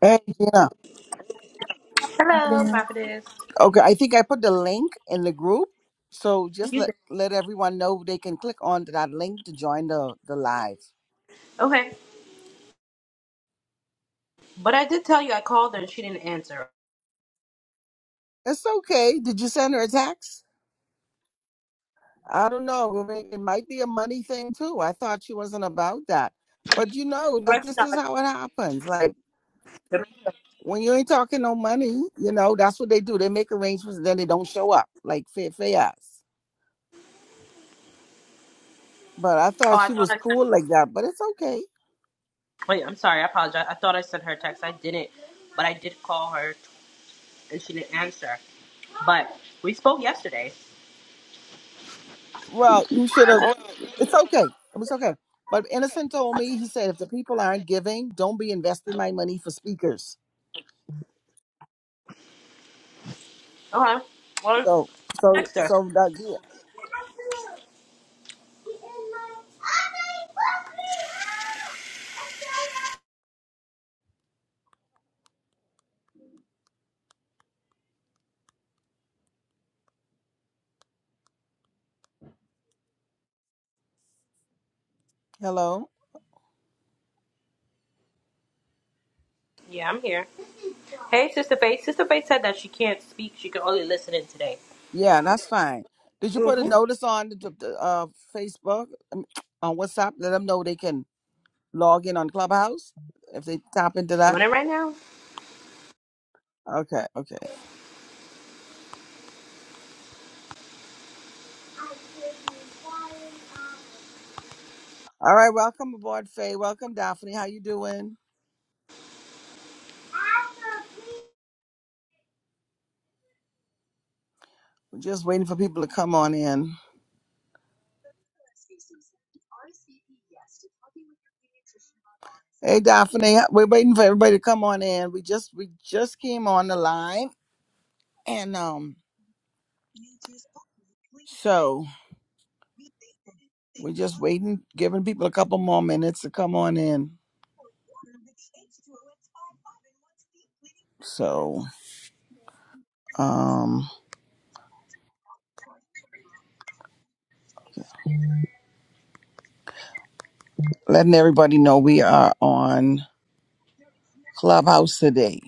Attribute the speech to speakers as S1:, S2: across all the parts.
S1: Hey, Gina.
S2: Hello, prophetess.
S1: Okay, I think I put the link in the group. So just let, let everyone know they can click on that link to join the, the live.
S2: Okay, but I did tell you I called her and she didn't answer.
S1: It's okay. Did you send her a text? I don't know. I mean, It might be a money thing too. I thought she wasn't about that. But you know that
S2: Reckon
S1: this is how it happens. Like when you ain't talking no money, you know, that's what they do. They make arrangements and then they don't show up. Like fair fair ass. But I
S2: Oh,
S1: thought
S2: I
S1: she
S2: thought
S1: was
S2: I sent.
S1: cool like that, but it's okay.
S2: Wait, I'm sorry. I apologize. I thought I sent her a text. I didn't, but I did call her and she didn't answer. But we spoke yesterday.
S1: Well, you should have It's okay. It was okay. But Innocent told me, he said, if the people aren't giving, don't be investing my money for speakers.
S2: Okay. Well,
S1: So, so,
S2: text her.
S1: so that, yeah. Hello?
S2: Yeah, I'm here. Hey, Sister Faith. Sister Faith said that she can't speak. She can only listen in today.
S1: Yeah, that's fine. Did you put a
S2: Mm-hmm.
S1: notice on the, the, uh, Facebook, um, on WhatsApp? Let them know they can log in on Clubhouse if they tap into that.
S2: Doing it right now.
S1: Okay, okay. All right, welcome aboard, Faye. Welcome, Daphne. How you doing? We're just waiting for people to come on in. Hey, Daphne, we're waiting for everybody to come on in. We just we just came on the line And um, so we're just waiting, giving people a couple more minutes to come on in. So um, letting everybody know we are on Clubhouse today.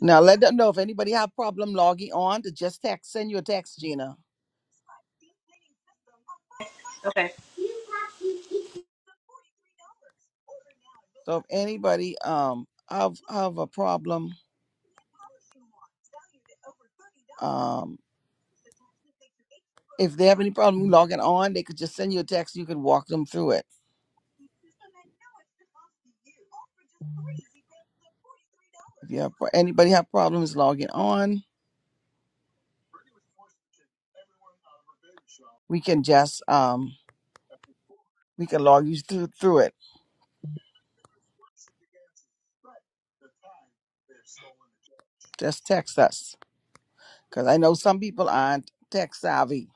S1: Now let them know if anybody have problem logging on to just text, send you a text, Gina.
S2: Okay.
S1: So if anybody um have have a problem, um if they have any problem logging on, they could just send you a text. You can walk them through it. If you have anybody have problems logging on, we can just um we can log you through through it. Just text us because I know some people aren't tech savvy.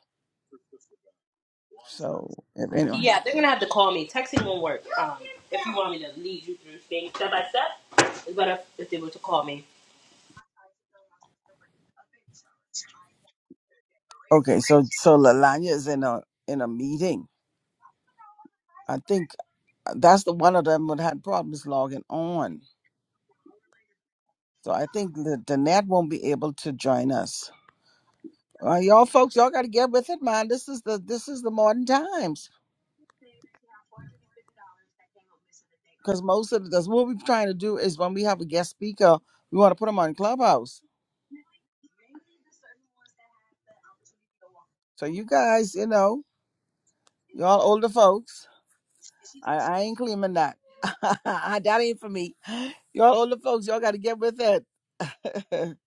S1: So if anyone,
S2: Yeah, they're gonna have to call me. Texting won't work. Um, if you want me to lead you through things step by step, it's better if they were to call me.
S1: okay, so so Lalanya is in a in a meeting. I think uh, that's the one of them that had problems logging on. So I think the Danette won't be able to join us. Uh, y'all folks, y'all got to get with it, man. This is the this is the modern times because most of that's what we're trying to do is when we have a guest speaker, we want to put them on Clubhouse. So you guys, you know, y'all older folks. I, I ain't claiming that. that ain't for me. Y'all older folks, y'all got to get with it.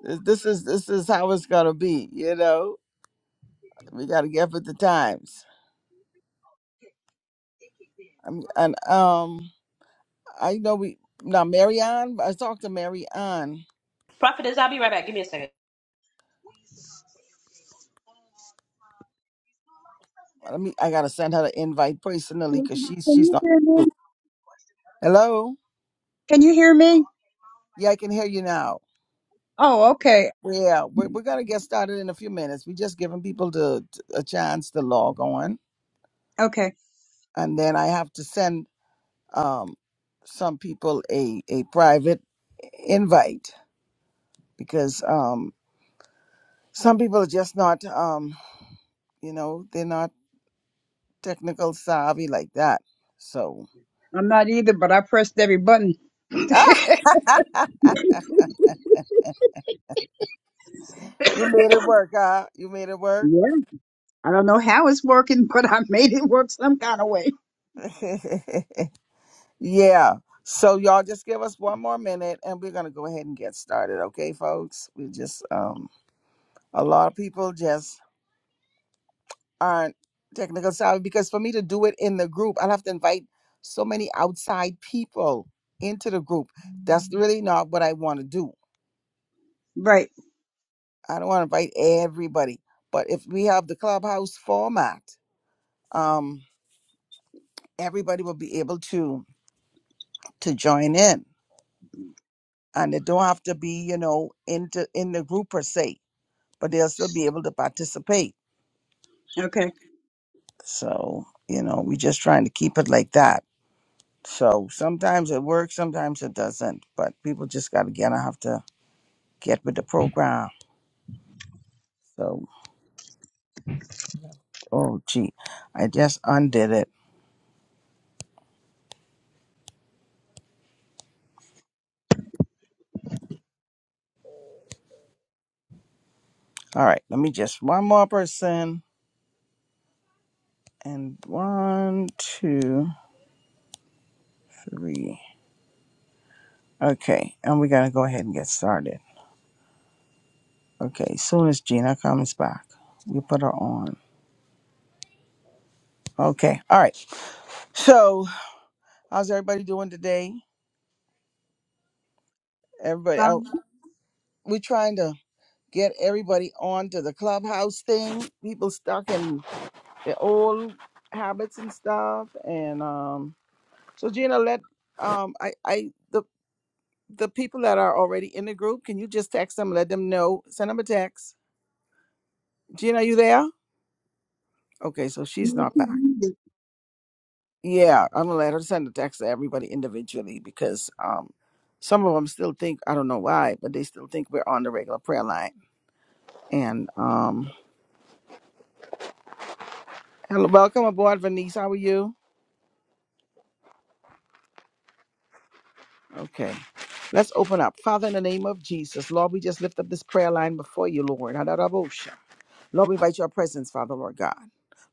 S1: this this is this is how it's gonna be. You know, we got to get with the times. I'm, and um, I know we now Marianne. I talked to Marianne.
S2: Prophetess, I'll be right back. Give me a second.
S1: Let me. I gotta send her the invite personally because she's she's not. Hello.
S3: Can you hear
S1: Yeah, I can hear you now.
S3: Okay,
S1: Yeah, we're, we're gonna get started in a few minutes. We're just giving people the a chance to log on,
S3: okay.
S1: and then I have to send um, some people a, a private invite because um, some people are just not, um, you know, they're not technical savvy like that. So
S3: I'm not either, but I pressed every button. yeah.
S1: you made it work, huh? You made it work.
S3: I don't know how it's working, but I made it work some kind of way.
S1: yeah. So y'all just give us one more minute and we're gonna go ahead and get started, okay, folks? We just um a lot of people just aren't technical savvy because for me to do it in the group, I'll have to invite so many outside people into the group. That's really not what I want to do.
S3: Right.
S1: I don't want to invite everybody. But if we have the clubhouse format, um, everybody will be able to to join in, and they don't have to be, you know, into in the group per se, but they'll still be able to participate.
S3: Okay.
S1: So you know, we're just trying to keep it like that. So sometimes it works, sometimes it doesn't. But people just got to get. I have to get with the program. So oh gee, I just undid it. All right, let me just one more person and one, two, three. Okay, and we got to go ahead and get started. Okay, as soon as Gina comes back, we put her on. Okay, all right. So how's everybody doing today? Everybody,
S3: Father,
S1: out. we're trying to get everybody on to the clubhouse thing. People stuck in the old habits and stuff. And um, so Gina, let um, I I the the people that are already in the group, can you just text them, let them know, send them a text. Gina, you there? Okay, so she's not
S3: mercy,
S1: back.
S3: Jesus.
S1: Yeah, I'm gonna let her send a text to everybody individually because um, some of them still think I don't know why, but they still think we're on the regular prayer line. And um, hello, welcome aboard, Venice. How are you? Okay. Let's open up. Father, in the name of Jesus, Lord, we just lift up this prayer line before you, Lord. Hadarabosha. Lord, we invite your presence, Father, Lord God.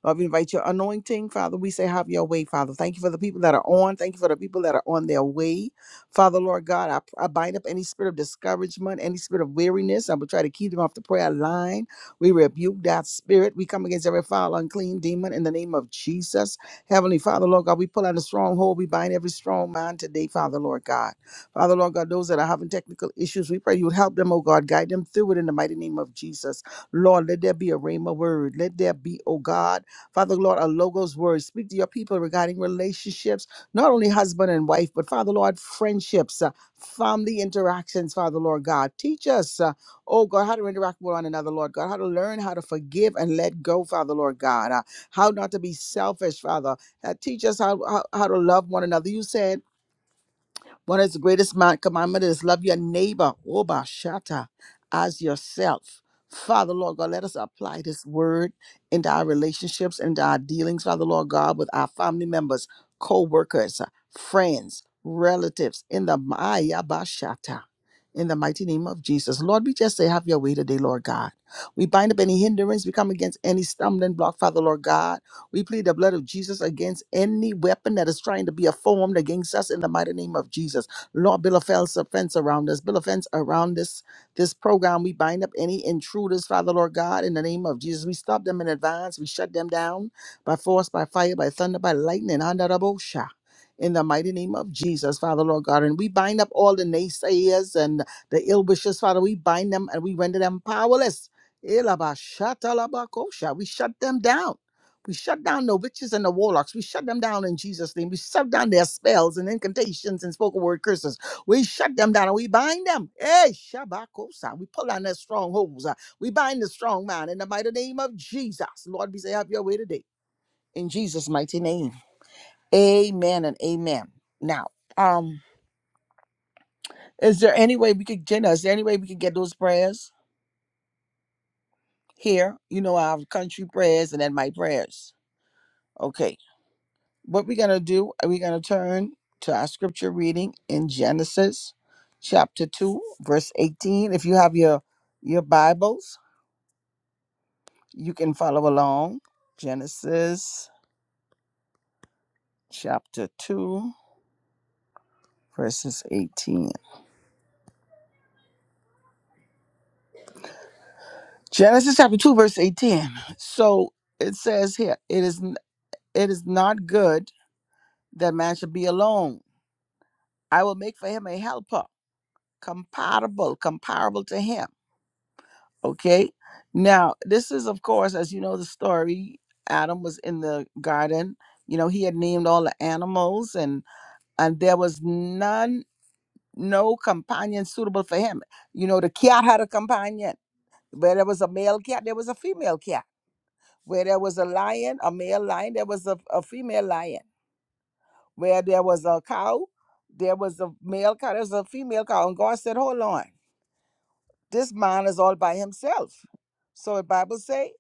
S1: Lord, we invite your anointing, Father. We say, have your way, Father. Thank you for the people that are on. Thank you for the people that are on their way. Father, Lord God, I, I bind up any spirit of discouragement, any spirit of weariness. I will try to keep them off the prayer line. We rebuke that spirit. We come against every foul, unclean demon in the name of Jesus. Heavenly Father, Lord God, we pull out a stronghold. We bind every strong mind today, Father, Lord God. Father, Lord God, those that are having technical issues, we pray you would help them, oh God, guide them through it in the mighty name of Jesus. Lord, let there be a rhema word. Let there be, oh God, Father, Lord, a logos word. Speak to your people regarding relationships, not only husband and wife, but Father, Lord, friendships, uh, family interactions, Father, Lord God. Teach us, uh, oh God, how to interact with one another, Lord God, how to learn how to forgive and let go, Father, Lord God, uh, how not to be selfish, Father. Uh, teach us how, how, how to love one another. You said, one of the greatest man commandment is love your neighbor, Oba Shata, as yourself. Father Lord God, let us apply this word into our relationships into our dealings, Father Lord God, with our family members, co-workers, friends, relatives, in the Maya Bashata. In the mighty name of Jesus. Lord, we just say, have your way today, Lord God. We bind up any hindrance. We come against any stumbling block, Father Lord God we plead the blood of Jesus against any weapon that is trying to be formed against us in the mighty name of Jesus. Lord, build a fence, a fence around us. Build a fence around this, this program. We bind up any intruders, Father, Lord God, in the name of Jesus. We stop them in advance. We shut them down by force, by fire, by thunder, by lightning. Andarabosha. In the mighty name of Jesus, Father, Lord God. And we bind up all the naysayers and the ill wishers, Father. We bind them and we render them powerless. Elabashatalabakosha. We shut them down we shut down the witches and the warlocks. We shut them down in Jesus' name. We shut down their spells and incantations and spoken word curses. We shut them down and we bind them. Hey, Shabakosa. We pull down their strongholds. Uh, We bind the strong man in the mighty name of Jesus. Lord, we say, have your way today. In Jesus' mighty name. Amen and amen. Now, um, is there any way we could, Jenna, is there any way we could get those prayers here? You know, our country prayers and then my prayers. Okay. What we're going to do, we're going to turn to our scripture reading in Genesis chapter 2, verse 18. If you have your your Bibles, you can follow along. Genesis chapter 2, verses 18. Genesis chapter 2 verse 18. So it says here, it is n- it is not good that man should be alone. I will make for him a helper compatible, comparable to him Okay. Now, this is, of course, as you know, the story. Adam was in the garden. You know, he had named all the animals, and and there was none, no companion suitable for him. You know, the cat had a companion. Where there was a male cat, there was a female cat. Where there was a lion, a male lion, there was a, a female lion. Where there was a cow, there was a male cow, there was a female cow. And God said, Hold on, this man is all by himself. So the Bible say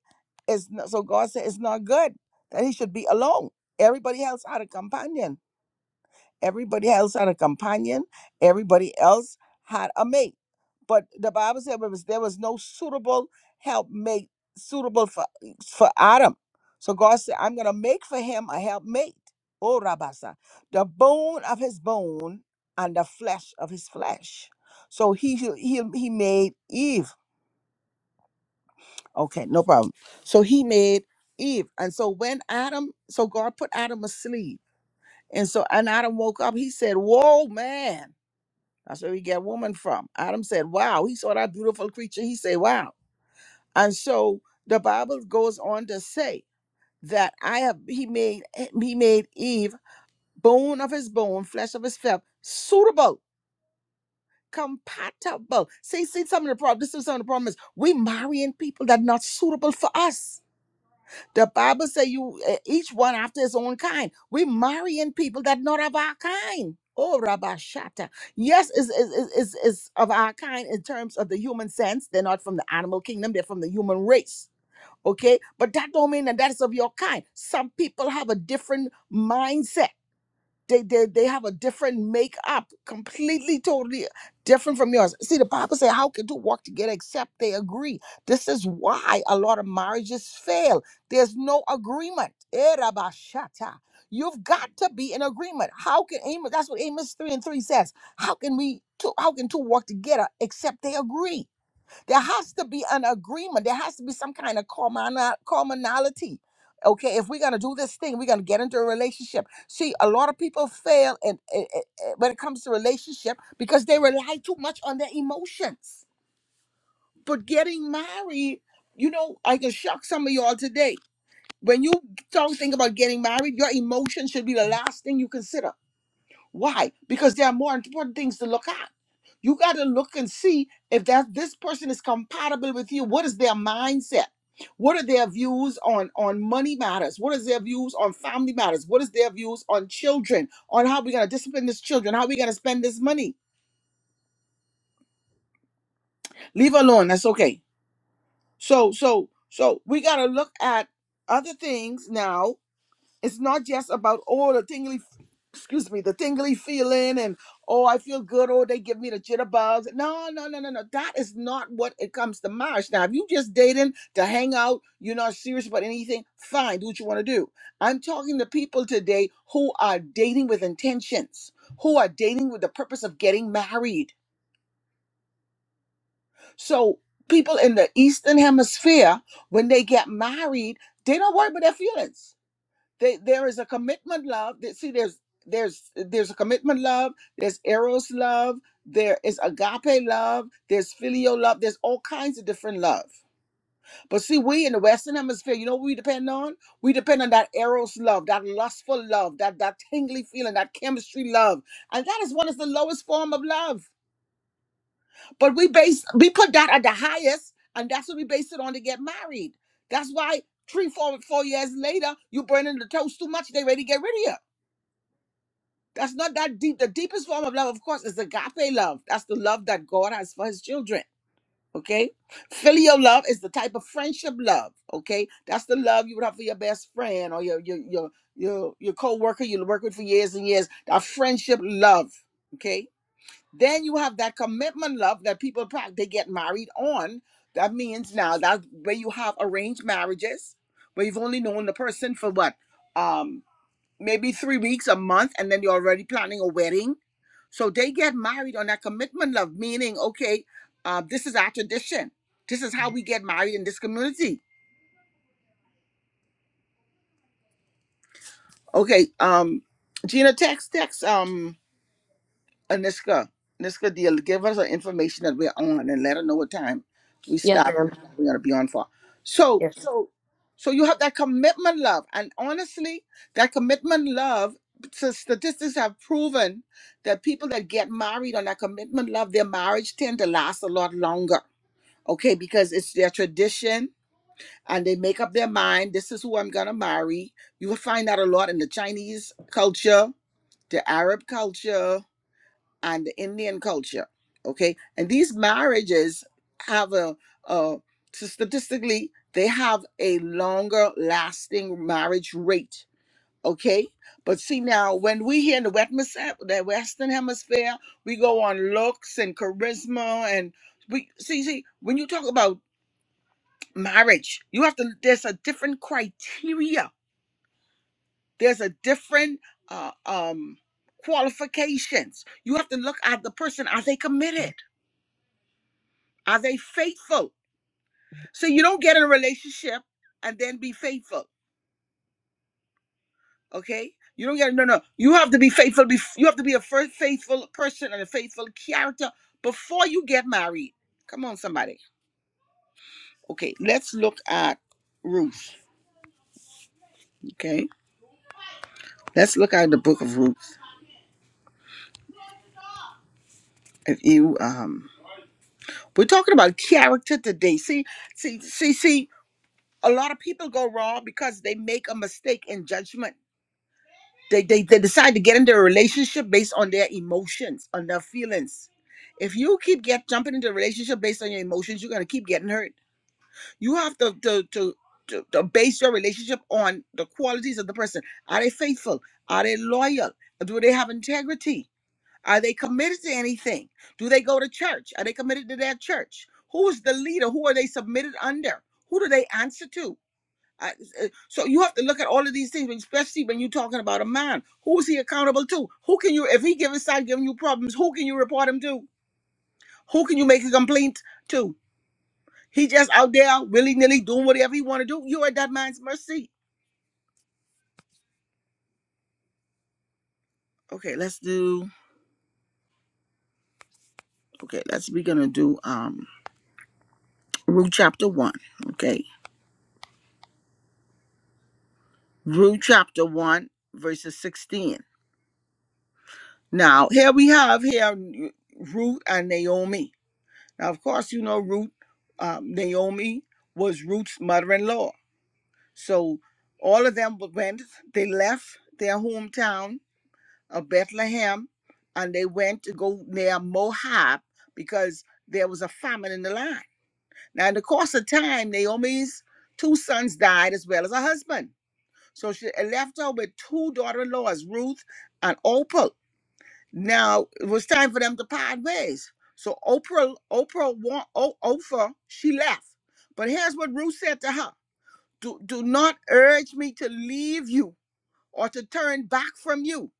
S1: It's not, so God said it's not good that he should be alone. Everybody else had a companion. Everybody else had a companion. Everybody else had a mate. But the Bible said there was, there was no suitable helpmate suitable for for Adam. So God said, I'm gonna make for him a helpmate. Oh Rabasa, the bone of his bone and the flesh of his flesh. So he he he he made Eve Okay, no problem. So he made Eve. And so when Adam, so God put Adam asleep. And so and Adam woke up, he said, Whoa, man. That's where we get woman from. Adam said, Wow. He saw that beautiful creature. He said, Wow. And so the Bible goes on to say that I have he made he made Eve bone of his bone, flesh of his flesh, suitable, compatible. See, see, some of the problem. This is some of the problem is we marrying people that not suitable for us. The Bible say you eh, each one after his own kind. We marrying people that not of our kind. Oh, Rabbi Shata. Yes, is is is is is of our kind in terms of the human sense. They're not from the animal kingdom. They're from the human race. Okay, but that don't mean that that is of your kind. Some people have a different mindset they, they, they have a different makeup, completely, totally different from yours. See, the Bible says, How can two walk together except they agree? This is why a lot of marriages fail. There's no agreement. Eh, rabba shatta. You've got to be in agreement. How can Amos? That's what Amos 3 and 3 says. How can we two, how can two walk together except they agree? There has to be an agreement. There has to be some kind of common- commonality. Okay, if we're gonna do this thing, we're gonna get into a relationship. See, a lot of people fail and when it comes to relationship because they rely too much on their emotions. But getting married, you know, I can shock some of y'all today. When you don't think about getting married, your emotions should be the last thing you consider why? Because there are more important things to look at. You got to look and see if that this person is compatible with you. What is their mindset? What are their views on on money matters? What is their views on family matters? What is their views on children? On how we're gonna discipline this children? How we gonna spend this money? Leave alone. That's okay. So so so we gotta look at other things now it's not just about oh the tingly excuse me the tingly feeling and oh i feel good oh they give me the jitterbugs no no no no no that is not what it comes to marriage now if you just dating to hang out you're not serious about anything fine do what you want to do i'm talking to people today who are dating with intentions who are dating with the purpose of getting married so people in the eastern hemisphere when they get married they don't worry about their feelings they, there is a commitment love that see there's there's there's a commitment love there's eros love there is agape love there's filial love there's all kinds of different love but see we in the western hemisphere you know what we depend on we depend on that eros love that lustful love that that tingly feeling that chemistry love and that is what is the lowest form of love but we base we put that at the highest and that's what we base it on to get married that's why three four four years later you burning the toast too much they ready to get rid of you That's not that deep. The deepest form of love, of course, is agape love. That's the love that God has for his children. Okay. Filial love is the type of friendship love. Okay. That's the love you would have for your best friend or your your your your, your co-worker you work with for years and years. That friendship love. Okay. Then you have that commitment love that people prac- they get married on. That means now that where you have arranged marriages, where you've only known the person for what? um, maybe three weeks, a month, and then you're already planning a wedding. So they get married on that commitment love, meaning, okay, uh, this is our tradition. This is how we get married in this community. Okay, um, Gina, text, text. Um, Aniska, Aniska deal, give us the information that we're on and let her know what time we
S2: Yes,
S1: stop.
S2: ma'am.
S1: We're gonna be on for. So,
S2: Yes.
S1: so, so you have that commitment, love, and honestly, that commitment, love. So statistics have proven that people that get married on that commitment love, their marriage tend to last a lot longer. Okay, because it's their tradition and they make up their mind. This is who I'm gonna marry. You will find that a lot in the Chinese culture, the Arab culture, and the Indian culture. Okay, and these marriages have a, a so statistically they have a longer lasting marriage rate. Okay, but see now when we here in the wet- the Western Hemisphere, we go on looks and charisma and we see see when you talk about marriage, you have to there's a different criteria. There's a different uh, um qualifications. You have to look at the person. Are they committed? Are they faithful? So you don't get in a relationship and then be faithful. Okay? You don't get no no. You have to be faithful. Bef- you have to be a first faithful person and a faithful character before you get married. Come on, somebody. Okay, let's look at Ruth. Okay, let's look at the book of Ruth. If you um, we're talking about character today. See, see, see, see. A lot of people go wrong because they make a mistake in judgment They, they they decide to get into a relationship based on their emotions, on their feelings. If you keep get jumping into a relationship based on your emotions, you're gonna keep getting hurt. You have to to to to, to base your relationship on the qualities of the person. Are they faithful? Are they loyal? Do they have integrity? Are they committed to anything? Do they go to church? Are they committed to their church? Who is the leader? Who are they submitted under? Who do they answer to? I, uh, so you have to look at all of these things, especially when you're talking about a man. Who is he accountable to? Who can you, if he gives start giving you problems, who can you report him to? Who can you make a complaint to? He just out there willy nilly doing whatever he want to do. You're at that man's mercy. Okay, let's do. Okay, let's we're gonna do um Ruth chapter one. Okay, Ruth chapter one verses sixteen. Now here we have here Ruth and Naomi. Now, of course, you know, Ruth, um, Naomi was Ruth's mother in law. So all of them went, they left their hometown of Bethlehem and they went to go near Moab because there was a famine in the land. Now, in the course of time, Naomi's two sons died as well as her husband. So she it left her with two daughter in laws, Ruth and Opal. Now it was time for them to part ways. So Oprah, Oprah, wa- o- Oprah, she left. But here's what Ruth said to her: Do do not urge me to leave you or to turn back from you.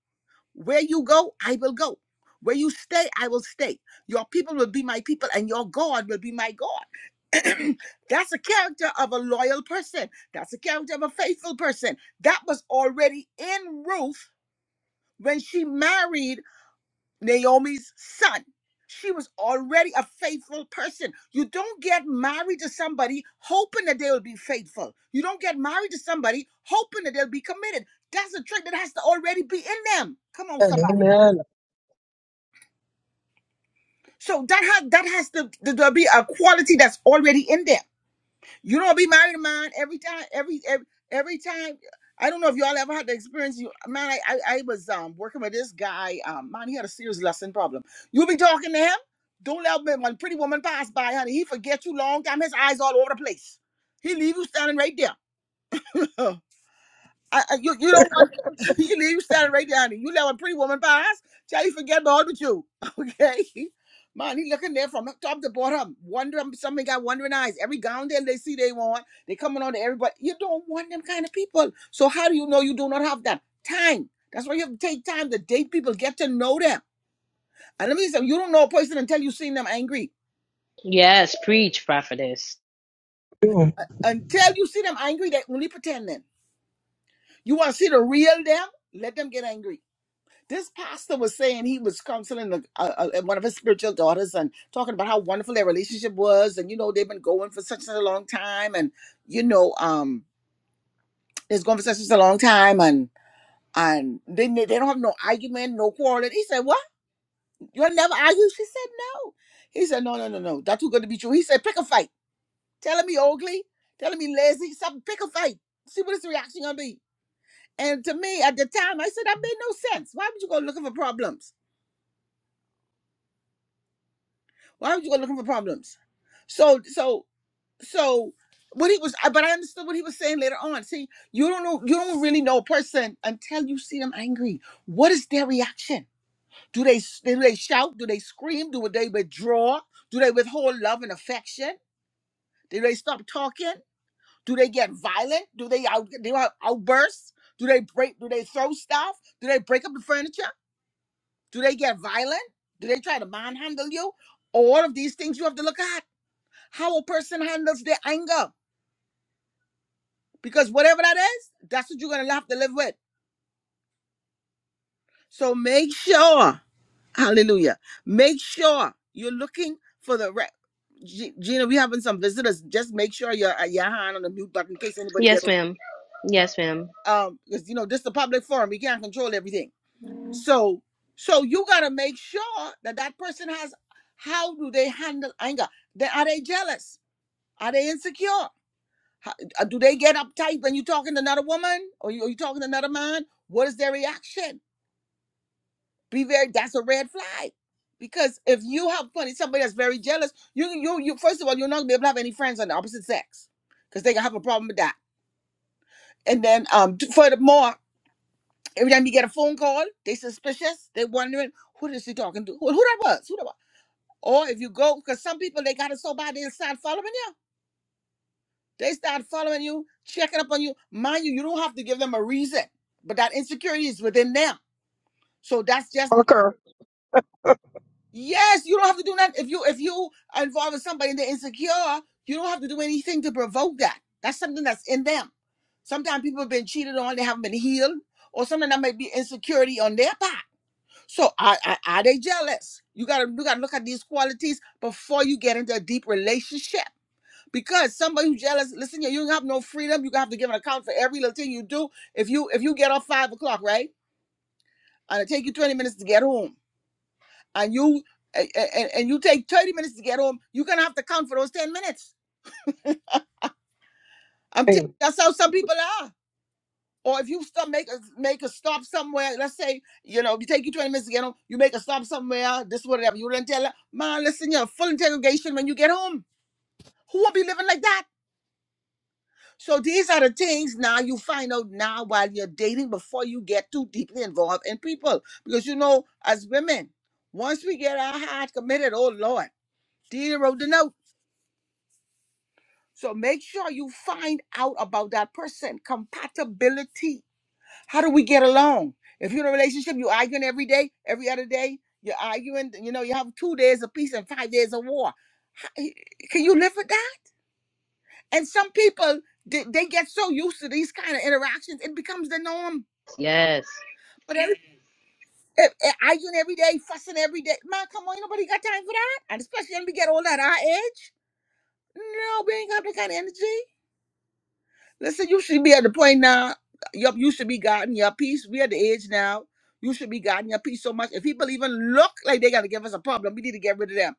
S1: Where you go, I will go. Where you stay, I will stay. Your people will be my people, and your God will be my God. That's a character of a loyal person. That's a character of a faithful person. That was already in Ruth when she married Naomi's son. She was already a faithful person. You don't get married to somebody hoping that they will be faithful. You don't get married to somebody hoping that they'll be committed. That's a trait that has to already be in them. Come on, somebody.
S4: Amen.
S1: So that has that has to, to, to be a quality that's already in them. You don't be married to mine every time. Every every, every time. I don't know if y'all ever had the experience. You man, I, I I was um working with this guy. Um, man, he had a serious lesson problem. You be talking to him. Don't let him, when pretty woman pass by, honey. He forget you long time. His eyes all over the place. He leave you standing right there. I, I- you you don't want you leave you standing right down there. You let a pretty woman pass, tell you forget about the Jew. Okay. Man, he looking there from top to bottom, wondering somebody got wondering eyes. Every gown there they see they want, they coming on to everybody. You don't want them kind of people. So how do you know you do not have that? Time. That's why you have to take time to date people, get to know them. And let me say, you don't know a person until you seen them angry.
S2: Yes, preach, prophetess.
S4: Boom.
S1: Uh, Until you see them angry, they only pretending. You want to see the real them? Let them get angry. this pastor was saying he was counseling a, a, a- one of his spiritual daughters and talking about how wonderful their relationship was and you know they've been going for such a long time and you know um it's going for such a long time and and they they don't have no argument no quarreling he said what you'll never argue she said no he said no no no no that's too good to be true he said pick a fight telling me ugly telling me lazy something pick a fight see what his reaction gonna be and to me at the time i said that made no sense why would you go looking for problems Why would you go looking for problems? So so so what he was I- but I understood what he was saying later on. See, you don't know you don't really know a person until you see them angry. What is their reaction? Do they do they shout? Do they scream? Do they withdraw? Do they withhold love and affection? Do they stop talking? Do they get violent? Do they out do they out- outburst? Do they break do they throw stuff? Do they break up the furniture? Do they get violent? Do they try to manhandle you? All of these things you have to look at how a person handles their anger. Because whatever that is, that's what you're going to have to live with. So make sure, hallelujah, make sure you're looking for the. Re- G- Gina, we having some visitors. Just make sure you're at your hand on the mute button in case anybody
S2: Yes,
S1: gets.
S2: ma'am. Yes, ma'am.
S1: Um, because you know this is a public forum, we can't control everything. So, so you gotta make sure that that person has. How do they handle anger? They, are they jealous? Are they insecure? How, uh, do they get uptight when you're talking to another woman or you, or you talking to another man? What is their reaction? Be very. That's a red flag. Because if you have funny somebody that's very jealous, you you you first of all you're not gonna be able to have any friends on the opposite sex because they gonna have a problem with that. And then um t- furthermore, every time you get a phone call, they suspicious. They wondering who is she talking to, who, who that was, who that was. Or if you go, because some people they got it so bad they start following you They start following you, checking up on you. Mind you, you don't have to give them a reason, but that insecurity is within them. So that's just
S4: Parker.
S1: yes. You don't have to do that if you if you are involved with somebody and they're insecure. You don't have to do anything to provoke that. That's something that's in them. Sometimes people have been cheated on, they haven't been healed, or something that might be insecurity on their part. So are, are, are they jealous? You gotta you gotta look at these qualities before you get into a deep relationship. because somebody who's jealous, listen, yeah, you don't have no freedom. You have to give an account for every little thing you do. If you if you get off five o'clock, right, and it take you twenty minutes to get home, and you and, and and you take thirty minutes to get home, you're gonna have to count for those ten minutes. I'm telling
S4: Amen.
S1: that's how some people are. Or if you stop make a make a stop somewhere, let's say you know you take you twenty minutes to get home, you make a stop somewhere, this whatever. You don't tell her, man, listen, you're full interrogation when you get home. Who will be living like that? So these are the things now you find out now while you're dating before you get too deeply involved in people. Because you know, as women, once we get our heart committed, oh Lord, dear wrote the note. So make sure you find out about that person. Compatibility. How do we get along? If you're in a relationship, you're arguing every day, every other day, you're arguing, you know, you have two days of peace and five days of war. How- eh, Can you live with that? And some people, they, they get so used to these kind of interactions, it becomes the norm
S2: Yes.
S1: But every, if, if arguing every day, fussing every day. Man, come on, ain't nobody got time for that. And especially when we get old at our age. No, we ain't got that kind of energy. Listen, you should be at the point now. You, you should be gotten your peace. We at the age now. You should be gotten your peace so much. If people even look like they gotta give us a problem, we need to get rid of them.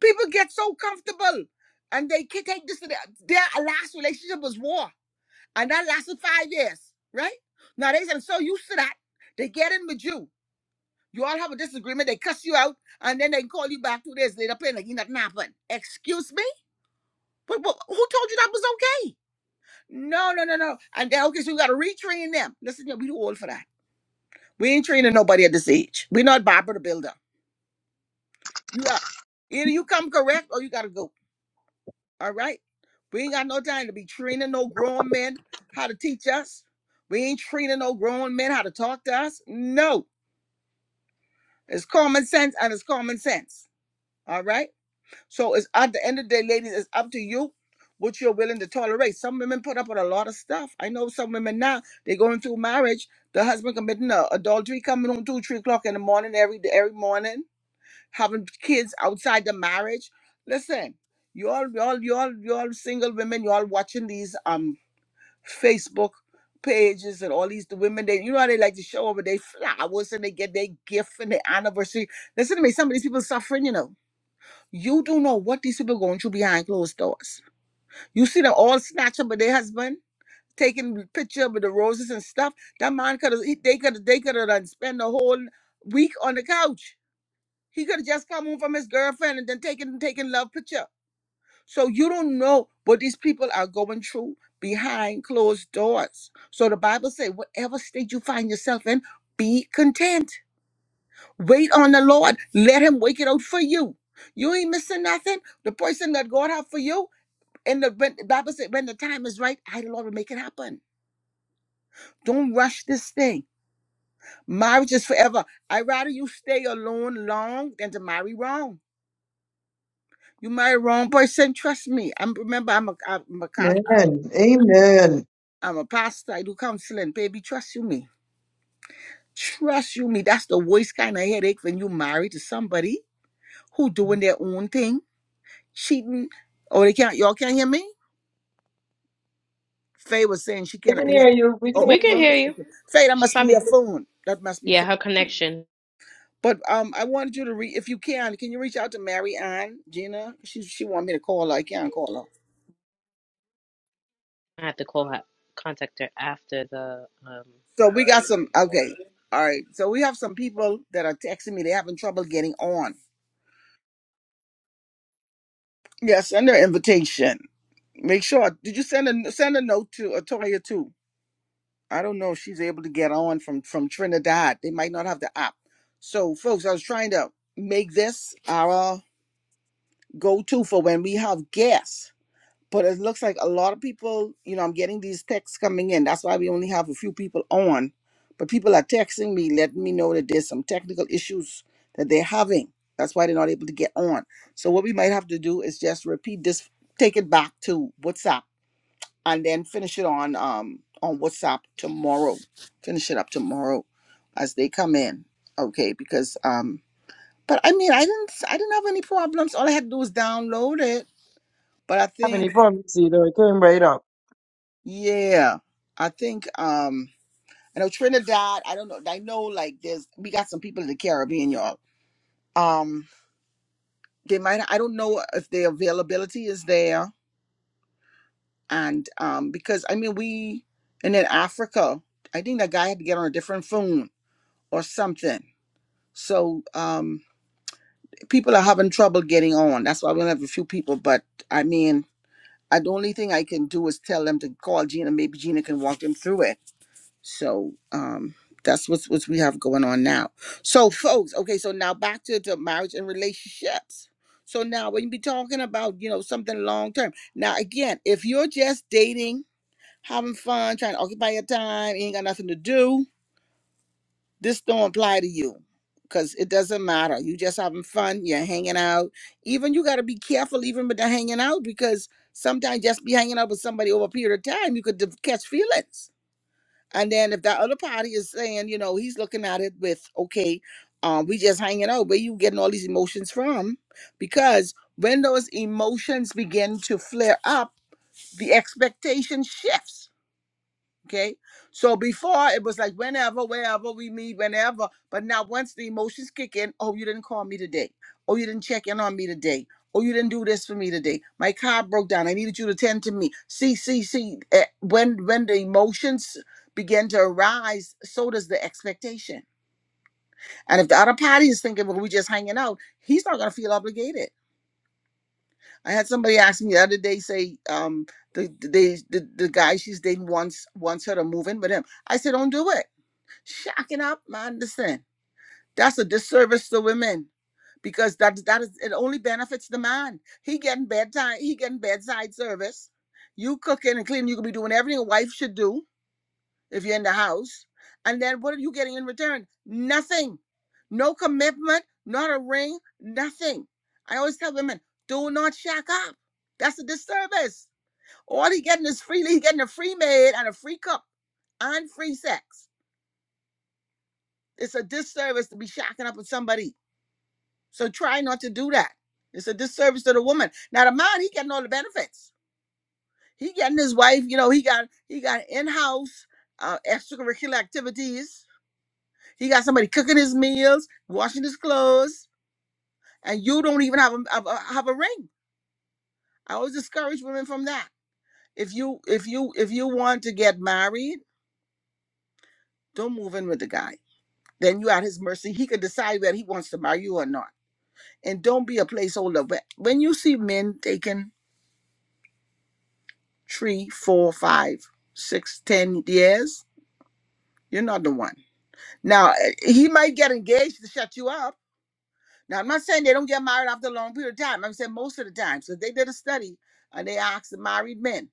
S1: People get so comfortable and they can take this to their, their last relationship was war. And that lasted five years, right? Now they are so used to that, they get in with you. You all have a disagreement, they cuss you out, and then they call you back two days later playing like nothing happened. Excuse me? But, but who told you that was okay? No, no, no, no. And then, okay, so we got to retrain them. Listen, yeah, we too old for that. We ain't training nobody at this age. We're not Barbara the Builder. You are. Either you come correct or you got to go. All right? We ain't got no time to be training no grown men how to teach us. We ain't training no grown men how to talk to us. No. It's common sense and it's common sense. All right? So it's at the end of the day, ladies, it's up to you what you're willing to tolerate. Some women put up with a lot of stuff. I know some women now, they're going through marriage, the husband committing a, adultery, coming home two, three o'clock in the morning every day, every morning, having kids outside the marriage. Listen, you all, you all, you all, you all single women, you all watching these um Facebook pages and all these the women they you know how they like to show over their flowers and they get their gift and their anniversary. Listen to me, some of these people suffering, you know you don't know what these people going through behind closed doors. You see them all snatched up with their husband, taking picture with the roses and stuff. That man could have they could have they could have done spend the whole week on the couch. He could have just come home from his girlfriend and then taken taken love picture. So you don't know what these people are going through behind closed doors. So the Bible say, whatever state you find yourself in, be content. Wait on the Lord. Let Him work it out for you. You ain't missing nothing. The person that God have for you, and the when, the Bible said, when the time is right, I, the Lord, will make it happen. Don't rush this thing. Marriage is forever. i rather you stay alone long than to marry wrong. You marry wrong person, trust me. I'm remember I'm a I'm a, cous-
S4: Amen.
S1: I'm a pastor. I do counseling, baby. Trust you me. Trust you me. That's the worst kind of headache when you marry to somebody who doing their own thing, cheating. Oh, they can't. Y'all can't hear me. Faye was saying she
S4: We
S1: cannot
S4: can
S1: hear. me.
S4: hear you. We can hear
S1: Oh,
S2: We can
S1: okay,
S2: hear
S4: you.
S1: okay.
S2: you.
S1: okay. Faye, that
S2: She's
S1: must be
S2: probably
S1: your phone. That must be
S2: yeah,
S1: Faye.
S2: her connection.
S1: But um, I wanted you to read. If you can, can you reach out to Mary Ann Gina? She she want me to call her. I can't call her.
S2: I have to call her contact her after the um
S1: So we got some. Okay, all right. So we have some people that are texting me. They're having trouble getting on. Yeah, send their invitation. Make sure. Did you send a send a note to Atoya too? I don't know if she's able to get on from from Trinidad. They might not have the app. So folks, I was trying to make this our go to for when we have guests. But it looks like a lot of people, you know, I'm getting these texts coming in. That's why we only have a few people on. But people are texting me, letting me know that there's some technical issues that they're having. That's why they're not able to get on. So what we might have to do is just repeat this, take it back to WhatsApp, and then finish it on um on WhatsApp tomorrow. Finish it up tomorrow as they come in. Okay, because um but I mean I didn't I didn't have any problems. All I had to do was download it but I
S4: Have
S1: think,
S4: any problems either? It came right up.
S1: yeah, I think um I know Trinidad. I don't know. I know like there's we got some people in the Caribbean, y'all. Um, they might. I don't know if their availability is there, and um because I mean we and then Africa. I think that guy had to get on a different phone or something. So um people are having trouble getting on. That's why we only have a few people. But I mean, I, the only thing I can do is tell them to call Gina. Maybe Gina can walk them through it So um that's what's what we have going on now. So folks, okay, so now back to the marriage and relationships. So now when you be talking about, you know, something long term. Now again, if you're just dating, having fun, trying to occupy your time, ain't got nothing to do, this don't apply to you. Cause it doesn't matter. You just having fun, you're hanging out. Even you gotta be careful even with the hanging out because sometimes just be hanging out with somebody over a period of time, you could de- catch feelings and then if that other party is saying, you know, he's looking at it with, okay, um, we just hanging out, where you getting all these emotions from? Because when those emotions begin to flare up, the expectation shifts Okay. So before it was like whenever, wherever we meet, whenever. But now once the emotions kick in, oh, you didn't call me today. Oh, you didn't check in on me today. Oh, you didn't do this for me today. My car broke down. I needed you to tend to me. See, see, see. eh, When when the emotions begin to arise, so does the expectation. And if the other party is thinking, well, we're just hanging out, he's not gonna feel obligated. I had somebody ask me the other day, say, um, the the the, the guy she's dating wants wants her to move in with him. I said, don't do it. Shacking up, man. Listen, that's a disservice to women because that that is it only benefits the man. He getting bedtime, he getting bedside service. You cooking and cleaning, you could be doing everything a wife should do if you're in the house. And then what are you getting in return? Nothing. No commitment, not a ring, nothing. I always tell women, do not shack up. That's a disservice. All he getting is freely, he getting a free maid and a free cook and free sex. It's a disservice to be shacking up with somebody So try not to do that. It's a disservice to the woman. Now the man, he getting all the benefits. He getting his wife, you know, he got he got in-house uh, extracurricular activities. He got somebody cooking his meals, washing his clothes, and you don't even have a, have a have a ring. I always discourage women from that. If you if you if you want to get married, don't move in with the guy. Then you at his mercy. He could decide whether he wants to marry you or not. And don't be a placeholder. But when you see men taking three, four, five, six, ten years, you're not the one. Now eh, he might get engaged to shut you up. Now I'm not saying they don't get married after a long period of time. I'm saying most of the time. So they did a study and they asked the married men,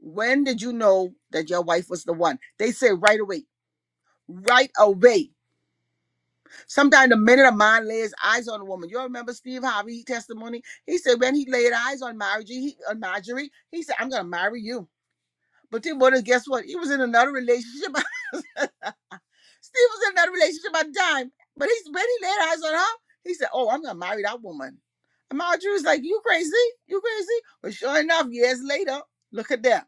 S1: when did you know that your wife was the one? They say right away. Right away. Sometimes the minute a man lays eyes on a woman, you all remember Steve Harvey testimony? He said when he laid eyes on Marjorie, he, on Marjorie, he said, "I'm gonna marry you." But Tim Bonner, guess what? He was in another relationship. Steve was in another relationship at the time. But he's when he laid eyes on her, he said, Oh, I'm gonna marry that woman. And Marjorie was like, You crazy? You crazy? But sure enough, years later, look at that.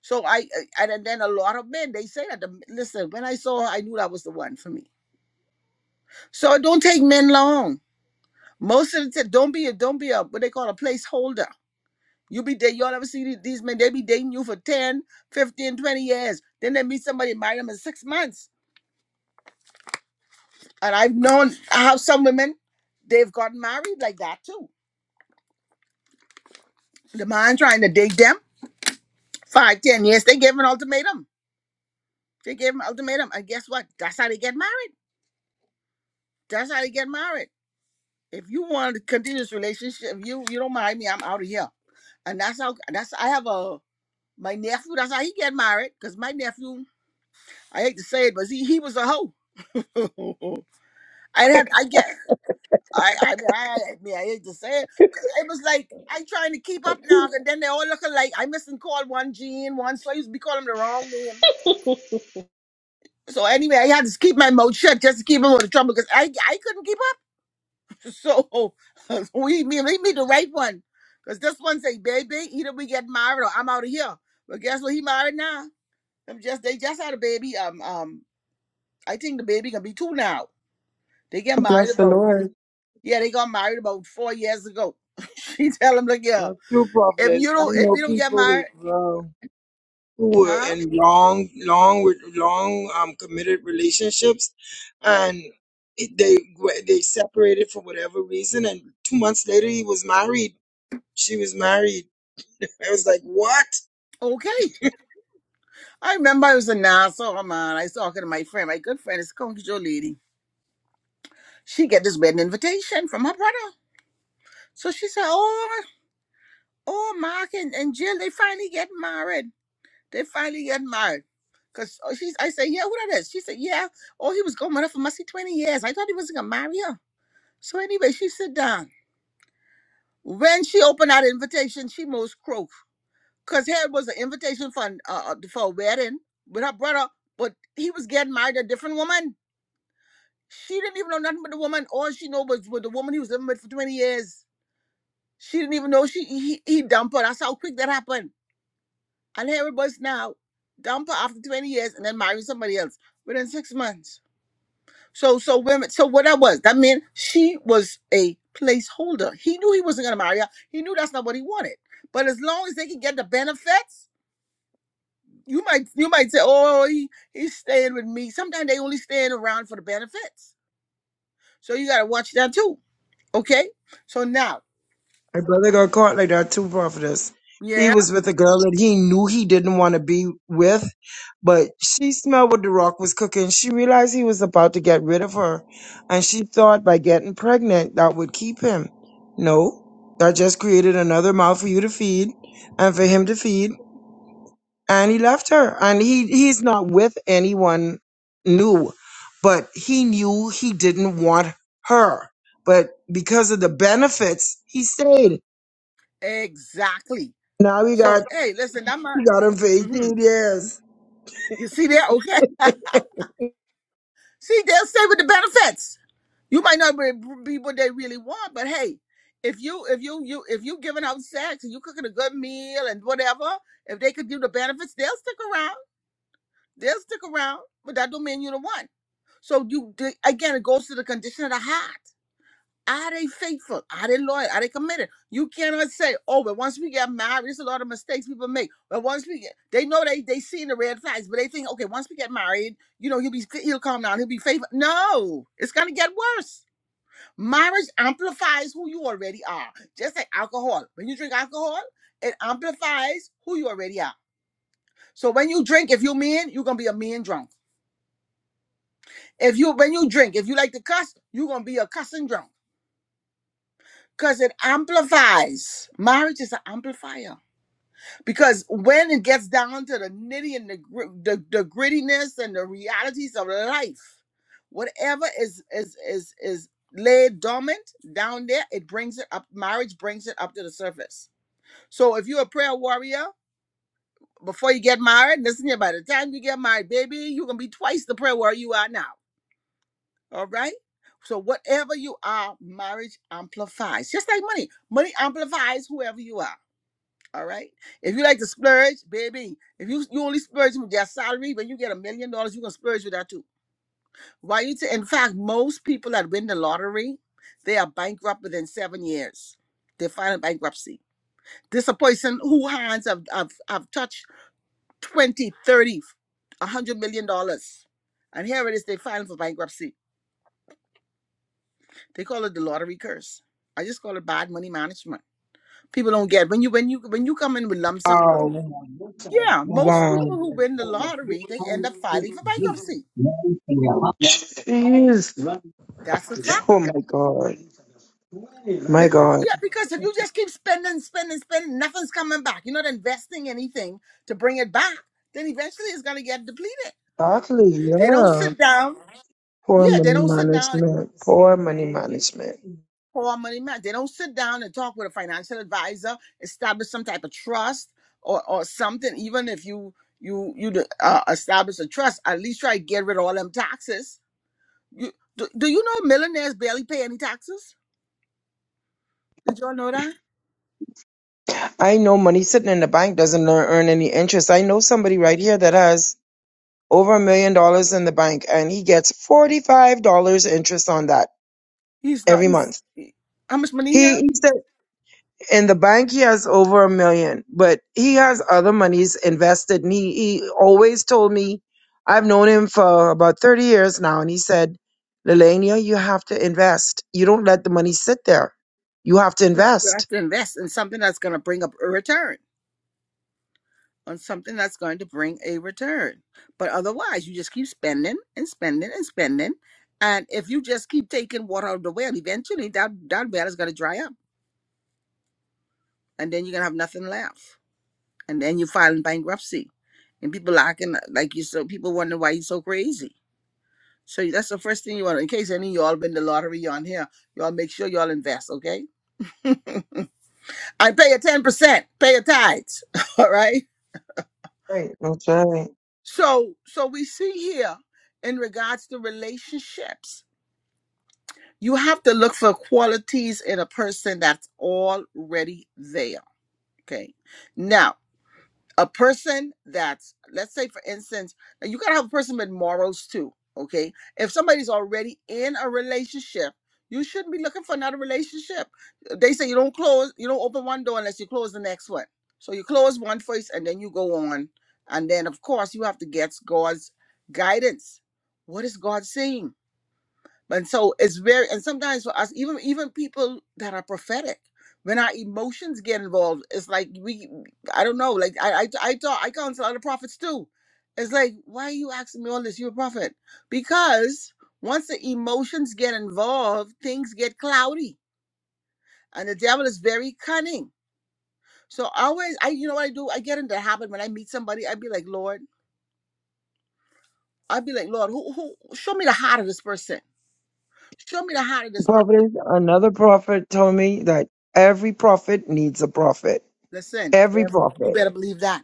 S1: So I I- and then a lot of men they say that the, listen, when I saw her, I knew that was the one for me. So it don't take men long. Most of the time, don't be a don't be a what they call a placeholder. You be dating, y'all ever see the- these men, they be dating you for 10, 15, twenty years. Then they meet somebody, marry them in six months. And I've known how some women, they've gotten married like that too. The man trying to date them, five, ten years, they gave him an ultimatum. They gave him an ultimatum. And guess what? That's how they get married. That's how they get married. If you want to continue this relationship, if you you don't marry me, I'm out of here. And that's how, that's, I have a, my nephew, that's how he get married. Because my nephew, I hate to say it, but he, he was a hoe. I had, I get, I, I mean, I, I mean, I hate to say it, cause I was like, I trying to keep up now, and then they all look alike. I missing call one Gene, one, so I used to be calling him the wrong name. So anyway, I had to keep my mouth shut just to keep him out of trouble, cause I, I couldn't keep up. So we, me, leave me the right one, cause this one say, baby, either we get married or I'm out of here. But guess what? He married now. i just, they just had a baby. Um, um, I think the baby gonna be two now. They get married
S4: Bless the
S1: about.
S4: Lord.
S1: Yeah, they got married about four years ago. she tell him, look here,
S4: A few
S1: if
S4: prophets.
S1: you
S4: I
S1: don't if
S4: know
S1: you don't get
S4: people as
S1: married,
S4: well who were
S1: huh?
S4: in long, long, with- long um committed relationships, and it- they were- they separated for whatever reason, and two months later he was married. She was married. I was like, what?
S1: Okay. I remember I was in Nassau, man. I was talking to my friend, my good friend, is Conky Joe lady. She get this wedding invitation from her brother. So she said, Oh, oh, Mark and, and Jill, they finally get married. They finally get married. Cause oh, she's I said, Yeah, who that is? She said, Yeah. Oh, he was going with her for must be 20 years. I thought he wasn't gonna marry her. So anyway, she sit down. When she opened that invitation, she most croaked. Cause here was an invitation for an, uh, uh, for a wedding with her brother, but he was getting married to a different woman. She didn't even know nothing but the woman. All she know was with the woman he was living with for twenty years. She didn't even know she he, he dumped her. That's how quick that happened. And here it was now, dump her after twenty years and then marry somebody else within six months. So so women. So what that was that meant she was a placeholder. He knew he wasn't gonna marry her. He knew that's not what he wanted. But as long as they could get the benefits You might you might say, "Oh, he, he's staying with me." Sometimes they only staying around for the benefits, so you gotta watch that too. Okay, so now,
S4: My brother got caught like that too, prophetess. He
S1: yeah,
S4: was with a girl that he knew he didn't want to be with, but she smelled what the rock was cooking. She realized he was about to get rid of her, and she thought by getting pregnant that would keep him. No, that just created another mouth for you to feed and for him to feed, and he left her. And he he's not with anyone new, but he knew he didn't want her. But because of the benefits, he stayed
S1: exactly.
S4: now we
S1: So
S4: got
S1: hey, listen, I'm not.
S4: we got him for
S1: hmm
S4: 18 years.
S1: You see there? Okay, see they'll stay with the benefits. You might not be be what they really want, but hey, if you if you you if you giving out sex and you cooking a good meal and whatever, if they could do the benefits, they'll stick around. They'll stick around, but that don't mean you the one. So you di- again, it goes to the condition of the heart. Are they faithful? Are they loyal? Are they committed? You cannot say, "Oh, but once we get married, there's a lot of mistakes people make." But once we get, they know they they seen the red flags, but they think, "Okay, once we get married, you know, he'll be he'll calm down, he'll be faithful." No, it's gonna get worse. Marriage amplifies who you already are, just like alcohol. When you drink alcohol, it amplifies who you already are. So when you drink, if you're mean, you're gonna be a mean drunk. If you when you drink, if you like to cuss, you're gonna be a cussing drunk. because it amplifies. Marriage is an amplifier because when it gets down to the nitty and the, gr- the the grittiness and the realities of life, whatever is is is is laid dormant down there, it brings it up. Marriage brings it up to the surface. So if you're a prayer warrior before you get married, listen here. By the time you get married, baby, you're gonna be twice the prayer warrior you are now. All right. So whatever you are, marriage amplifies. Just like money, money amplifies whoever you are. All right. If you like to splurge, baby, if you you only splurge with your salary, when you get a million dollars, you're gonna splurge with that too. Why you ta- in fact, most people that win the lottery, they are bankrupt within seven years. They file a bankruptcy. This is a person who hands have have, have touched 20, 30, a hundred million dollars. And here it is, they filing for bankruptcy. They call it the lottery curse. I just call it bad money management. People don't get when you when you when you come in with lump sum.
S4: Oh,
S1: Yeah, most
S4: wow.
S1: people who win the lottery, they end up filing for bankruptcy.
S4: Jeez.
S1: That's a fact.
S4: Oh, my God. My God.
S1: Yeah, because if you just keep spending, spending, spending, nothing's coming back. You're not investing anything to bring it back. Then eventually it's going to get depleted.
S4: Actually,
S1: They don't
S4: yeah.
S1: sit down.
S4: Poor
S1: Yeah,
S4: money
S1: they don't sit down and
S4: management. Poor money management.
S1: pour money man. They don't sit down and talk with a financial advisor, establish some type of trust or or something. Even if you you you uh, establish a trust, at least try to get rid of all them taxes You, do, do you know millionaires barely pay any taxes? Did y'all know that?
S4: I know money sitting in the bank doesn't learn, earn any interest. I know somebody right here that has over a million dollars in the bank and he gets $45 interest on that
S1: He's not.
S4: every
S1: He's,
S4: month.
S1: he- how much money he
S4: He,
S1: have?
S4: he said in the bank he has over a million but he has other monies invested and he, he always told me i've known him for about 30 years now and he said lelania you have to invest you don't let the money sit there you have to
S1: You you have
S4: invest
S1: to invest in something that's going to bring up a return on something that's going to bring a return. But otherwise, you just keep spending and spending and spending. And if you just keep taking water out of the well, eventually that, that well is going to dry up. And then you're going to have nothing left. And then you file in bankruptcy. And people lacking, like you so people wonder why you're so crazy So that's the first thing you want. In case any of y'all win the lottery on here, y'all make sure y'all invest, okay? And pay your ten percent, pay your tithes, all right?
S4: right that's right
S1: So, so we see here in regards to relationships, you have to look for qualities in a person that's already there, okay? Now. a person that's let's say for instance and you gotta have a person with morals too okay if somebody's already in a relationship you shouldn't be looking for another relationship they say you don't close you don't open one door unless you close the next one so you close one first and then you go on and then of course you have to get god's guidance what is god saying and so it's very and sometimes for us, even even people that are prophetic, when our emotions get involved, it's like we I don't know, like I I I talk I counsel other prophets too. It's like, why are you asking me all this? You're a prophet. Because once the emotions get involved, things get cloudy. And the devil is very cunning. So I always I you know what I do? I get into the habit when I meet somebody, I'd be like, Lord, I'd be like, Lord, who who show me the heart of this person. Show me the heart of this person
S4: prophet another prophet told me that every prophet needs a prophet
S1: Listen,
S4: every
S1: if- you
S4: prophet
S1: better believe that.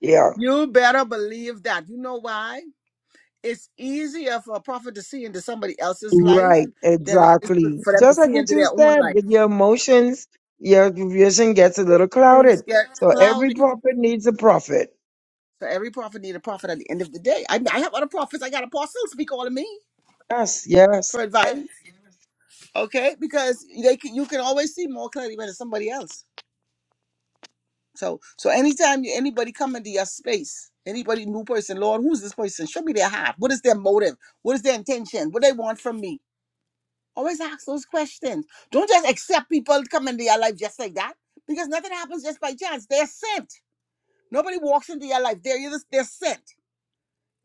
S4: yeah
S1: You better believe that. You know why? It's easier for a prophet to see into somebody else's life
S4: Right,
S1: than it is for
S4: exactly.
S1: for them to
S4: Just like
S1: see
S4: what
S1: into
S4: you
S1: their own
S4: said,
S1: life.
S4: with your emotions, your vision gets a little
S1: Things
S4: clouded.
S1: get
S4: So every
S1: cloudy.
S4: prophet needs a prophet.
S1: So every prophet need a prophet at the end of the day. I, I have other prophets. I got apostles be calling me
S4: Yes, yes.
S1: for advice. Okay, because they can, you can always see more clearly when it's somebody else. So so anytime you, anybody come into your space, anybody new person, Lord, who's this person? Show me their heart. What is their motive? What is their intention? What they want from me? Always ask those questions. Don't just accept people to come into your life just like that because nothing happens just by chance. They're sent. Nobody walks into your life. They're either they're sent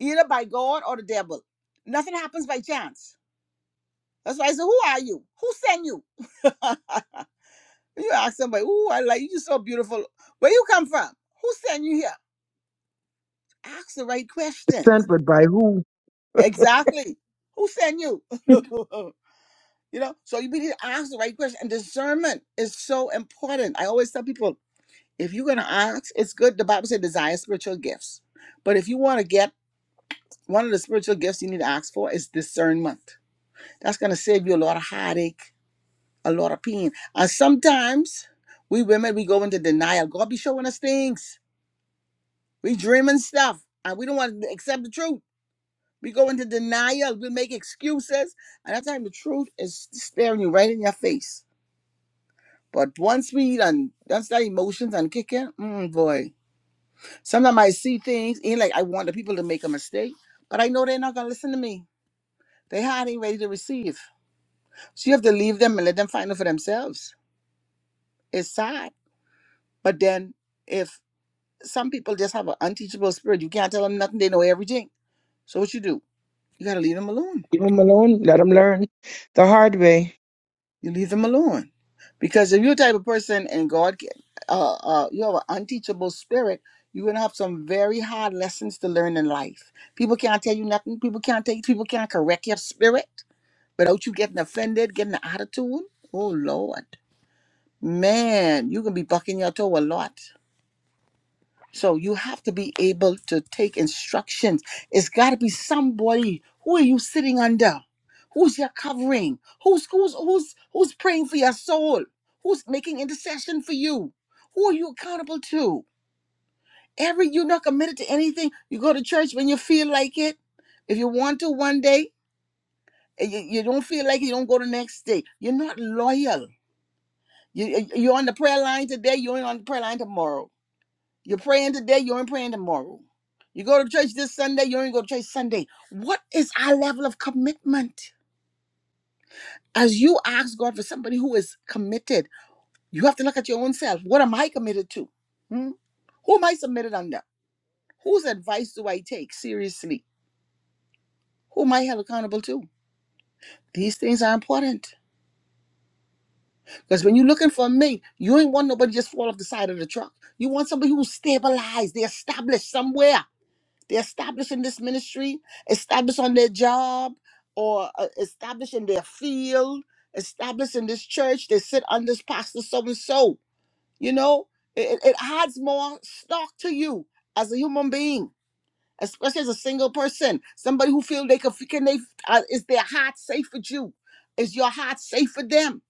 S1: either by God or the devil. Nothing happens by chance. That's why I say, who are you? Who sent you? you ask somebody, "Ooh, I like you. so beautiful. Where you come from? Who sent you here?" Ask the right question.
S4: Sent, but by who?
S1: Exactly. Who sent you? you know, so you need to ask the right question. And discernment is so important. I always tell people if you're going to ask, it's good. The Bible says desire spiritual gifts. But if you want to get one of the spiritual gifts you need to ask for is discernment. That's going to save you a lot of heartache, a lot of pain. And sometimes we women, we go into denial. God be showing us things. We dreaming stuff and we don't want to accept the truth. We go into denial. We make excuses. And that time the truth is staring you right in your face. But once we done, once that emotions and kicking, mm, boy. Sometimes I see things, ain't like I want the people to make a mistake, but I know they're not gonna listen to me. They hard ain't ready to receive. So you have to leave them and let them find it for themselves. It's sad. But then if some people just have an unteachable spirit, you can't tell them nothing, they know everything. So what you do? You gotta leave them alone
S4: Leave them alone. Let them learn the hard way.
S1: You leave them alone. Because if you're the type of person and God, can- uh, uh, you have an unteachable spirit, you're going to have some very hard lessons to learn in life. People can't tell you nothing. People can't take, people can't correct your spirit without you getting offended, getting an attitude. Oh, Lord. Man, you can be bucking your toe a lot. So you have to be able to take instructions. It's got to be somebody. Who are you sitting under? Who's your covering? Who's who's who's who's praying for your soul? Who's making intercession for you? Who are you accountable to? Every you're not committed to anything. You go to church when you feel like it. If you want to one day, and you, you don't feel like it, you don't go the next day. You're not loyal. You, you- you're on the prayer line today. You're on the prayer line tomorrow You're praying today, you ain't praying tomorrow. You go to church this Sunday, you ain't go to church Sunday. What is our level of commitment? As you ask God for somebody who is committed, you have to look at your own self. What am I committed to? Hmm? Who am I submitted under? Whose advice do I take seriously? Who am I held accountable to? These things are important because when you're looking for a mate, you ain't want nobody just fall off the side of the truck. You want somebody who's stabilized, they're established somewhere. They're establishing this ministry, established on their job, or uh, established in their field, established in this church. They sit under this pastor so and so. You know, it, it it adds more stock to you as a human being, especially as a single person, somebody who feel they can, can they, uh, is their heart safe with you? Is your heart safe with them?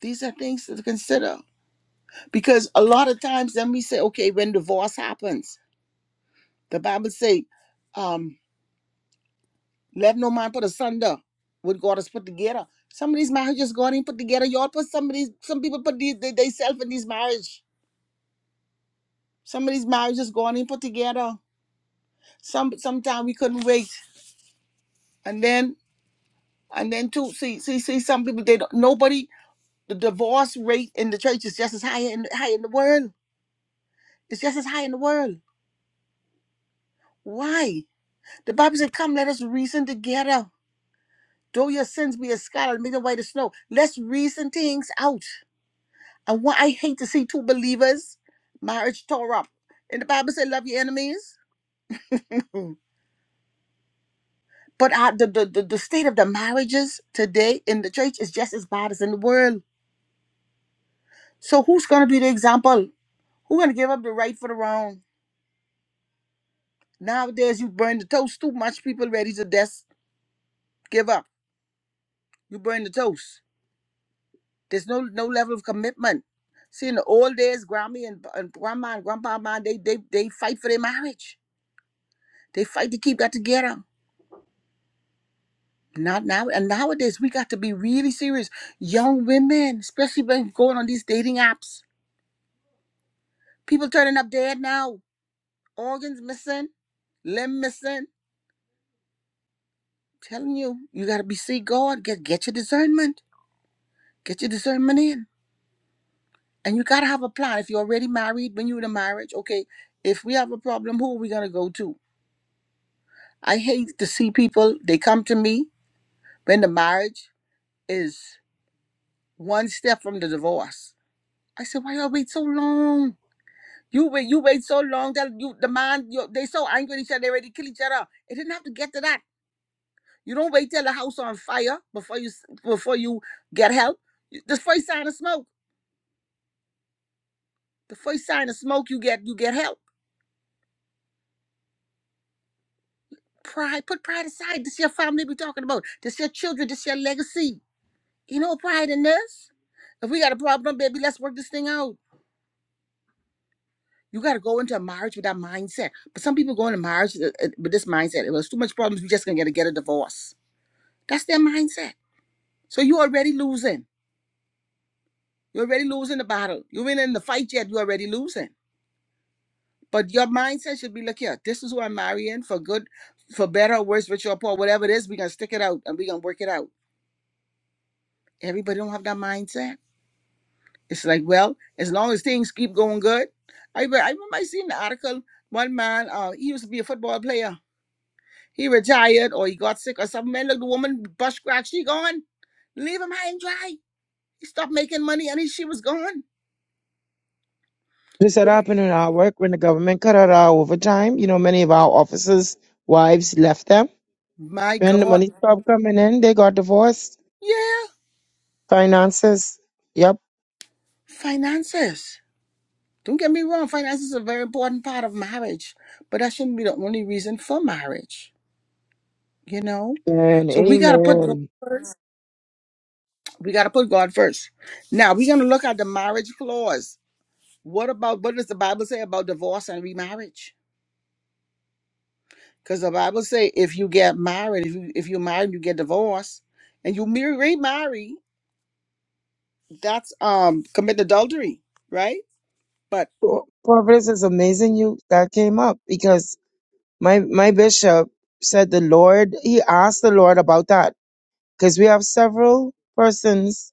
S1: These are things to consider because a lot of times then we say, okay, when divorce happens, the Bible say, um. Let no man put asunder what God has put together. Some of these marriages God ain't put together. Y'all put some of these, some people put these, they, they self in these marriage. Some of these marriages God ain't put together. Some sometimes we couldn't wait. And then and then too, see, see, see, some people they don't nobody the divorce rate in the church is just as high in high in the world. It's just as high in the world. Why? The Bible said, Come, let us reason together. Though your sins be as scarlet, make them white as snow. Let's reason things out. And what I hate to see two believers, marriage tore up. And the Bible said, love your enemies. but uh, the, the, the, the state of the marriages today in the church is just as bad as in the world. So who's going to be the example? Who's going to give up the right for the wrong? Nowadays, you burn the toast too much. People ready to just give up. You burn the toast. There's no no level of commitment. See, in the old days, Grammy and, and Grandma and Grandpa, man, they, they, they fight for their marriage. They fight to keep that together. Not now. And nowadays, we got to be really serious. Young women, especially when going on these dating apps, people turning up dead now, organs missing, limb missing. Telling you, you got to be see God. Get get your discernment. Get your discernment in, and you got to have a plan. If you're already married, when you're in a marriage, okay. If we have a problem, who are we gonna go to? I hate to see people. They come to me when the marriage is one step from the divorce. I said, why y'all wait so long? You wait, you wait so long that you the man you, they so angry at each other they ready to kill each other. It didn't have to get to that. You don't wait till the house on fire before you s- before you get help. You- The first sign of smoke, the first sign of smoke, you get you get help. Pride, put pride aside. This your family we talking about. This your children. This your legacy. You know what pride in this. If we got a problem, baby, let's work this thing out. You got to go into a marriage with that mindset. But some people go into marriage uh, uh, with this mindset. It was too much problems. We just gonna get to get a divorce. That's their mindset So you're already losing. You're already losing the battle. You ain't in the fight yet. You're already losing. But your mindset should be, look here, this is who I'm marrying for good, for better or worse, rich or poor, whatever it is, we're gonna stick it out and we're gonna work it out. Everybody don't have that mindset. It's like, well, as long as things keep going good. I, re- I remember I seen the article, one man, uh, he used to be a football player. He retired or he got sick or something. Man, look, the woman bus crack, she gone. Leave him high and dry. He stopped making money and he, she was gone.
S4: This had happened in our work when the government cut out our overtime. You know, many of our officers' wives left them.
S1: My
S4: When the
S1: God.
S4: money stopped coming in, they got divorced.
S1: Yeah,
S4: Finances. Yep.
S1: finances. Don't get me wrong, finances is a very important part of marriage, but that shouldn't be the only reason for marriage, you know?
S4: And
S1: So we gotta put God-
S4: amen.
S1: we gotta put God first. Now we're gonna look at the marriage clause. What about what does the Bible say about divorce and remarriage? Because the Bible say if you get married, if you if you married, you get divorced, and you mar- remarry, that's um commit adultery, right? But
S4: Prophetess is amazing you that came up because My my bishop said the Lord. He asked the Lord about that because we have several persons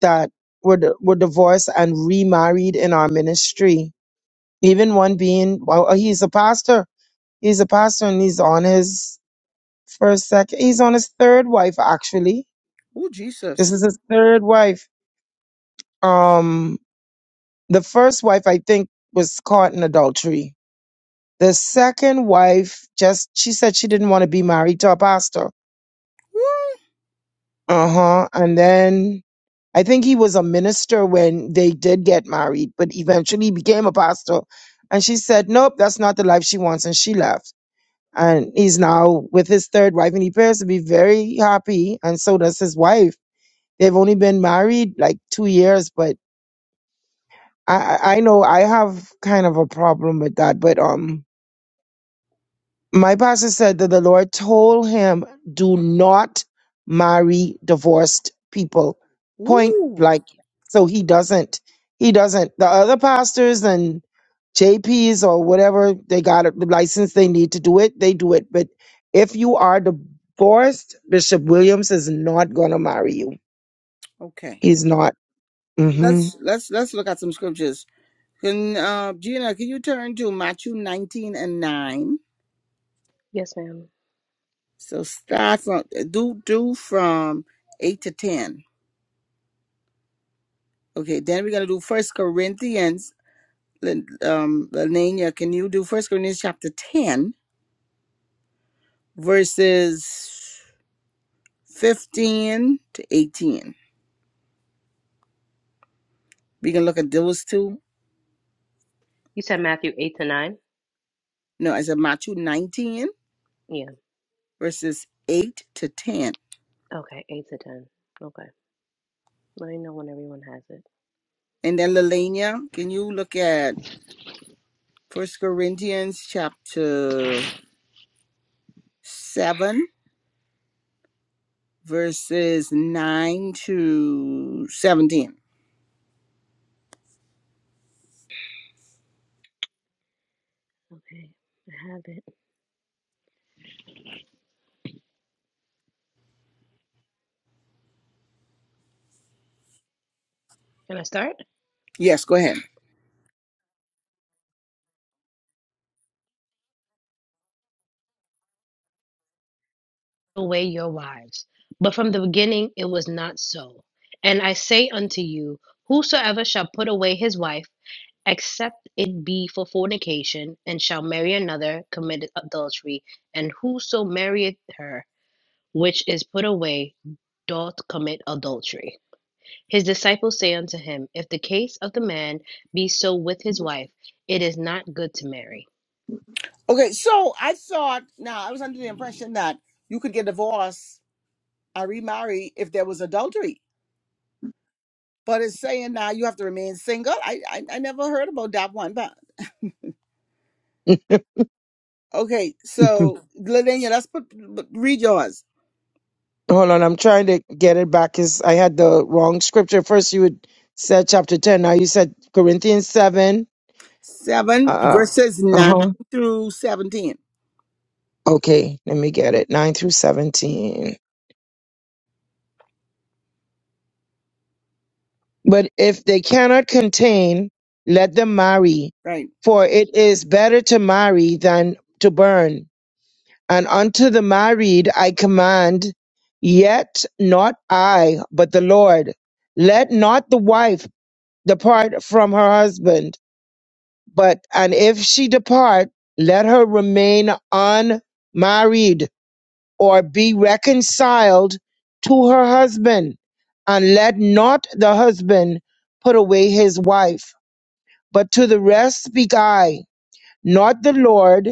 S4: that were di- were divorced and remarried in our ministry. Even one being, well, uh, he's a pastor. He's a pastor and he's on his first second. He's on his third wife actually.
S1: oh
S4: This
S1: Jesus.
S4: is his third wife. Um, the first wife I think was caught in adultery. The second wife just she said she didn't want to be married to a pastor Uh-huh. And then I think he was a minister when they did get married, but eventually he became a pastor. And she said, Nope, that's not the life she wants, and she left. And he's now with his third wife, and he appears to be very happy, and so does his wife. They've only been married like two years, but I, I I know I have kind of a problem with that. But um my pastor said that the Lord told him, do not marry divorced people. Point
S1: Ooh.
S4: blank. So he doesn't. He doesn't. The other pastors and JPs or whatever, they got the license they need to do it, they do it. But if you are divorced, Bishop Williams is not going to marry you.
S1: Okay.
S4: He's not. Mm-hmm.
S1: Let's let's let's look at some scriptures. Can uh, Gina, can you turn to Matthew 19 and 9?
S2: Yes, ma'am.
S1: So start from do do from 8 to 10. Okay, then we're gonna do First Corinthians. Lin- Um Lanania, can you do First Corinthians chapter 10, verses 15 to 18? We can look at those two
S2: You said Matthew eight to nine?
S1: No, it's said Matthew 19,
S2: Yeah.
S1: verses 8 to 10.
S2: Okay, eight to ten. Okay. Let me know when everyone has it.
S1: And then, Lelania, can you look at First Corinthians chapter 7, verses 9 to 17?
S2: Okay, I have it. Can I start?
S1: Yes, go ahead.
S2: Away your wives. But from the beginning it was not so. And I say unto you, whosoever shall put away his wife, except it be for fornication, and shall marry another, committeth adultery. And whoso marrieth her, which is put away, doth commit adultery. His disciples say unto him, If the case of the man be so with his wife, it is not good to marry.
S1: Okay, so I thought, now I was under the impression that you could get divorced or remarry if there was adultery. But it's saying now you have to remain single. I, I, I never heard about that one. But okay, so Lelania, let's put, put read yours.
S4: Hold on, I'm trying to get it back because I had the wrong scripture. First, you had said chapter 10. Now you said Corinthians 7. Uh
S1: 7
S4: uh
S1: verses
S4: uh.
S1: 9
S4: huh.
S1: through 17
S4: Okay, let me get it. 9 through 17. But if they cannot contain, let them marry.
S1: right
S4: For it is better to marry than to burn. And unto the married I command, yet not I, but the Lord. Let not the wife depart from her husband, but and if she depart, let her remain unmarried or be reconciled to her husband, and let not the husband put away his wife. But to the rest speak I, not the Lord,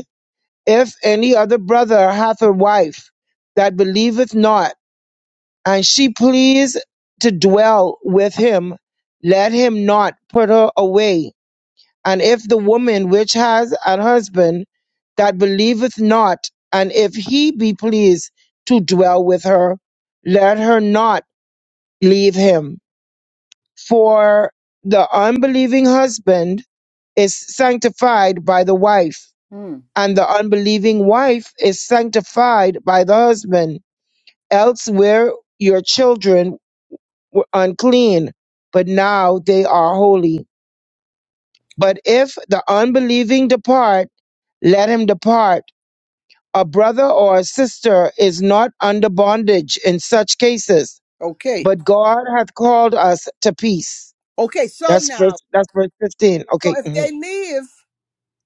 S4: if any other brother hath a wife that believeth not, and she please to dwell with him, let him not put her away. And if the woman which has an husband that believeth not, and if he be pleased to dwell with her, let her not leave him. For the unbelieving husband is sanctified by the wife,
S1: Hmm.
S4: and the unbelieving wife is sanctified by the husband. Else were your children were unclean, but now they are holy. But if the unbelieving depart, let him depart A brother or a sister is not under bondage in such cases,
S1: okay
S4: but God hath called us to peace.
S1: okay so
S4: That's verse,
S1: now
S4: that's verse 15.
S1: so
S4: Okay.
S1: if
S4: mhm.
S1: they leave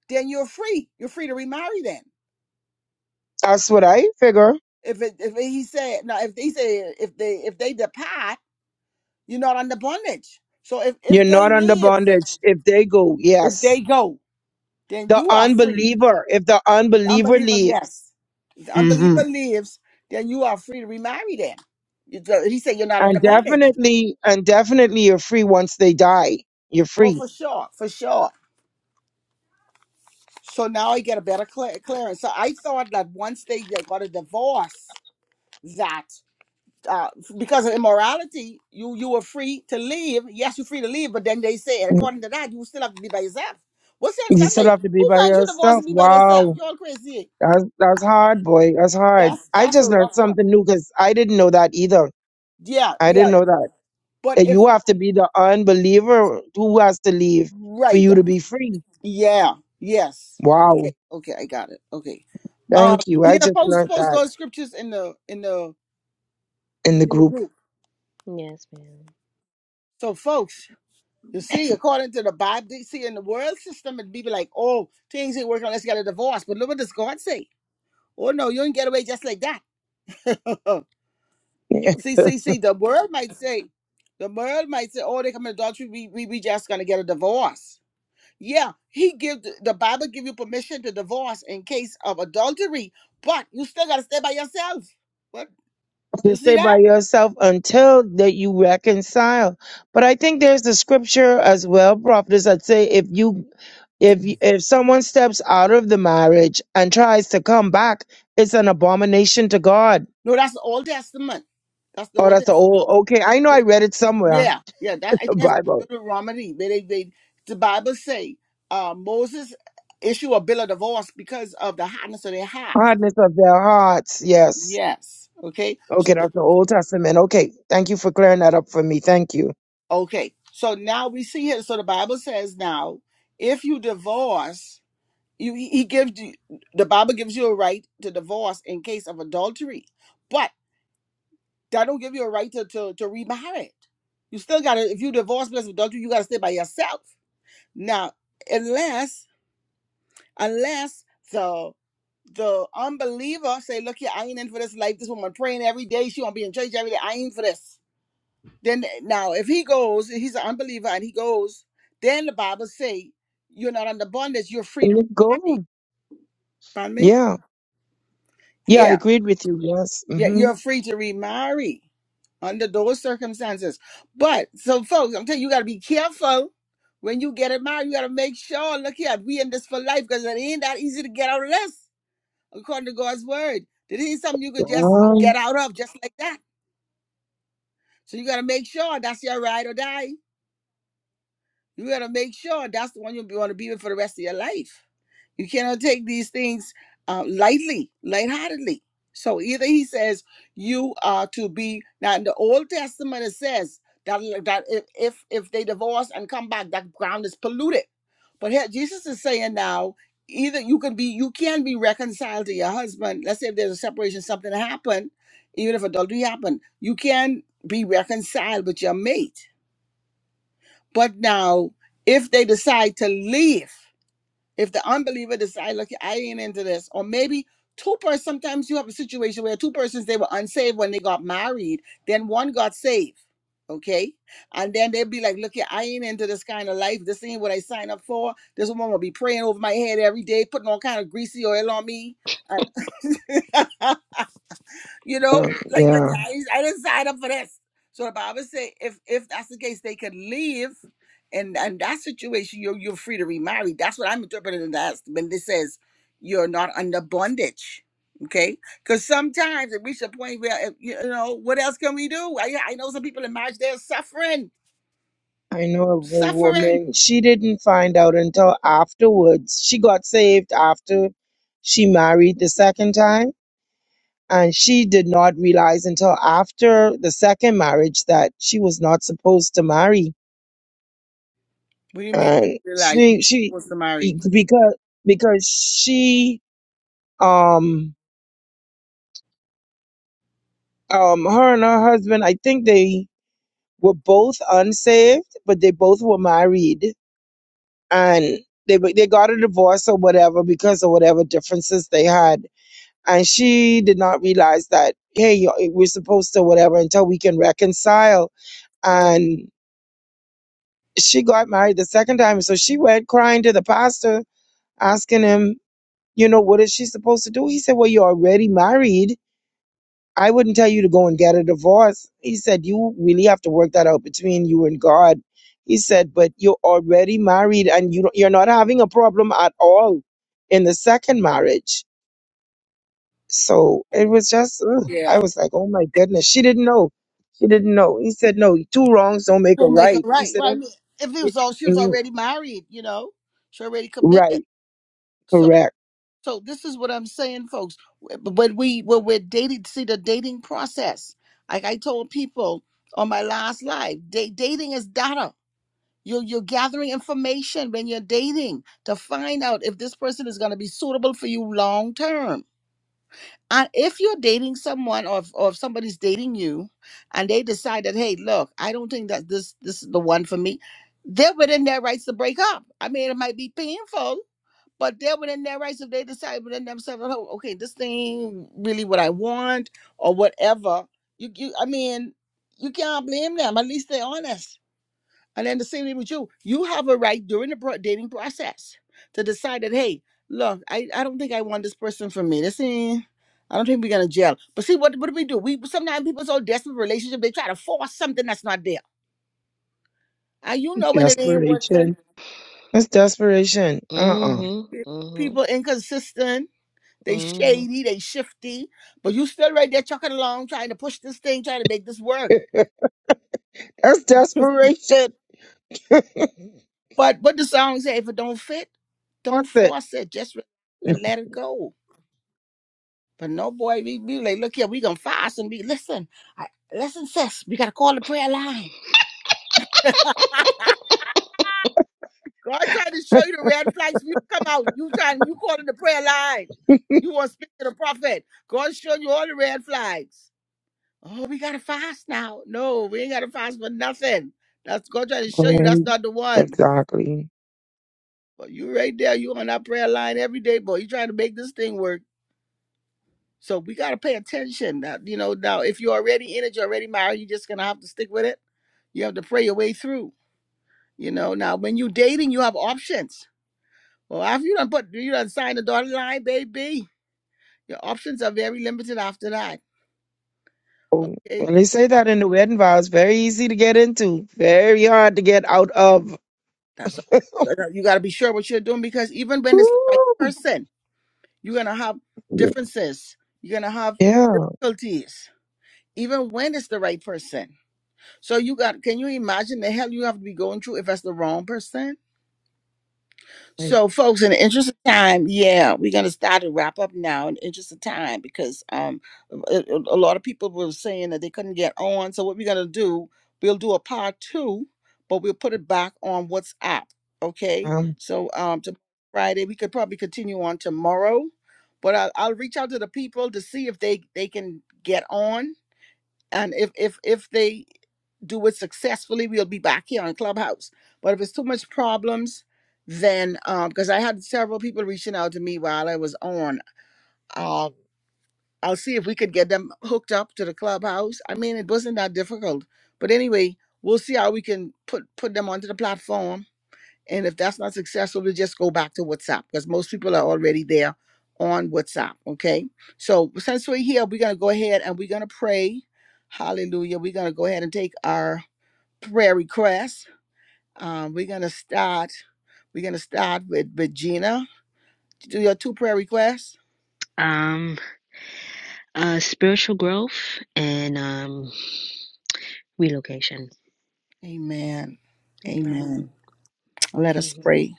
S1: then you're free you're free to remarry then.
S4: That's what I figure.
S1: if it, if he said no if they said if they if they depart you're not under bondage so if if
S4: You're
S1: they
S4: not under
S1: leave
S4: bondage if they go.
S1: if they
S4: Yes.
S1: go then
S4: The
S1: you are free
S4: unbeliever, if the
S1: if the
S4: unbeliever
S1: unbeliever
S4: leaves,
S1: yes if the
S4: hmm
S1: unbeliever leaves then you are free to remarry them You- he said you're not under
S4: and
S1: bondage
S4: definitely, and definitely you're free once they die. You're
S1: oh
S4: free.
S1: for sure for sure So now I get a better clear- clearance. So I thought that once they, they got a divorce, that uh, because of immorality, you you were free to leave. Yes, you're free to leave, but then they say,
S4: Mm-hmm.
S1: according to that, you still have to be by yourself. What sense
S4: You
S1: that
S4: still
S1: make?
S4: have to be
S1: Who
S4: by
S1: finds you divorce
S4: yourself.
S1: and be by themselves?
S4: Wow.
S1: You're all crazy.
S4: That's that's hard, boy. That's hard.
S1: That's
S4: I
S1: that's a
S4: just learned
S1: rough one.
S4: something new because I didn't know that either.
S1: Yeah,
S4: I didn't
S1: yeah.
S4: know that.
S1: But
S4: That
S1: if
S4: you have to be the unbeliever who has to leave for
S1: right,
S4: you to be free.
S1: yeah, yes.
S4: Wow.
S1: Okay, okay, I got it. Okay. Um,
S4: Thank you. I
S1: Dina,
S4: just
S1: post
S4: learned
S1: post
S4: that
S1: those scriptures in the in the
S4: in the
S1: in the
S4: group.
S1: group.
S2: Yes, ma'am.
S1: So folks. You see, according to the Bible, you see, in the world system, it'd be like, oh, things ain't working Let's get a divorce. But look what does God say? Oh, no, you ain't get away just like that. see, see, see, the world might say, the world might say, oh, they commit adultery, we, we, we just going to get a divorce. Yeah, he give the the Bible give you permission to divorce in case of adultery, but you still got to stay by yourself. What?
S4: to
S1: You see
S4: stay by
S1: that?
S4: yourself until that you reconcile. But I think there's the scripture as well, prophets, that say if you if you- if someone steps out of the marriage and tries to come back, it's an abomination to God
S1: No, that's the Old Testament. That's the
S4: Oh,
S1: Old
S4: that's an
S1: Testament.
S4: old. Okay, I know I read it somewhere
S1: Yeah, yeah. That
S4: in
S1: I
S4: the
S1: think that's in
S4: Bible.
S1: Deuteronomy. Where they, they the Bible say uh, Moses issue a bill of divorce because of the hotness of their heart.
S4: Hardness of their hearts. Yes.
S1: Yes. Okay. So
S4: Okay, that's the Old Testament. Okay, thank you for clearing that up for me. Thank you.
S1: okay. So now we see here. So the Bible says now, if you divorce, you he he gives you the Bible gives you a right to divorce in case of adultery, but that don't give you a right to to, to remarry. it. You still gotta if you divorce because of adultery, you gotta stay by yourself. Now, unless unless the the unbeliever say, "Look here, I ain't in for this life. This woman praying every day. She won't be in church every day. I ain't for this." Then now, if he goes, he's an unbeliever, and he goes, then the Bible say, "You're not under bondage. You're free to
S4: And it go.
S1: remarry." Pardon me?
S4: Yeah. Yeah, I
S1: Yeah,
S4: agreed with you. Yes.
S1: yeah,
S4: Mm-hmm.
S1: you're free to remarry under those circumstances. But so, folks, I'm telling you, you got to be careful when you get it married. You got to make sure. Look here, we in this for life because it ain't that easy to get out of this. according to God's word. It ain't something you could just uh,
S4: Yeah.
S1: get out of just like that. So you gotta make sure that's your ride or die. You gotta make sure that's the one you want to be with for the rest of your life. You cannot take these things uh, lightly, lightheartedly. So either he says you are to be now in the Old Testament it says that that if if, if they divorce and come back, that ground is polluted. But here Jesus is saying now either you can be you can be reconciled to your husband. Let's say if there's a separation, something happened, even if adultery happened, you can be reconciled with your mate. But now if they decide to leave if the unbeliever decide, look, I ain't into this, or maybe two persons, sometimes you have a situation where two persons they were unsaved when they got married, then one got saved. Okay. And then they'd be like, look, here, I ain't into this kind of life. This ain't what I signed up for. This woman will be praying over my head every day, putting all kind of greasy oil on me. And You know,
S4: yeah.
S1: like look,
S4: Yeah.
S1: I, I didn't sign up for this. So the Bible say if if that's the case, they could leave, and and that situation, you're you're free to remarry. That's what I'm interpreting in that when it says you're not under bondage. Okay, because sometimes it reaches a point where if, you know what else can we do? I I know some people in marriage they're suffering,
S4: I know of a
S1: suffering.
S4: woman. She didn't find out until afterwards. She got saved after she married the second time. And she did not realize until after the second marriage that she was not supposed to marry
S1: What do you mean?
S4: and
S1: Realize you
S4: she she
S1: were supposed to marry?
S4: because because she um um her and her husband I think they were both unsaved but they both were married and they were- they got a divorce or whatever because of whatever differences they had and she did not realize that hey you- we're supposed to whatever until we can reconcile
S1: Oh,
S4: and she got married the second time so she went crying to the pastor asking him You know, what is she supposed to do? He said, Well, you're already married. I wouldn't tell you to go and get a divorce. He said, You really have to work that out between you and God. He said, But you're already married and you don't, you're not having a problem at all in the second marriage. So
S1: oh,
S4: it was just, ugh,
S1: yeah.
S4: I was like, Oh my goodness. She didn't know. She didn't know. He said, No, two wrongs don't make a
S1: We'll make her
S4: right. He
S1: right.
S4: said,
S1: Well, I
S4: "Don't
S1: mean, if it
S4: get-
S1: was all, she was
S4: mm,
S1: already married. You know, she already committed.
S4: Right,
S1: So
S4: correct.
S1: so this is what I'm saying, folks. But we when we're dating, see the dating process. Like I told people on my last live, da- dating is data. You're you're gathering information when you're dating to find out if this person is going to be suitable for you long term. And if you're dating someone or if, or if somebody's dating you and they decide that, hey, look, I don't think that this this is the one for me, they're within their rights to break up. I mean, it might be painful, but they're within their rights if they decide within themselves, oh, okay, this thing really what I want or whatever. You, you, I mean, you can't blame them. At least they're honest. And then the same thing with you. You have a right during the pro- dating process to decide that, hey, look, I, I don't think I want this person for me. This ain't, I don't think we're gonna gel. But see, what what do we do? We sometimes people so desperate for relationship they try to force something that's not there. And you know when it ain't working.
S4: Desperation. That's desperation. Uh uh
S2: Mm-hmm.
S1: People
S2: Mm-hmm.
S1: inconsistent They
S2: Mm-hmm.
S1: shady, they shifty, but you still right there chucking along, trying to push this thing, trying to make this work.
S4: That's desperation.
S1: But what the song say, if it don't fit, don't
S4: corporate.
S1: force it. Just relax and let it go. But no boy, we be like, look here, we gonna fast and be listen, I, listen, sis, we gotta call the prayer line. God trying to show you the red flags for you to come out. You trying you calling the prayer line. You want to speak to the prophet. God showing you all the red flags. Oh, we gotta fast now. No, we ain't gotta fast for nothing. That's God trying to show you that's
S4: Right.
S1: not the one.
S4: Exactly.
S1: But you right there, you on that prayer line every day, boy. You trying to make this thing work. So we gotta pay attention. Now, you know, now if you're already in it, you're already married, you're just gonna have to stick with it. You have to pray your way through. You know, now when you dating, you have options. Well, after you done put you done sign the dotted line, baby, your options are very limited after that.
S4: Oh,
S1: Okay.
S4: When they say that in the wedding vows, very easy to get into, very hard to get out of.
S1: That's you gotta be sure what you're doing because even when it's the right
S4: Woo!
S1: person. You're going to have differences. You're going to have
S4: Yeah.
S1: difficulties, even when it's the right person. So you got, can you imagine the hell you have to be going through if it's the wrong person?
S4: Like,
S1: So, folks, in the interest of time, yeah, we're gonna start to wrap up now. In the interest of time, because um, a, a a lot of people were saying that they couldn't get on. So, what we're gonna do, we'll do a part two, but we'll put it back on WhatsApp. Okay.
S4: um,
S1: So, um, to Friday, we could probably continue on tomorrow, but I, I'll reach out to the people to see if they they can get on and if if if they do it successfully we'll be back here on clubhouse but if it's too much problems then um because i had several people reaching out to me while i was on i'll i'll see if we could get them hooked up to the clubhouse i mean it wasn't that difficult but anyway we'll see how we can put put them onto the platform and if that's not successful, to just go back to WhatsApp because most people are already there on WhatsApp. Okay. So since we're here, we're going to go ahead and we're going to pray. Hallelujah. We're going to go ahead and take our prayer requests. Um, we're going to start. We're going to start with, with Gina. Do your two prayer requests.
S2: um uh spiritual growth and um relocation
S1: Amen.
S2: amen
S1: Amen. Let us
S2: Mhm.
S1: pray.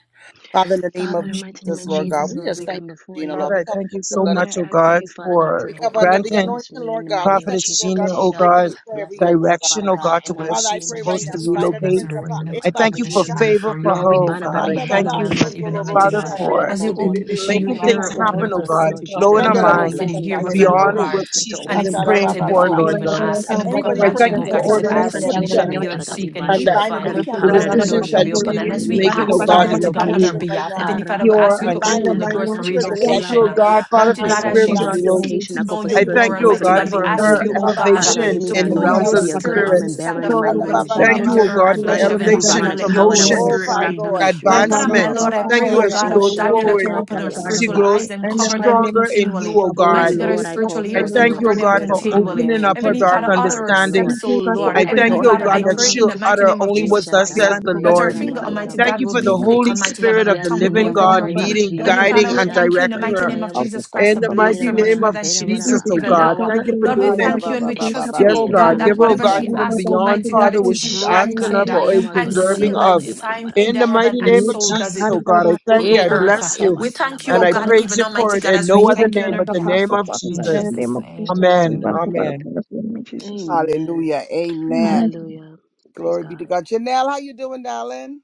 S1: Father, in the name
S2: Father, in
S1: of
S2: the mighty name of
S1: Jesus, Lord God,
S2: Jesus,
S1: we
S2: Lord,
S1: just
S2: we
S1: thank
S2: come
S1: you,
S2: before
S1: Gina, Lord.
S4: Father,
S2: you.
S1: We
S4: I
S1: come
S4: thank
S1: up
S4: you
S1: the
S4: so
S1: blood
S2: Lord,
S1: of
S2: I
S4: much, oh
S2: ask of
S4: God,
S2: you, Father God, to
S4: for
S1: We cover
S2: open
S1: under the
S4: granting
S1: anointing,
S2: doors for me in
S1: Lord
S2: the mighty
S1: God. We
S2: name of
S1: thank
S4: Prophetess
S1: you,
S2: Jesus.
S1: Lord God,
S4: Sheena,
S1: for
S2: Continue
S4: oh
S2: to
S1: breaking
S4: God,
S1: this prayer
S2: bless
S1: every
S2: me,
S1: yoke, oh
S2: Lord,
S1: God.
S4: direction,
S2: Father
S4: oh
S2: God,
S4: God, to
S2: in the
S5: God,
S4: where
S2: mighty
S1: Father, I
S4: she's
S5: in
S2: name
S5: the
S2: of
S1: pray
S5: name
S1: right
S4: supposed
S1: now.
S4: to
S2: Jesus,
S5: Jesus
S1: We
S2: Lord.
S5: Christ
S1: bind
S5: of
S1: up the
S2: Open some
S4: relocate.
S1: prince
S5: Nazareth,
S1: of
S5: we
S2: doors
S1: power.
S2: in the
S5: lift
S4: I
S2: mighty
S5: up
S1: Eba,
S2: name
S4: thank
S5: Prophet
S2: of
S4: you for
S2: Jesus.
S6: In
S5: Sheena
S1: Sata,
S6: the
S4: favor
S5: before you,
S4: for her,
S2: Lord, we
S5: Heavenly
S4: oh
S2: bind up
S6: mighty
S5: Father,
S4: God.
S2: every
S4: I
S1: Randa
S5: my God
S4: thank
S5: and
S1: Baba
S5: my
S4: you
S2: hindering
S5: Lord,
S1: Shoto
S5: even
S2: spirits,
S1: Lobo
S5: Almighty
S2: Lord,
S4: Father,
S5: God.
S2: Father God. I
S1: Shande
S4: for
S6: name
S5: As
S2: call
S5: you
S2: forth
S4: m-
S5: open,
S1: Bebe
S5: she,
S2: and
S5: you
S1: Lobo
S4: making
S2: open
S5: hear
S4: things
S5: her
S2: for
S1: Saya
S2: me,
S5: open
S2: Lord,
S4: happen,
S5: her
S4: oh
S2: Father
S5: lips,
S2: God.
S4: God,
S2: Lord
S5: mighty God.
S2: Jesus,
S4: blowing her
S5: Heavenly
S1: Shande
S2: continue
S5: Father,
S2: to
S1: Lobo
S5: you
S4: mind
S5: said
S1: Ko,
S5: you
S2: bless me.
S5: hear
S1: Saya
S5: what's in
S2: Continue,
S5: our
S2: Lord,
S4: beyond
S1: Bebe
S4: what
S5: heart,
S2: to
S4: she's
S2: open
S5: and
S4: even
S2: some
S5: it's
S1: Shata Ra,
S2: doors for
S4: praying
S2: me
S5: granted
S2: in
S1: Baba
S2: the
S4: for,
S5: before
S2: mighty
S1: Baba.
S5: we
S2: name
S4: Lord
S2: of
S1: Shata.
S5: even
S4: God.
S5: ask.
S1: Father,
S5: In
S2: Jesus,
S5: the book of
S2: Lord,
S1: anybody
S4: I
S2: Father
S5: Matthew,
S4: thank
S1: praying
S2: God.
S4: you
S5: oh
S2: I
S4: for
S5: God,
S1: against
S5: you
S2: call
S1: Some
S2: it
S5: said,
S4: ordering
S1: prayers
S4: her
S2: forth
S1: for
S2: in
S5: Ask
S1: their
S5: and
S1: own
S5: it shall
S2: Jesus'
S4: footsteps
S5: be
S2: name,
S1: benefit,
S5: given,
S2: Father God. We
S5: seek and you
S2: bind
S4: and
S2: up
S1: we
S5: shall
S4: that
S1: bind and
S5: find,
S1: we
S2: every
S4: the
S2: power
S1: cancel it.
S5: knock
S2: that
S5: and the
S2: doesn't
S5: door
S2: want
S4: decisions
S2: me to
S5: shall
S4: that
S5: be
S2: leave
S1: in-
S2: in
S5: open.
S2: the
S5: And
S4: she's
S2: mighty
S5: as
S2: name
S5: we
S2: of Jesus. I
S4: making,
S1: We
S4: oh
S2: call
S5: ask,
S2: for
S1: bind
S4: God,
S1: and
S4: is
S1: we
S5: Almighty
S4: of
S5: God, on our
S1: cancel
S4: you,
S1: it
S2: relocation
S1: right
S5: behalf, Heavenly
S1: now.
S5: Father, we
S4: pure
S5: ask you
S1: We
S2: Arakata
S4: and
S5: to
S1: bind and we
S5: open
S2: kata
S4: true.
S5: the doors
S1: cancel
S6: of
S5: for
S2: kata
S1: this
S4: I
S1: spirit of
S6: Jesus,
S1: delay.
S4: thank
S1: I
S2: yamatula
S4: you,
S1: come
S5: relocation.
S4: oh
S5: Uh,
S1: against you,
S4: God,
S2: bakaya.
S1: storm
S4: Father,
S6: We
S5: Mighty
S4: for
S1: out
S2: I
S6: pray
S1: of
S5: God,
S6: that
S1: delay.
S2: call
S5: as
S1: We
S2: for
S5: she
S6: Lord
S2: the
S4: spiritual
S1: bind
S6: God,
S1: you.
S6: uh,
S4: growth.
S5: seek
S6: we-
S2: relocation.
S5: to
S2: I
S1: We
S2: call
S5: know
S2: for
S1: slay
S5: you
S4: I
S1: you in
S2: spiritual
S5: more,
S4: thank you, oh
S1: Jesus'
S2: growth in the
S5: Almighty
S4: God,
S1: name.
S5: God,
S2: mighty
S5: we
S2: name
S4: for
S2: of
S5: ask
S4: her
S6: everything
S5: you,
S2: Jesus.
S5: oh
S6: that is
S1: Baba
S6: in
S5: God. uh,
S2: Father God,
S6: order,
S2: give
S4: elevation
S2: me
S5: to
S2: the
S4: in
S6: Father,
S1: Sodolobosa,
S4: the
S6: in
S5: pour
S6: the
S2: anointing
S4: realms
S5: your
S2: to
S6: mighty name
S4: of
S6: of
S2: be
S4: the
S2: a
S6: Father
S2: good
S5: spirit
S6: God.
S2: arm
S4: spirit.
S2: and
S1: Garabandibisi,
S2: bearer
S6: We
S5: inside
S2: in the
S5: of
S6: go,
S5: her,
S2: mighty
S6: Lord
S1: Randa
S2: name
S6: God,
S2: of
S5: mighty
S6: to
S1: Baba
S5: God.
S6: the
S4: Thank
S2: Jesus.
S4: you,
S5: Empty
S1: Baba
S4: oh
S5: her
S6: level
S5: of
S4: God,
S2: I
S4: for
S6: two and
S5: flesh,
S2: bind up
S6: then the
S5: Heavenly
S2: every
S1: Sodolobosa.
S5: Father.
S4: elevation,
S2: demonic
S5: Let
S6: dimensions
S5: your
S2: power
S6: and
S2: that
S5: Holy
S2: wants to
S6: Lord
S1: Oh,
S4: promotion,
S5: Spirit
S1: Father
S6: God.
S2: stop the
S5: reign.
S1: God.
S2: ministry in
S6: Oh
S2: the
S1: Ira
S5: My God
S1: ba
S6: God,
S2: mighty
S5: and
S1: ba
S6: we
S2: name
S5: my
S2: of
S1: ba
S4: advancement.
S6: pray
S5: Lord, I
S6: for
S2: Jesus.
S4: Thank
S5: pray,
S4: you
S5: oh
S6: our
S4: as
S1: shata.
S4: she
S5: God
S2: Oh
S5: of
S4: goes
S6: faithful
S5: Daniel,
S2: shata
S6: workers
S5: that you
S4: forward
S6: and our
S5: open
S2: kata
S5: her
S6: Father God.
S4: She
S5: spiritual
S2: yamatula
S5: eyes
S4: grows
S2: baya
S5: and
S6: And
S2: baya
S6: the
S5: cover
S6: mighty
S5: them
S2: bakaya
S6: name
S4: stronger
S6: of
S2: basa.
S4: in
S6: Jesus,
S4: you,
S5: continually.
S4: O
S6: God.
S2: Oh
S4: God.
S5: Mighty
S6: We
S5: God, her
S2: Lord,
S6: lift
S2: I
S6: up
S2: call
S5: spiritual
S6: and
S4: I
S2: forth,
S5: ears
S6: honor
S5: and
S6: and
S4: thank
S2: Lord,
S4: you,
S2: a
S5: cover
S4: O
S6: respect
S5: them
S6: you,
S4: God,
S2: spirit
S4: for
S2: of arm and
S5: continually.
S2: bearer
S4: opening
S2: in
S4: up her
S5: Heavenly
S2: Jesus'
S4: dark
S5: Father,
S2: name,
S5: order
S2: Father
S5: her
S2: God, Lord.
S4: understanding.
S5: steps,
S6: Thank
S5: oh
S6: you, God, for
S2: Eh,
S5: Lord.
S4: I
S6: open
S4: thank
S5: Heavenly
S6: doors
S2: katala
S4: you, O
S5: Father,
S6: right
S2: bara
S4: God,
S5: I
S6: now in
S4: that
S2: bara
S6: the
S5: pray
S6: name
S5: in
S6: of
S4: she'll
S5: the
S2: bakare.
S6: Jesus.
S5: mighty
S4: utter
S5: name of
S4: only
S2: Eh,
S4: what
S5: Jesus
S4: thus
S2: shata
S5: Christ
S6: Pray,
S5: uh,
S4: says
S6: Father,
S4: the
S2: yaka
S6: for
S2: ya
S6: God,
S5: that her
S6: the
S4: Lord.
S2: bara
S6: name of
S5: finger,
S2: bara
S6: Jesus,
S2: bara.
S5: Almighty
S4: Thank
S6: God,
S5: God,
S4: you
S6: in
S5: will
S4: for
S6: the
S5: be
S4: the
S6: name of
S5: quick,
S4: Holy
S6: Jesus.
S5: Almighty God,
S4: Spirit
S5: and her
S4: of the
S2: Yes,
S5: tongue
S6: We
S5: will
S2: in the
S5: be
S4: living
S6: pour
S2: mighty
S4: God
S6: down, oh
S5: afluent.
S2: name
S6: God,
S5: Uh,
S2: of
S6: we
S4: leading,
S6: pour
S5: Heavenly
S6: down, we
S4: guiding,
S5: Father,
S6: pour
S2: Jesus.
S5: we
S4: and
S6: down, we
S5: thank you
S2: Shata
S5: in
S6: pour
S5: the
S4: directing
S6: down,
S5: mighty
S4: her.
S6: we
S5: name of
S6: pour
S2: katayaba.
S5: Jesus
S6: down, God,
S5: Christ
S4: In
S6: for
S5: to
S4: the
S6: so
S5: bless
S6: Father,
S4: mighty
S5: her
S6: God.
S5: much
S4: name
S2: Irabara,
S5: more
S4: of
S5: than she
S2: irabara,
S6: We
S4: Jesus,
S5: deserves
S4: O
S5: even
S6: decree, oh
S4: God,
S5: now.
S2: bakayabara.
S6: God,
S4: thank
S6: that
S4: you
S6: they
S4: for
S6: will
S5: Lord, we
S4: doing it.
S1: Aya
S6: perform
S5: thank
S1: ba
S5: you and
S6: against
S1: ba
S5: we
S6: the
S1: ba
S6: grace
S1: ba
S5: trust
S6: of
S5: you,
S4: Yes,
S6: us,
S5: oh
S6: the Lord,
S4: God.
S5: God, that
S4: Give
S6: and
S4: her,
S2: Irakata.
S6: the
S4: oh
S5: whatever
S4: God,
S5: she
S6: name of
S4: even
S6: God,
S5: asks,
S6: that we have
S4: beyond,
S6: to
S5: Almighty
S6: get
S5: God,
S4: Father,
S5: it
S6: to
S4: what
S6: and
S5: is
S6: have
S4: she's
S6: to have
S4: asking
S5: granted
S4: of
S6: everybody
S5: uh,
S4: or is
S2: Shakatayama
S5: and
S6: in the
S2: tolabara,
S4: deserving
S5: sealed
S6: name of
S5: and
S4: of.
S2: bakayabara,
S6: Jesus.
S5: signed
S2: baraba,
S5: in
S4: In
S5: the
S4: the
S5: heaven,
S4: mighty
S6: We
S2: sukutu,
S5: and
S4: name of
S6: lift
S5: so
S6: up,
S5: does
S4: Jesus,
S6: God,
S2: sikayama.
S4: oh
S6: and
S5: it
S4: God,
S6: God,
S4: I
S6: so,
S4: thank
S5: on
S4: you.
S6: so,
S4: I
S6: so, so,
S5: earth. Uh,
S4: bless you.
S2: Ekatayama,
S6: so,
S5: We thank you,
S4: And
S5: oh
S4: I
S6: so.
S5: God,
S2: talabarabaka.
S4: praise
S5: even
S4: you for
S5: Almighty
S4: it
S5: God,
S4: in
S5: as
S6: And
S4: no
S5: we
S6: we
S4: other
S6: don't
S5: thank you
S4: name
S5: on
S6: let
S5: her
S4: but
S6: our
S4: the
S6: past
S5: behalf.
S4: name
S6: go
S4: of
S6: Father
S5: In
S6: God,
S4: Jesus.
S6: in the
S5: Jesus'
S6: name of
S5: name,
S6: Jesus. We
S4: Amen.
S6: want to
S5: amen.
S6: God
S4: Amen.
S6: upon us in the name of Jesus.
S2: Amen.
S1: Hallelujah. Amen.
S6: Amen.
S2: Hallelujah. Praise
S1: Glory be to
S2: God.
S1: God. Janelle, how you doing, darling?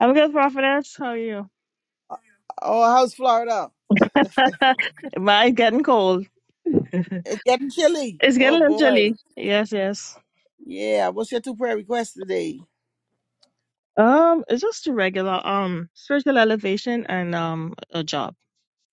S6: I'm good, prophetess. How are you?
S1: Oh, how's Florida?
S6: Mine's getting cold.
S1: It's getting chilly.
S6: It's getting
S1: Oh
S6: a little
S1: boy.
S6: chilly. Yes, yes.
S1: Yeah. What's your two prayer requests today?
S6: Um, it's just a regular um spiritual elevation and um a job,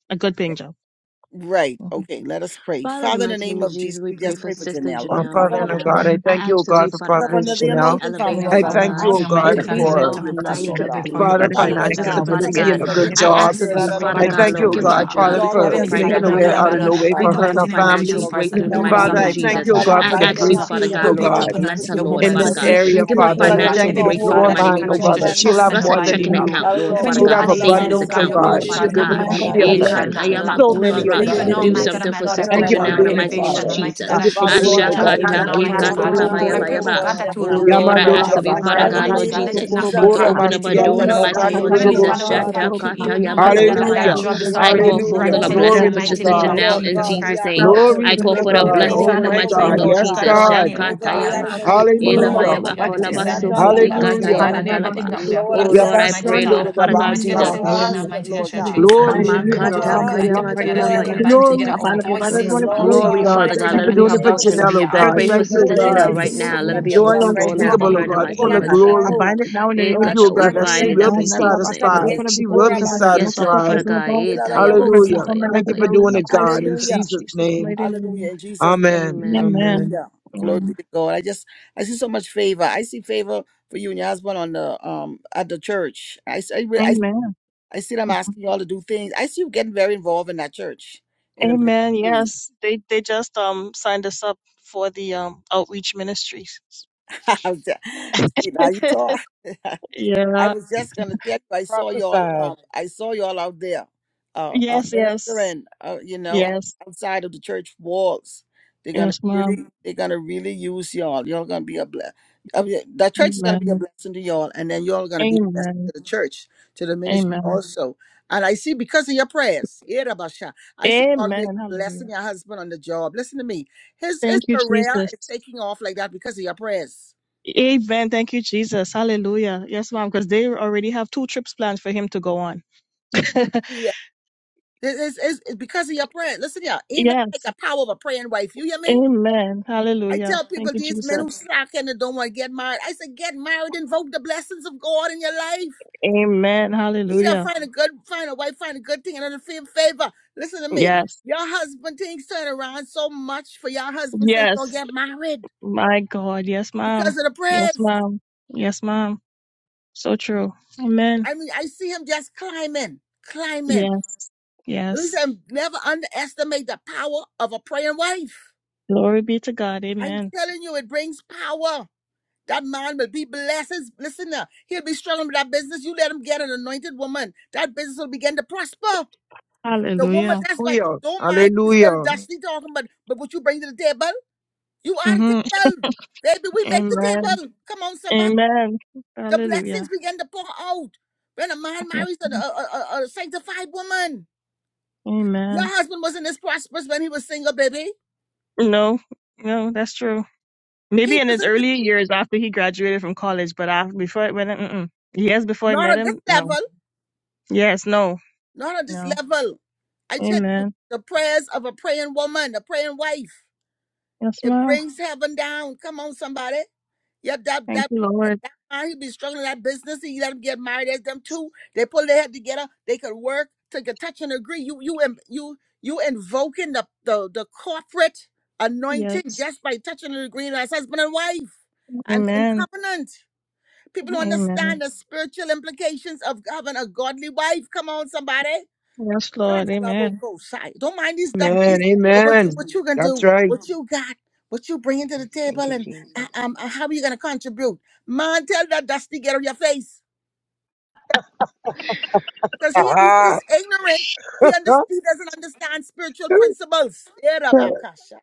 S6: a good paying job.
S1: Right. Okay. Let us pray.
S2: Father, in the
S1: Father, in the
S2: mighty name
S1: name
S2: of
S1: of
S2: Jesus,
S1: Jesus,
S2: we
S1: we
S2: pray
S1: just
S2: for
S1: pray for
S2: Sister
S1: Janelle. Lord,
S4: Our
S1: we
S2: Janelle
S1: cover
S4: Father
S2: right
S1: her
S4: and
S1: with
S4: our
S1: the
S2: now.
S1: blood of
S4: God, I thank
S2: I
S4: you, O
S2: ask of
S4: God,
S2: you,
S4: for
S2: Father
S1: Cover
S2: God,
S4: Prophetess
S2: to
S1: under the
S2: spiritually
S4: Chanel.
S1: anointing, Father
S2: elevate
S5: Heavenly
S2: her,
S1: Lord
S4: I
S1: God.
S2: Father
S1: We
S5: Father,
S4: thank
S2: God.
S5: right
S4: you, O
S1: ask
S5: now,
S1: you to
S4: God,
S5: mighty
S1: break and
S5: God, we
S2: Increase
S1: destroy
S5: lift
S4: for
S2: all
S1: every
S5: up
S2: her
S5: a
S1: yoke, Father
S2: nine
S1: Lord
S5: petitioner
S6: Mhm.
S1: God.
S5: before
S2: giftings
S5: you,
S4: Father,
S5: oh
S2: in
S5: God,
S1: Father,
S5: of
S1: right
S2: Jesus'
S4: financial
S5: Daniel,
S2: name,
S1: now, we
S2: Father
S5: mighty
S1: come
S5: God,
S4: stability
S2: God.
S5: you
S4: and
S1: against
S4: a
S5: heard
S1: every
S4: good
S5: her
S2: I
S1: hindering
S4: job.
S2: ask
S5: request
S2: of
S1: spirit out
S2: you,
S5: is
S1: of
S5: right
S1: the
S2: Father
S5: now,
S4: I
S1: most.
S2: God,
S5: mighty
S4: thank you,
S2: Lord,
S5: God,
S4: O
S5: for
S2: give
S5: a
S2: her
S4: God,
S2: a
S5: job.
S2: job.
S4: Father,
S2: We
S1: Lord
S2: call
S1: God, we
S4: for
S2: for
S5: Heavenly
S1: ask you to make
S5: Father,
S4: making
S6: Because
S1: a
S4: a
S2: financial
S5: my
S4: way
S6: I'm
S1: way
S5: God and
S1: out
S4: out
S1: of
S6: a
S5: my
S4: of
S2: breakthrough.
S1: no
S5: Lord,
S4: no
S1: way,
S5: I
S4: way
S5: pray
S2: We
S1: God.
S5: in
S4: for
S5: the
S1: Touch
S4: her
S2: call
S4: and
S1: this
S2: for
S5: mighty
S4: her
S5: name of
S1: situation,
S2: financial
S5: Jesus
S4: family.
S1: Lord God. We
S5: Christ that
S6: Thank
S2: breakthrough
S5: the
S1: break
S2: in the
S1: our
S2: mighty
S5: doors,
S4: Father,
S2: name of
S4: I
S1: family.
S5: almighty
S4: thank
S5: God,
S2: Jesus.
S5: the
S4: you, O
S1: Father,
S4: God,
S1: we
S5: job
S2: I
S4: for the
S1: bind up
S2: ask
S1: every
S2: you,
S5: favors uh,
S1: hand of
S2: Father
S1: the
S4: breakthroughs,
S1: enemy.
S5: will
S2: God,
S4: O
S1: We
S5: be
S2: Lord,
S1: come
S4: God.
S2: to
S5: open
S1: against
S2: bless
S5: unto
S2: her,
S1: spiritual
S5: your
S2: Lord,
S1: wickedness in
S4: in
S5: woman's
S2: Father
S4: this
S1: high
S2: God.
S1: places.
S5: servant,
S4: area,
S2: Give her
S1: We
S4: Father.
S1: pull
S5: almighty
S4: And
S1: out
S4: I
S1: every
S5: God.
S2: financial
S4: thank you to
S5: Heavenly
S1: stronghold.
S2: breakthrough
S1: We
S4: blow
S2: in the
S4: her
S5: Father,
S6: you.
S1: bind
S2: mighty
S5: she
S4: mind,
S1: every
S2: name
S4: oh
S2: of
S5: continue
S1: strong
S4: God,
S5: to
S4: that
S1: man
S2: Jesus.
S1: in
S6: The
S4: she'll
S1: Jesus'
S5: trust
S4: have
S5: and
S2: Bless her
S4: more than
S5: abide
S1: name.
S2: checking
S5: in
S4: enough.
S5: you.
S2: account,
S1: Father,
S2: Lord,
S1: Lord
S2: Father
S5: Heavenly
S4: She'll
S1: God,
S2: God.
S1: we
S2: Her
S4: have
S5: Father, you
S1: allow our
S5: said,
S2: savings
S5: oh
S4: abundance,
S5: God,
S4: oh
S1: Messiah,
S2: account,
S5: your
S1: and they
S5: people
S2: Lord,
S4: God.
S1: be oh,
S2: Father
S4: She'll
S5: shall
S4: be
S5: not
S4: able
S2: God.
S5: be
S4: to
S5: in
S4: bl-
S1: Shabba,
S5: need
S4: be a
S5: and
S1: Baba,
S5: they shall
S4: blessing to
S5: not
S1: Kosaya.
S5: lack.
S4: so many,
S2: Ekatayamakulora.
S4: oh
S5: And
S1: Father
S5: even
S4: God.
S5: now,
S2: Do
S5: my God and
S2: something
S5: my
S2: for
S5: Lord, I
S2: Sister
S4: Thank
S5: pray
S4: you
S5: for
S4: for
S2: Janelle
S5: her
S2: in the
S4: doing it,
S2: mighty name of
S5: elevation,
S4: Father.
S5: almighty
S2: Jesus.
S5: God,
S4: Thank
S5: as
S4: you for
S5: she
S4: doing
S5: seek
S1: God,
S4: it,
S5: a
S1: I
S4: oh
S1: ask
S5: job,
S4: God,
S1: you to
S4: in the
S5: even
S2: Ashakata
S1: turn
S5: now,
S4: mighty
S1: things
S5: mighty
S4: name
S1: around for
S4: of
S5: God.
S1: her
S2: kekatula
S1: and her
S5: I
S4: Jesus.
S1: husband,
S5: pray,
S1: oh
S5: oh
S2: bayabayaba.
S1: God,
S5: God,
S1: and
S5: that
S1: their
S5: you will
S2: Oh
S1: family,
S5: locate
S2: Lord,
S5: the
S1: Lord
S2: I
S5: right
S1: God.
S2: ask
S5: job
S2: of you,
S5: for her,
S2: Father
S4: Yamandorobasta.
S1: Father, in
S2: God,
S1: the
S5: Almighty
S2: Lord
S1: name
S5: God.
S1: of
S5: Let it
S2: Jesus,
S5: not be
S2: to
S1: Jesus, uh,
S5: hard, but
S2: open up
S5: let
S2: a
S5: it be
S2: door
S1: Lord
S2: in the
S1: God,
S5: easy.
S1: I'm
S2: mighty name of
S1: asking you,
S5: Heavenly
S1: oh
S2: Jesus.
S5: Father, we
S4: Oramasiatatandorobosa.
S1: God, uh,
S5: thank you,
S2: kata
S1: we
S5: even
S1: re- make
S5: Almighty
S1: a
S5: God,
S2: yamatola
S5: that
S1: way out
S5: that
S4: Hallelujah.
S2: baya.
S1: of the
S5: job
S1: way.
S5: is
S2: I
S5: already
S2: call forth
S1: Harabasata,
S4: Hallelujah.
S2: the
S5: granted in
S2: blessing
S5: the
S4: Glory
S2: for
S4: be
S1: labasata.
S4: to
S5: mighty
S6: dimensions
S2: Sister
S6: and
S5: name
S6: you
S4: God.
S6: will
S5: of
S6: find
S2: Janelle
S1: Lord
S6: the
S2: in
S5: Jesus
S1: God, we
S2: Jesus'
S5: Christ of
S1: ask
S6: power.
S2: name.
S6: Out
S1: you to
S4: Glory
S6: for
S2: I
S5: Nazareth.
S6: the
S4: be
S2: call
S4: to
S6: girl
S2: for
S6: to
S1: open
S2: the
S1: up a
S4: God.
S5: Heavenly
S6: open the
S2: blessing
S1: door,
S4: Oh
S2: in
S6: door
S5: Father,
S2: the
S6: of
S1: make
S4: my
S6: the
S5: I
S1: a
S2: mighty
S1: way,
S2: name
S4: God.
S5: thank
S6: jar.
S2: of
S5: you,
S1: Lord
S5: oh
S4: Yes,
S5: God
S1: God.
S5: of
S6: God,
S2: Jesus.
S4: God.
S5: Daniel,
S6: God,
S5: oh
S1: Make a
S6: God,
S1: way
S5: God, uh,
S1: out
S6: God,
S2: Shakatayama.
S1: of
S6: I
S1: no
S6: call
S1: way,
S5: that
S6: it forth.
S5: even
S6: I
S5: now,
S6: call
S1: Jesus.
S6: it
S4: Hallelujah.
S5: Almighty
S6: forth
S2: Elabayaba
S6: by
S5: God, it is
S6: fire
S2: kolaba
S6: in
S1: Yata,
S5: said
S6: the
S5: and
S6: name of
S5: still,
S6: Jesus.
S2: sokotika
S6: I
S5: Almighty
S4: Hallelujah.
S5: God,
S6: call
S1: labasata.
S6: it
S5: and
S6: out
S2: tayamatala
S6: by
S2: ba.
S5: everything
S6: faith,
S5: that we
S6: through
S5: have
S6: the
S1: Lord,
S2: Oh
S1: I
S6: name of
S5: asked,
S2: Lord,
S1: just
S2: I
S6: Jesus.
S5: Almighty
S2: pray,
S1: pray
S4: Yabasando
S2: Lord,
S5: God.
S2: Father God,
S5: Mighty
S6: Remove
S5: God, they
S1: for
S6: it,
S5: said
S6: I
S1: her
S2: Jesus.
S5: one,
S6: remove
S1: husband,
S6: it,
S5: Almighty
S6: I
S5: God
S1: Lord
S5: shall
S6: remove
S1: God.
S6: it.
S5: chase and
S6: I
S5: two
S4: Glory be
S5: shall
S1: We
S6: remove
S4: to
S5: bring to
S1: cover
S6: every
S2: Hamakata
S5: the
S4: God.
S1: her
S6: stumbling
S5: flight.
S6: block
S1: husband
S2: kayama
S1: with
S5: Almighty
S1: the
S6: right
S5: God,
S6: now
S5: as
S6: in
S5: we
S6: the
S1: blood of
S6: name
S2: tolabaya
S6: of
S5: combine
S6: Jesus.
S5: together
S4: Glory
S2: basika
S6: I
S4: to
S1: Jesus.
S5: our
S6: bind up all
S2: tayama.
S6: the
S5: voices
S4: God.
S6: running
S1: Lord
S4: Yes,
S5: unto
S6: powers of
S2: Glory,
S5: you,
S1: God, we
S4: God.
S2: Father
S1: ask
S6: darkness
S5: Almighty
S6: in
S4: Thank
S2: God.
S6: the
S4: you
S5: God,
S2: Let
S4: for
S2: it
S5: on
S6: name
S2: be
S6: of
S1: you
S4: doing
S1: to
S2: her
S5: your
S4: it for
S1: make a
S6: Jesus.
S2: portion.
S5: daughter's
S1: way.
S4: Janelle, oh
S2: I
S5: behalf.
S4: God.
S2: pray
S6: Everything
S2: for
S6: you
S4: Thank
S6: God
S4: you,
S1: Move
S2: Sister
S4: oh
S1: the
S6: has
S5: Let it
S2: Janelle
S6: taken
S4: God.
S1: hindrance
S5: be
S6: to
S2: right
S1: and move
S6: keep
S1: the
S2: now.
S5: so
S2: Let
S6: me,
S2: it
S5: in
S2: be an
S1: stumbling
S4: Joy
S2: open
S1: block
S6: stop
S5: Jesus'
S6: or
S1: right
S2: door,
S5: mighty
S2: Lord,
S1: now.
S6: block
S2: for
S4: unspeakable,
S2: her
S4: oh
S6: me,
S2: in the
S5: name.
S4: God,
S6: Father
S2: mighty
S1: Pull
S4: full
S2: name
S1: on
S4: of
S1: the
S2: of
S6: God.
S5: Amen.
S6: I
S4: glory.
S2: Jesus.
S6: bind
S1: stronghold.
S6: it now in the
S1: We
S2: Eh,
S6: name
S4: Thank
S6: of
S1: bind
S4: you,
S1: up
S4: oh
S2: kata,
S1: the
S4: God,
S6: Jesus.
S2: We
S1: hand of
S4: that
S1: the
S4: she
S2: bind
S6: Say,
S2: it
S1: enemy.
S4: will
S2: up
S4: be
S6: come,
S2: in
S6: that of
S2: Jesus'
S1: We
S6: us,
S1: come
S2: name.
S4: satisfied.
S1: against
S6: open up the
S4: She will
S6: floodgates
S4: be
S6: of heaven. No,
S2: Yes,
S6: God,
S1: Orabashatan.
S2: Lord,
S6: put
S2: Father
S6: this
S4: satisfied.
S6: in the
S2: God.
S6: ball.
S2: Eh, tayama
S6: Put this in
S4: Hallelujah.
S1: Ilalarabosa.
S6: the
S2: tolabaya
S6: light
S4: Thank you
S6: of
S4: for
S6: the
S2: bakaya
S6: room,
S4: doing
S6: not
S4: it,
S2: basika
S6: to
S4: God.
S6: receive
S4: In
S6: it in
S1: Hallelujah.
S4: Jesus'
S6: Jesus'
S4: name.
S6: mighty name.
S1: Hallelujah. In Jesus' name.
S4: Amen.
S2: Amen.
S6: Amen.
S4: Amen.
S1: Hallelujah. Glory be to God. I just I see so much favor. I see favor for you and your husband on the um at the church. I see,
S6: Amen.
S1: I see them asking you all to do things. I see you getting very involved in that church, in the
S6: Amen.
S1: ministry.
S6: Yes. They they just um signed us up for the um outreach ministries.
S1: now you talk. I
S6: yeah.
S1: was just gonna tell you, I saw y'all. Um, I saw y'all out there, uh, uh
S6: Yes, yes.
S1: ministering. Uh, you know,
S6: Yes.
S1: outside of the church walls. They're gonna
S6: Yes, mom.
S1: really, they're gonna really use y'all. Y'all gonna be a bless. I mean, the church is gonna be a
S6: Amen.
S1: blessing to y'all, and then y'all gonna be a blessing
S6: Amen.
S1: to the church, to the ministry
S6: Amen.
S1: also. And I see because of your prayers, yeah, Rabbi I see God really
S6: Amen.
S1: blessing
S6: Hallelujah.
S1: your husband on the job. Listen to me, his his
S6: Thank you,
S1: career
S6: Jesus.
S1: is taking off like that because of your prayers.
S6: Amen. Thank you, Jesus. Hallelujah. Yes, mom, because they already have two trips planned for him to go on.
S1: It's, it's, it's because of your praying. Listen here, ain't nothing like
S6: yes.
S1: the power of a praying wife. You hear me?
S6: Amen.
S1: I
S6: Hallelujah.
S1: tell people
S6: Thank you,
S1: these men who
S6: Jesus.
S1: slacking and don't want to get married. I say get married, invoke the blessings of God in your life.
S6: Amen.
S1: Either
S6: Hallelujah.
S1: find a good, find a wife, find a good thing, and another fa- favor. Listen to me.
S6: Yes.
S1: Your husband things turn around so much for your husband since you
S6: Yes.
S1: get married
S6: My God. Yes,
S1: because
S6: ma'am.
S1: of the
S6: Yes,
S1: prayers.
S6: ma'am. Yes, ma'am. So true. Amen.
S1: I mean, I see him just climbing, climbing.
S6: Yes. Yes.
S1: Listen, never underestimate the power of a praying wife.
S6: Glory be to God.
S1: I'm
S6: Amen.
S1: telling you, it brings power. That man will be blessed. Listen now, he'll be struggling with that business. You let him get an anointed woman. That business will begin to prosper. The woman,
S6: Hallelujah.
S1: that's why,
S4: Hallelujah.
S1: don't mind these little
S4: Hallelujah.
S1: dusty talking, but, but what you bring to the table, you are the
S6: hmm
S1: table. Baby, we make the
S6: Amen.
S1: table. Come on, somebody.
S6: Amen.
S1: The blessings
S6: Hallelujah.
S1: begin to pour out. When a man
S6: Yes.
S1: marries a,
S6: ma'am.
S1: a, a, a sanctified woman, your
S6: Amen.
S1: husband wasn't this prosperous when he was single, baby.
S6: No, no, that's true. Maybe
S1: He
S6: in his
S1: wasn't this,
S6: earlier years after he graduated from college, but after, before I, when, I- mm-mm. yes, before I
S1: not
S6: met
S1: at this
S6: him, no.
S1: level.
S6: Yes, no,
S1: Not on this
S6: no.
S1: level. I tell you,
S6: Amen.
S1: the prayers of a praying woman, a praying wife,
S6: Yes,
S1: it
S6: ma'am.
S1: brings heaven down. Come on, somebody. Yep, that
S6: Thank
S1: that
S6: you, Lord.
S1: man, he be struggling in that business. He let him get married as them two. They pull their head together. They could work, take a touch and agree. You you in- you you invoking the the, the corporate anointing
S6: Yes.
S1: just by touching and agreeing as husband and wife and in
S6: Amen.
S1: covenant. People don't
S6: Amen.
S1: understand the spiritual implications of having a godly wife. Come on, somebody.
S6: Yes, Lord. Amen.
S1: Shakalabokosai. Don't mind these
S6: Thank
S1: dusties,
S6: you.
S4: Amen.
S1: but what you
S4: Amen.
S1: what you gonna
S4: That's
S1: do?
S4: right.
S1: What you got? What you bringing to the
S2: Yes,
S1: table?
S2: thank you,
S1: And uh,
S2: Jesus.
S1: um, uh, how you gonna contribute? Man, tell that dusty get on your face, cause he, he
S4: Ah,
S1: is ignorant. He under,
S4: ah.
S1: he doesn't understand spiritual principles. Yeah, Rabakasha.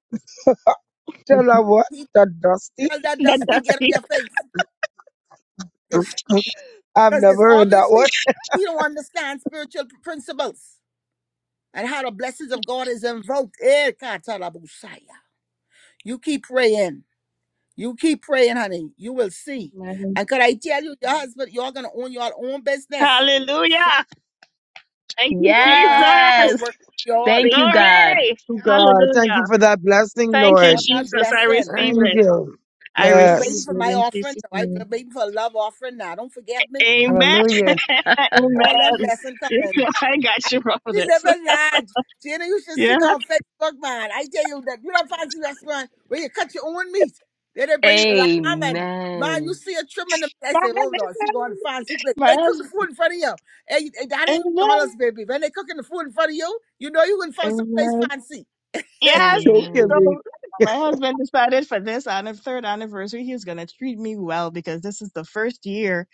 S4: Tell her what?
S1: He
S4: That dusty?
S1: tell that
S6: That
S1: dusty
S6: does
S1: get on
S6: it.
S1: your face, cause
S4: I've
S1: cause
S4: never
S1: it's
S4: heard that one.
S1: obviously he don't understand spiritual principles and how the blessings of God is invoked. Eh, Katalabosai. You keep praying. You keep praying, honey. You will see.
S6: Amen.
S1: And could I tell you, your husband, you're gonna own your own business. Sh-
S6: Hallelujah. Thank you,
S1: You're gonna have people
S2: Yes!
S6: Jesus.
S1: work for you all.
S2: Thank you, God.
S6: Glory.
S4: you, God. Thank you
S6: Hallelujah.
S4: for that blessing,
S6: Thank you,
S1: All
S4: Lord.
S1: that
S6: Jesus. I
S1: blessing.
S6: receive
S4: Thank
S6: it.
S4: you.
S1: I
S6: I
S1: still
S6: receive
S1: waiting
S4: Yes.
S1: for
S6: it
S1: my
S6: in
S1: offering.
S6: Jesus'
S1: I'm
S6: name.
S1: waiting for a love offering now. Don't forget me.
S6: Amen.
S3: Hallelujah.
S1: All them
S6: Amen.
S1: blessing coming.
S6: I
S1: I,
S6: got you,
S1: she
S6: Providence.
S1: never lied. Jenna, you should see
S6: Yeah.
S1: on Facebook, man. I tell you that you don't fancy restaurant where you cut your own meat. Then they bring the lamb and man, you
S2: Amen.
S1: see a trimming. The, I
S6: My
S1: say, oh Lord, she going to
S6: husband.
S1: fancy place.
S6: My
S1: They cook the
S6: husband.
S1: food in front of you. Hey, hey, that ain't
S6: Amen.
S1: McDonald's, baby. When they cooking the food in front of you, you know you can find someplace
S6: Amen.
S1: fancy.
S6: Yes.
S4: Don't
S6: the-
S4: give
S2: Amen.
S4: me.
S6: So my husband decided for this anni- third anniversary, he's going to treat me well because this is the first year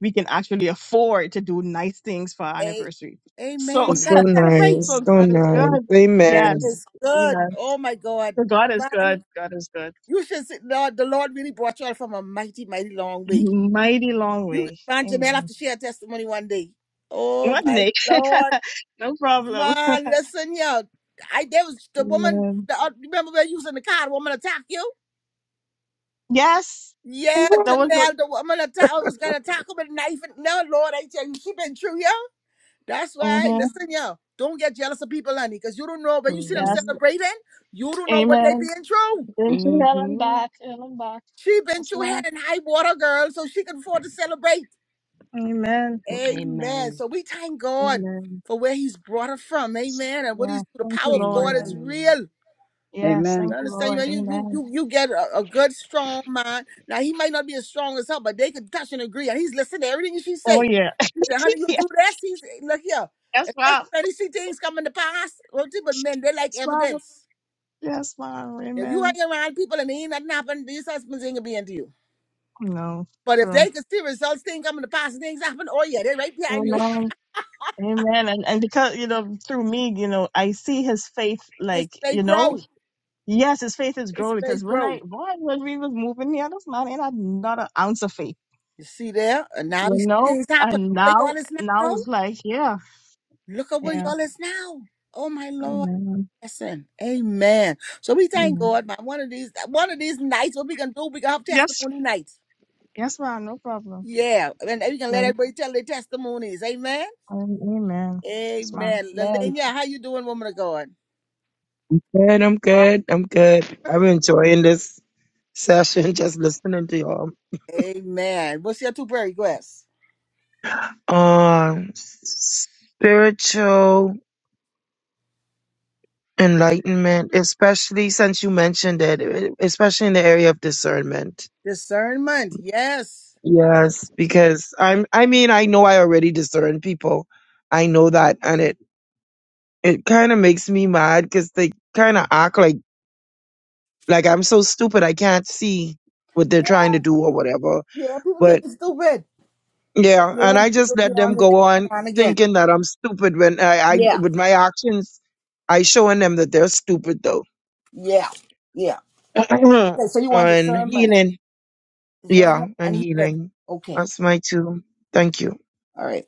S6: we can actually afford to do nice things for our
S1: Hey,
S6: anniversary. So,
S1: amen. You
S4: It's so
S1: gotta
S2: Amen.
S1: celebrate.
S4: nice.
S6: so
S4: So
S6: God
S2: Amen.
S6: is
S4: nice.
S6: good.
S1: God
S4: Amen.
S6: Yes.
S1: is
S6: Yeah.
S1: good. Oh my God,
S6: So God is
S1: man.
S6: good. God is good.
S1: You should see, Lord, the Lord really brought you all from a mighty, mighty long way.
S6: Mighty long
S1: You
S6: way.
S1: find Jamel have
S6: Amen.
S1: to share her testimony one day. Oh
S6: What,
S1: my
S6: Nick?
S1: lord,
S6: no problem.
S1: man, listen, yo. I there was the woman
S6: Amen.
S1: the uh, remember when you was in the car, the woman attacked you?
S6: Yes.
S4: And
S1: Yeah,
S4: what?
S6: That was the,
S1: Janelle, the woman attack I was gonna attack her with a knife and no Lord, I tell you, she been true, yo. That's why,
S6: hmm
S1: listen, yo, don't get jealous of people, honey, because you don't know when you see them
S6: yes.
S2: Mm-hmm.
S1: celebrating, you don't know what they
S6: Amen.
S1: being true.
S6: Been to hell and
S2: Mm-hmm.
S6: back, hell and back.
S1: She been
S6: That's
S1: through
S6: mine.
S1: head and high water, girl, so she can afford to celebrate.
S6: Amen.
S1: Amen.
S2: Amen.
S1: So we thank God
S6: Amen.
S1: for where He's brought her from. Amen. And what
S6: Yeah.
S1: He's the
S6: Thank you,
S1: power of God
S6: Lord.
S1: is
S2: Amen.
S1: real.
S6: Yes.
S3: Amen.
S1: You
S6: Thank you,
S1: understand? You
S6: Lord.
S1: you you
S6: Amen.
S1: you you get a, a good strong mind. Now he might not be as strong as her, but they can touch and agree. And he's listening to everything she
S6: Oh,
S1: say.
S6: yeah.
S1: He said, "Honey, you do this." He's look here.
S6: yes,
S1: Especially
S6: Mom.
S1: when you see things coming to pass. Well, see, But men, they like
S6: Yes, Mom.
S1: evidence.
S6: Yes, Mom.
S1: If you
S6: Amen.
S1: hang around people and ain't nothing happen, these husbands ain't gonna be into you.
S6: No,
S1: But if
S6: true.
S1: they can see results, things coming to pass, and things happen. Oh yeah, they are right behind you.
S6: Amen. Amen. And, and because, you know, through me, you know, I see his faith,
S1: It's
S6: like,
S1: they
S6: you know,
S1: grow.
S6: yes, his faith is
S1: It's
S6: growing
S1: they
S6: because when
S1: grow.
S6: I, boy, when we was moving here, this man ain't had not an ounce of faith,
S1: You see there? And now
S6: you
S1: you see
S6: know?
S1: things happen.
S6: And
S1: Look where
S6: now,
S1: y'all is
S6: now
S1: now.
S6: it's like, yeah,
S1: Look at where
S6: yeah.
S1: y'all is now. Oh my Lord.
S6: Amen.
S1: Listen. Amen. So we thank
S6: Amen.
S1: God, man. One of these one of these nights, what we can do, we can have
S6: Yes,
S1: testimony nights.
S6: Yes, ma'am. No problem.
S1: Yeah. And we can let
S6: Amen.
S1: everybody tell their testimonies. Amen.
S6: Amen. Yes, ma'am.
S1: Amen.
S3: Amen.
S1: Lelania, how you doing, woman of God?
S4: Man, I'm good. I'm good. I'm enjoying this session, just listening to y'all.
S1: Amen. What's your two prayer requests?
S4: Um, spiritual enlightenment, especially since you mentioned it, especially in the area of discernment.
S1: Discernment, yes.
S4: Yes, because I'm, I mean, I know I already discern people. I know that. and It kind of makes me mad because they kind of act like like I'm so stupid I can't see what they're trying to do or whatever.
S1: Yeah, people think
S4: But
S1: it's stupid. Like,
S4: yeah,
S1: You
S4: and I
S1: don't, you
S4: just
S1: don't be
S4: let them
S1: on to
S4: go
S1: that
S4: on
S1: turn on again.
S4: thinking that I'm stupid when I, I
S1: Yeah,
S4: with my actions I showing them that they're stupid though.
S1: yeah, yeah. Okay, so you want
S4: and
S1: discernment.
S4: healing, yeah,
S1: Discernment
S4: and
S1: and healing.
S4: healing.
S1: Okay.
S4: That's my two. Thank you.
S1: All right.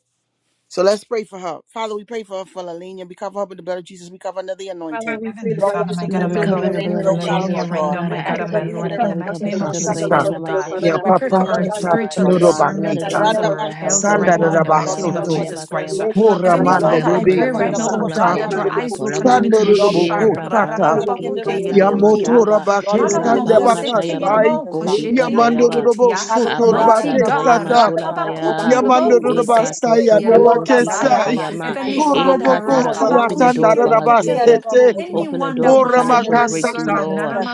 S1: So let's pray for her. Father, we pray for her for Lalina. We cover her with the blood of Jesus. We cover another anointing.
S6: Father, we plead
S5: Heavenly
S6: the
S1: Lord, we
S6: blood of
S5: Father,
S1: ask
S5: my
S6: Jesus
S1: you
S5: God
S1: to
S2: Lord,
S5: and
S2: we
S6: Christ
S5: my
S6: over
S5: Lord,
S2: cover in
S5: we
S1: destroy
S2: the
S1: every
S5: pray
S6: Melania
S2: blood
S5: for
S2: of
S6: right
S1: yoke, Father,
S6: now,
S2: Jesus,
S5: Lelania
S6: God.
S1: Lord
S5: right
S2: Father
S1: God.
S5: now,
S2: God.
S1: We
S2: I
S5: my
S6: We plead
S5: God
S1: bind
S6: the
S1: up
S2: ask
S5: and
S2: of
S6: blood
S5: my
S1: every
S2: you,
S6: from the
S5: Lord,
S2: Father
S5: in
S6: crown
S2: God,
S5: the
S1: hindrance.
S6: of
S2: we
S6: our
S5: mighty
S2: cover
S6: head of
S5: name of
S6: God,
S1: We
S2: Sister
S6: through
S1: come
S5: Jesus
S6: the
S2: Lavinia
S4: Tasata
S1: against
S5: Christ,
S2: in
S6: Lord,
S5: oh
S2: the
S1: every
S6: Peter,
S2: mighty
S5: God.
S2: name
S6: Father
S2: of
S1: stumbling
S4: ya
S6: God.
S5: We
S2: Jesus. We
S1: block
S5: pray
S1: in the
S5: for
S4: papa
S2: cover her
S1: name
S6: Lord
S5: our
S2: in
S1: of
S2: the
S6: God,
S1: Jesus,
S4: tata
S6: we
S2: blood,
S5: spiritual
S1: Lord
S6: decree and
S1: God.
S2: the
S6: declare, O
S2: blood
S5: discernment
S2: of
S6: God,
S5: as
S4: tandorobakita
S6: that
S5: well
S2: Jesus. We
S5: as
S6: no
S1: Randa
S2: call
S5: our
S1: ba
S2: for
S6: weapon formed
S2: health,
S1: shu
S5: health
S1: lo
S6: against
S1: ro
S5: right
S2: Lord,
S6: us
S1: bo
S5: now,
S6: God
S1: shu.
S2: Father
S5: in the
S6: shall
S2: God. La
S1: Lord,
S5: mighty
S1: we
S5: name
S2: ba
S6: prosper,
S2: da
S1: call
S5: of
S6: Lord
S2: ba
S1: for
S4: sandarabasuto
S2: ya
S1: the
S6: God.
S5: Jesus
S2: ba ka ya
S5: Christ.
S2: ba,
S6: We
S1: discernment.
S6: from that
S2: o
S6: I
S5: Heavenly
S6: got
S2: la ba
S4: koramanda
S1: Lord
S6: about
S2: ya
S5: Father,
S1: God,
S6: to
S2: ba
S5: I
S1: we
S2: ka
S6: say,
S2: ya
S1: call
S5: pray
S6: just
S2: ba
S1: for the
S2: da
S4: debeke
S5: right
S6: that, the
S5: now,
S2: ba
S1: double
S2: ko
S5: oh
S2: la
S1: portion of
S2: ka
S5: God,
S1: your
S2: ya
S5: that
S2: ma
S5: our
S2: na
S6: Father.
S1: anointing.
S6: will
S2: ma
S5: eyes
S2: ko
S5: will
S2: la
S6: be
S2: ba,
S5: continue
S6: with us
S5: to be
S6: and
S1: Lord, we
S6: be
S2: e
S6: with
S1: bind
S5: sharp.
S4: Sandoroboko
S6: us.
S1: and
S2: ra
S1: we come
S2: ka
S6: We
S4: Tata
S1: against
S6: bind
S2: ta
S6: up
S1: every
S2: ki
S6: upon every one who are in here, Lord. Before you, we
S2: ka
S6: bind
S1: hindrance
S2: ta
S6: every
S2: ya
S6: tongue
S1: spirit.
S2: ma to
S6: bold.
S2: la ba,
S1: Lord,
S4: Yamotorabake
S6: In the
S2: ra
S1: remove
S6: mighty
S2: ba
S1: every
S6: name of
S2: ka
S1: hindrance
S2: ta
S1: and
S2: ya
S6: Jesus,
S2: ma
S6: God.
S4: Sandabakasai
S2: ku
S1: every stumbling
S2: ko ti
S6: We
S2: ka
S1: block.
S6: shall
S2: ta ya
S6: come
S2: ba.
S6: and
S4: Yamandorobo
S6: come and so
S1: Father, Lord
S6: forth, Lord
S1: God, and
S5: Mighty
S1: the
S4: Sotorabake
S6: God.
S1: Rabbi
S2: Apasatayama
S4: Sata
S5: God,
S6: Shall
S1: Shakarabas,
S6: come and come
S2: tolabaya.
S1: and
S6: so
S1: the
S6: forth,
S1: Rabbi,
S6: Lord God.
S2: Ekato
S4: Yamandorobasaya
S6: We
S2: sokoto
S1: oh
S6: shall come and come and
S4: Nabakesai
S6: so
S1: Rabandalabas,
S2: sikatayama.
S6: forth,
S5: Heavenly
S1: and the
S6: Lord God.
S1: Rabbi
S4: Koroboko
S2: Ekatara.
S6: Before long,
S1: Shabababa.
S2: Open
S6: Lord
S2: the door
S6: God.
S2: for her,
S1: Here
S6: Lord
S1: are
S5: Father,
S6: God,
S1: the
S2: Jesus.
S4: Siatandarabasete
S6: I like
S1: Rabbi,
S6: to
S2: Open the
S5: Anyone
S2: door
S5: that
S2: for
S5: wants a
S1: Father, in the
S2: financial
S5: woman's
S1: name of
S2: breakthrough,
S4: Oramakasata
S5: servant,
S2: Lord.
S5: nana
S1: Jesus,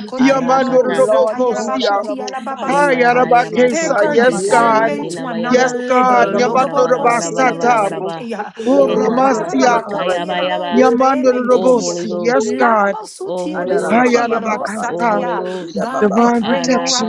S5: yelabo,
S2: Arakata.
S5: sata
S4: Yamandoroboko
S1: Lord God, and
S4: Sia
S1: the
S5: yelabakuti
S1: Rabbi
S5: yelababa
S1: Saya,
S2: Ila
S5: satai.
S2: rayama
S4: Hayarabakesa
S5: take
S2: toko
S5: her
S4: Yes
S1: Shataraman, the Rabbi,
S4: God
S2: sitayama
S5: discernment
S1: say,
S5: to another
S4: Yes
S2: telabayaba.
S1: and
S4: God
S1: the
S5: level.
S2: Ela
S1: Rabbi
S2: bara
S5: Lobobo
S2: bara
S1: Shaka.
S2: bara
S5: koseti
S2: bara bara
S4: Yamandorobasata
S2: bara
S5: yelebesete
S2: ba.
S5: ya.
S6: plead the blood,
S1: Oh
S6: the blood,
S2: Ekata
S1: God,
S6: the blood, the
S1: do it
S6: blood,
S4: Koramastia
S1: for
S6: the
S1: her
S6: blood.
S1: right
S5: Rarararabakoti
S1: now.
S5: yelamon
S2: sekayabayaba.
S6: Yes, blood,
S5: kademen
S6: blood,
S2: Oh
S6: blood,
S5: kiti.
S6: blood,
S2: Holy
S4: Yamandorobosi
S6: so
S4: Yes
S6: holy,
S2: Ghost.
S6: Lord
S4: God
S6: God.
S2: Oh
S5: Lamamosuti
S1: And
S2: Holy
S1: the
S6: Lord, I
S1: Rabbi,
S6: thank
S1: Baba,
S5: yelebesete
S2: Ghost.
S6: you for the
S1: Baba,
S5: yelabo
S6: blood,
S2: Oh
S4: Hayarabakasa,
S6: the blood,
S2: Holy
S5: sataya.
S6: the
S1: Ida,
S2: Ghost.
S5: God, I
S1: Baba, Baba.
S6: blood,
S4: divine
S5: pray, oh
S4: protection.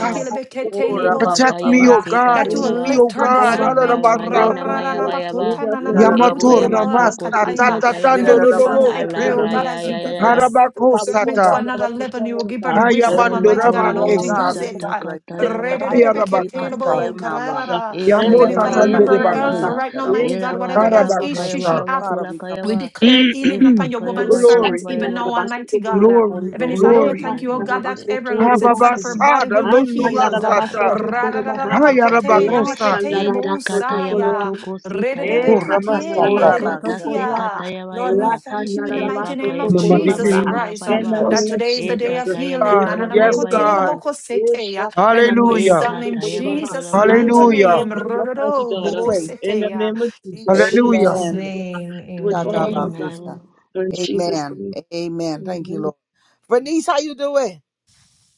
S6: the blood,
S1: oh
S5: yelebekete
S6: the
S5: yelabo
S1: Rabba,
S6: blood.
S1: Baba,
S4: protect
S5: sete
S4: me,
S1: Baba,
S4: O
S5: ya,
S2: Mekatayamate
S1: Shaka.
S4: God.
S5: that you will
S6: Oh,
S4: Keep
S2: katolaba
S4: me,
S5: lift
S4: O
S6: Papa,
S5: her
S4: God.
S6: Palabasa.
S5: discernment.
S4: Ararabaka,
S6: Oh,
S2: aramanina
S6: God, yeah.
S2: mayabayaba
S6: no
S5: Rarararabakota
S1: Here
S6: weapon,
S1: are the Rabbi,
S5: nananamakuti
S4: Yamato
S6: no weapon does
S2: epayamatoko
S6: the
S4: Ramasta,
S6: enemy
S5: yelabakataya.
S6: of
S1: here
S2: sikatayaba
S4: Tatatando
S6: Africa
S5: Heavenly
S6: so wrong
S5: Father, I
S6: like the
S5: pray,
S4: Rodobosi,
S5: oh
S6: name of
S5: God, as you
S1: Shaka.
S5: give
S6: Jesus.
S5: her
S2: alarayayayaya.
S5: the
S6: yeah.
S5: spirit of
S6: Oh, God, we fall
S5: discernment to
S4: Harabakosata,
S6: down the
S5: another
S6: revolution,
S5: level, you will
S6: oh,
S5: give her the
S6: God. And
S5: wisdom,
S6: this
S2: Olo
S4: Hayamando
S5: Almighty
S6: time,
S5: God,
S2: Holy
S6: God,
S5: and
S6: we
S5: how
S1: Oh
S5: to
S6: ask you
S2: Ghost
S4: Rabakesa,
S1: God,
S6: to
S5: use
S1: we
S6: go
S5: it.
S1: need
S6: back.
S5: Uh,
S1: you right now.
S6: Take us
S2: satakatayama
S6: to higher
S2: toko
S6: heights
S1: We touch
S6: and
S1: her
S4: Hayarabakasa,
S5: Re-de-de-de-be-ke-te-le-bo,
S1: right
S6: blessing,
S2: sikatayama
S1: now,
S6: oh,
S1: Lord.
S6: God.
S5: ka-ra-ra-ra.
S6: yeah. In the
S5: Heavenly
S4: Yamota
S2: ekayama
S1: Deliver
S6: mighty
S5: Father,
S1: her
S6: name of
S1: by
S5: remember her
S2: yebayaba
S1: fire,
S6: Jesus.
S5: health
S4: Tanderebako,
S6: yeah.
S1: Lord.
S5: right now,
S1: Rabba.
S5: mighty
S6: Yeah,
S5: God,
S6: Papa,
S5: whatever health
S2: elabarabaraba
S5: issue
S6: Palabasa.
S5: she
S4: Harabakasa.
S2: kayabaraba
S5: have.
S1: Father,
S2: kola
S1: we come
S5: We
S2: kayaba
S5: declare
S1: to you
S5: healing upon your
S6: In
S1: tonight.
S5: woman
S2: epakayama
S6: the name
S5: servant,
S4: Glory,
S5: even
S6: of
S2: tolabayaba.
S5: now,
S6: Jesus, do
S5: Almighty
S6: it
S5: God. Uh,
S1: Holy
S4: glory,
S5: Heavenly
S1: Ghost,
S2: In
S5: Father,
S2: the
S5: we
S4: glory.
S5: thank you,
S2: mighty
S5: oh
S2: name
S5: God,
S2: of
S5: that
S2: Jesus.
S5: every limbs inside of her body
S4: Hababasada,
S5: will
S4: no
S5: be healed.
S2: Yeso
S5: Uh,
S2: pala
S4: nomasata,
S2: rakata sekataya.
S4: Hayarabakosa,
S2: Eta kataya
S5: ra-ra-ra-ra-ra-ba-ko-te-le-be-ke-te-le-bo-sa-ya.
S2: matuko sitaya
S4: O
S2: ba.
S1: O
S2: E
S4: Ramasata.
S1: Rabba
S2: kata
S1: Shata.
S5: Re-de-de-be-ku-tien-de-de-de-be-ku-tia.
S2: sekataya ba ya
S5: Lord, we
S2: ba.
S5: thank you in the
S2: E
S5: mighty name
S2: pakaya
S4: In
S5: of
S4: the mighty
S2: matula ba
S5: Jesus
S2: ya
S4: name of
S2: ba ra
S5: Christ
S2: para
S5: uh, that
S4: Jesus.
S5: today is the
S2: E
S5: day of
S2: kataya
S5: healing
S4: God,
S6: on the
S2: matula ba ya
S4: yes,
S6: Holy
S2: ba ya
S6: Ghost.
S4: God.
S2: ba.
S5: Nananamakoteyabokoseteya, and
S2: E
S4: Hallelujah.
S5: wisdom in
S2: kataya
S6: Yeshakatarabasotokorobaha.
S2: matula
S5: Jesus'
S2: ba ra
S6: Remove
S2: ba
S5: mighty
S6: every
S1: And
S4: Hallelujah.
S5: name.
S6: stumbling block, mighty
S1: we
S6: God.
S1: pray.
S6: In the
S5: Rororoboboseteya.
S6: name of
S5: In
S6: Jesus, do
S4: Hallelujah.
S5: Jesus'
S1: Amen.
S5: name,
S6: it for
S1: Shata
S6: all
S5: amen.
S6: of us.
S1: Bakusa.
S2: Amen.
S6: Lord Jesus, the
S1: Amen.
S6: name
S1: Amen. Thank you, Lord.
S6: of
S1: Bernice, how you doing?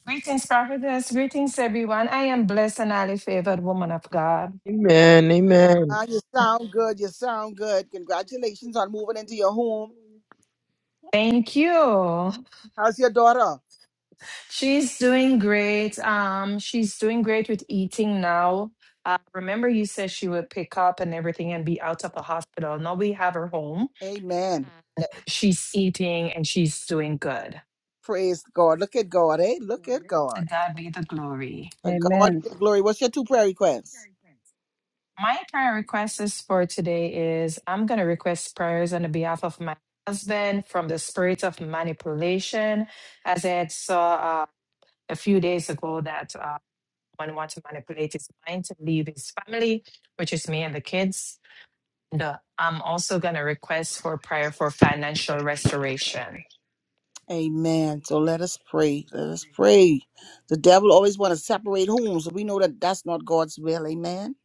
S5: Greetings, prophetess. Greetings, everyone. I am blessed and highly favored woman of God.
S4: Amen. Amen.
S1: Man, you sound good. You sound good. Congratulations on moving into your home.
S5: Thank you.
S1: How's your daughter?
S5: She's doing great. Um, she's doing great with eating now. Uh, remember, you said she would pick up and everything and be out of the hospital. Now we have her home.
S1: Amen.
S5: She's eating and she's doing good.
S1: Praise God. Look at God, eh? Look at
S5: To
S1: God.
S5: God be the glory.
S1: For God
S3: Amen.
S1: be the glory. What's your two prayer requests?
S5: My prayer request is for today is I'm going to request prayers on the behalf of my husband from the spirit of manipulation, as I had saw uh, a few days ago that. uh, one want to manipulate his mind to leave his family, which is me and the kids. And uh, I'm also going to request for prayer for financial restoration.
S1: Amen. So let us pray. Let us pray. The devil always want to separate homes. We know that that's not God's will. Amen.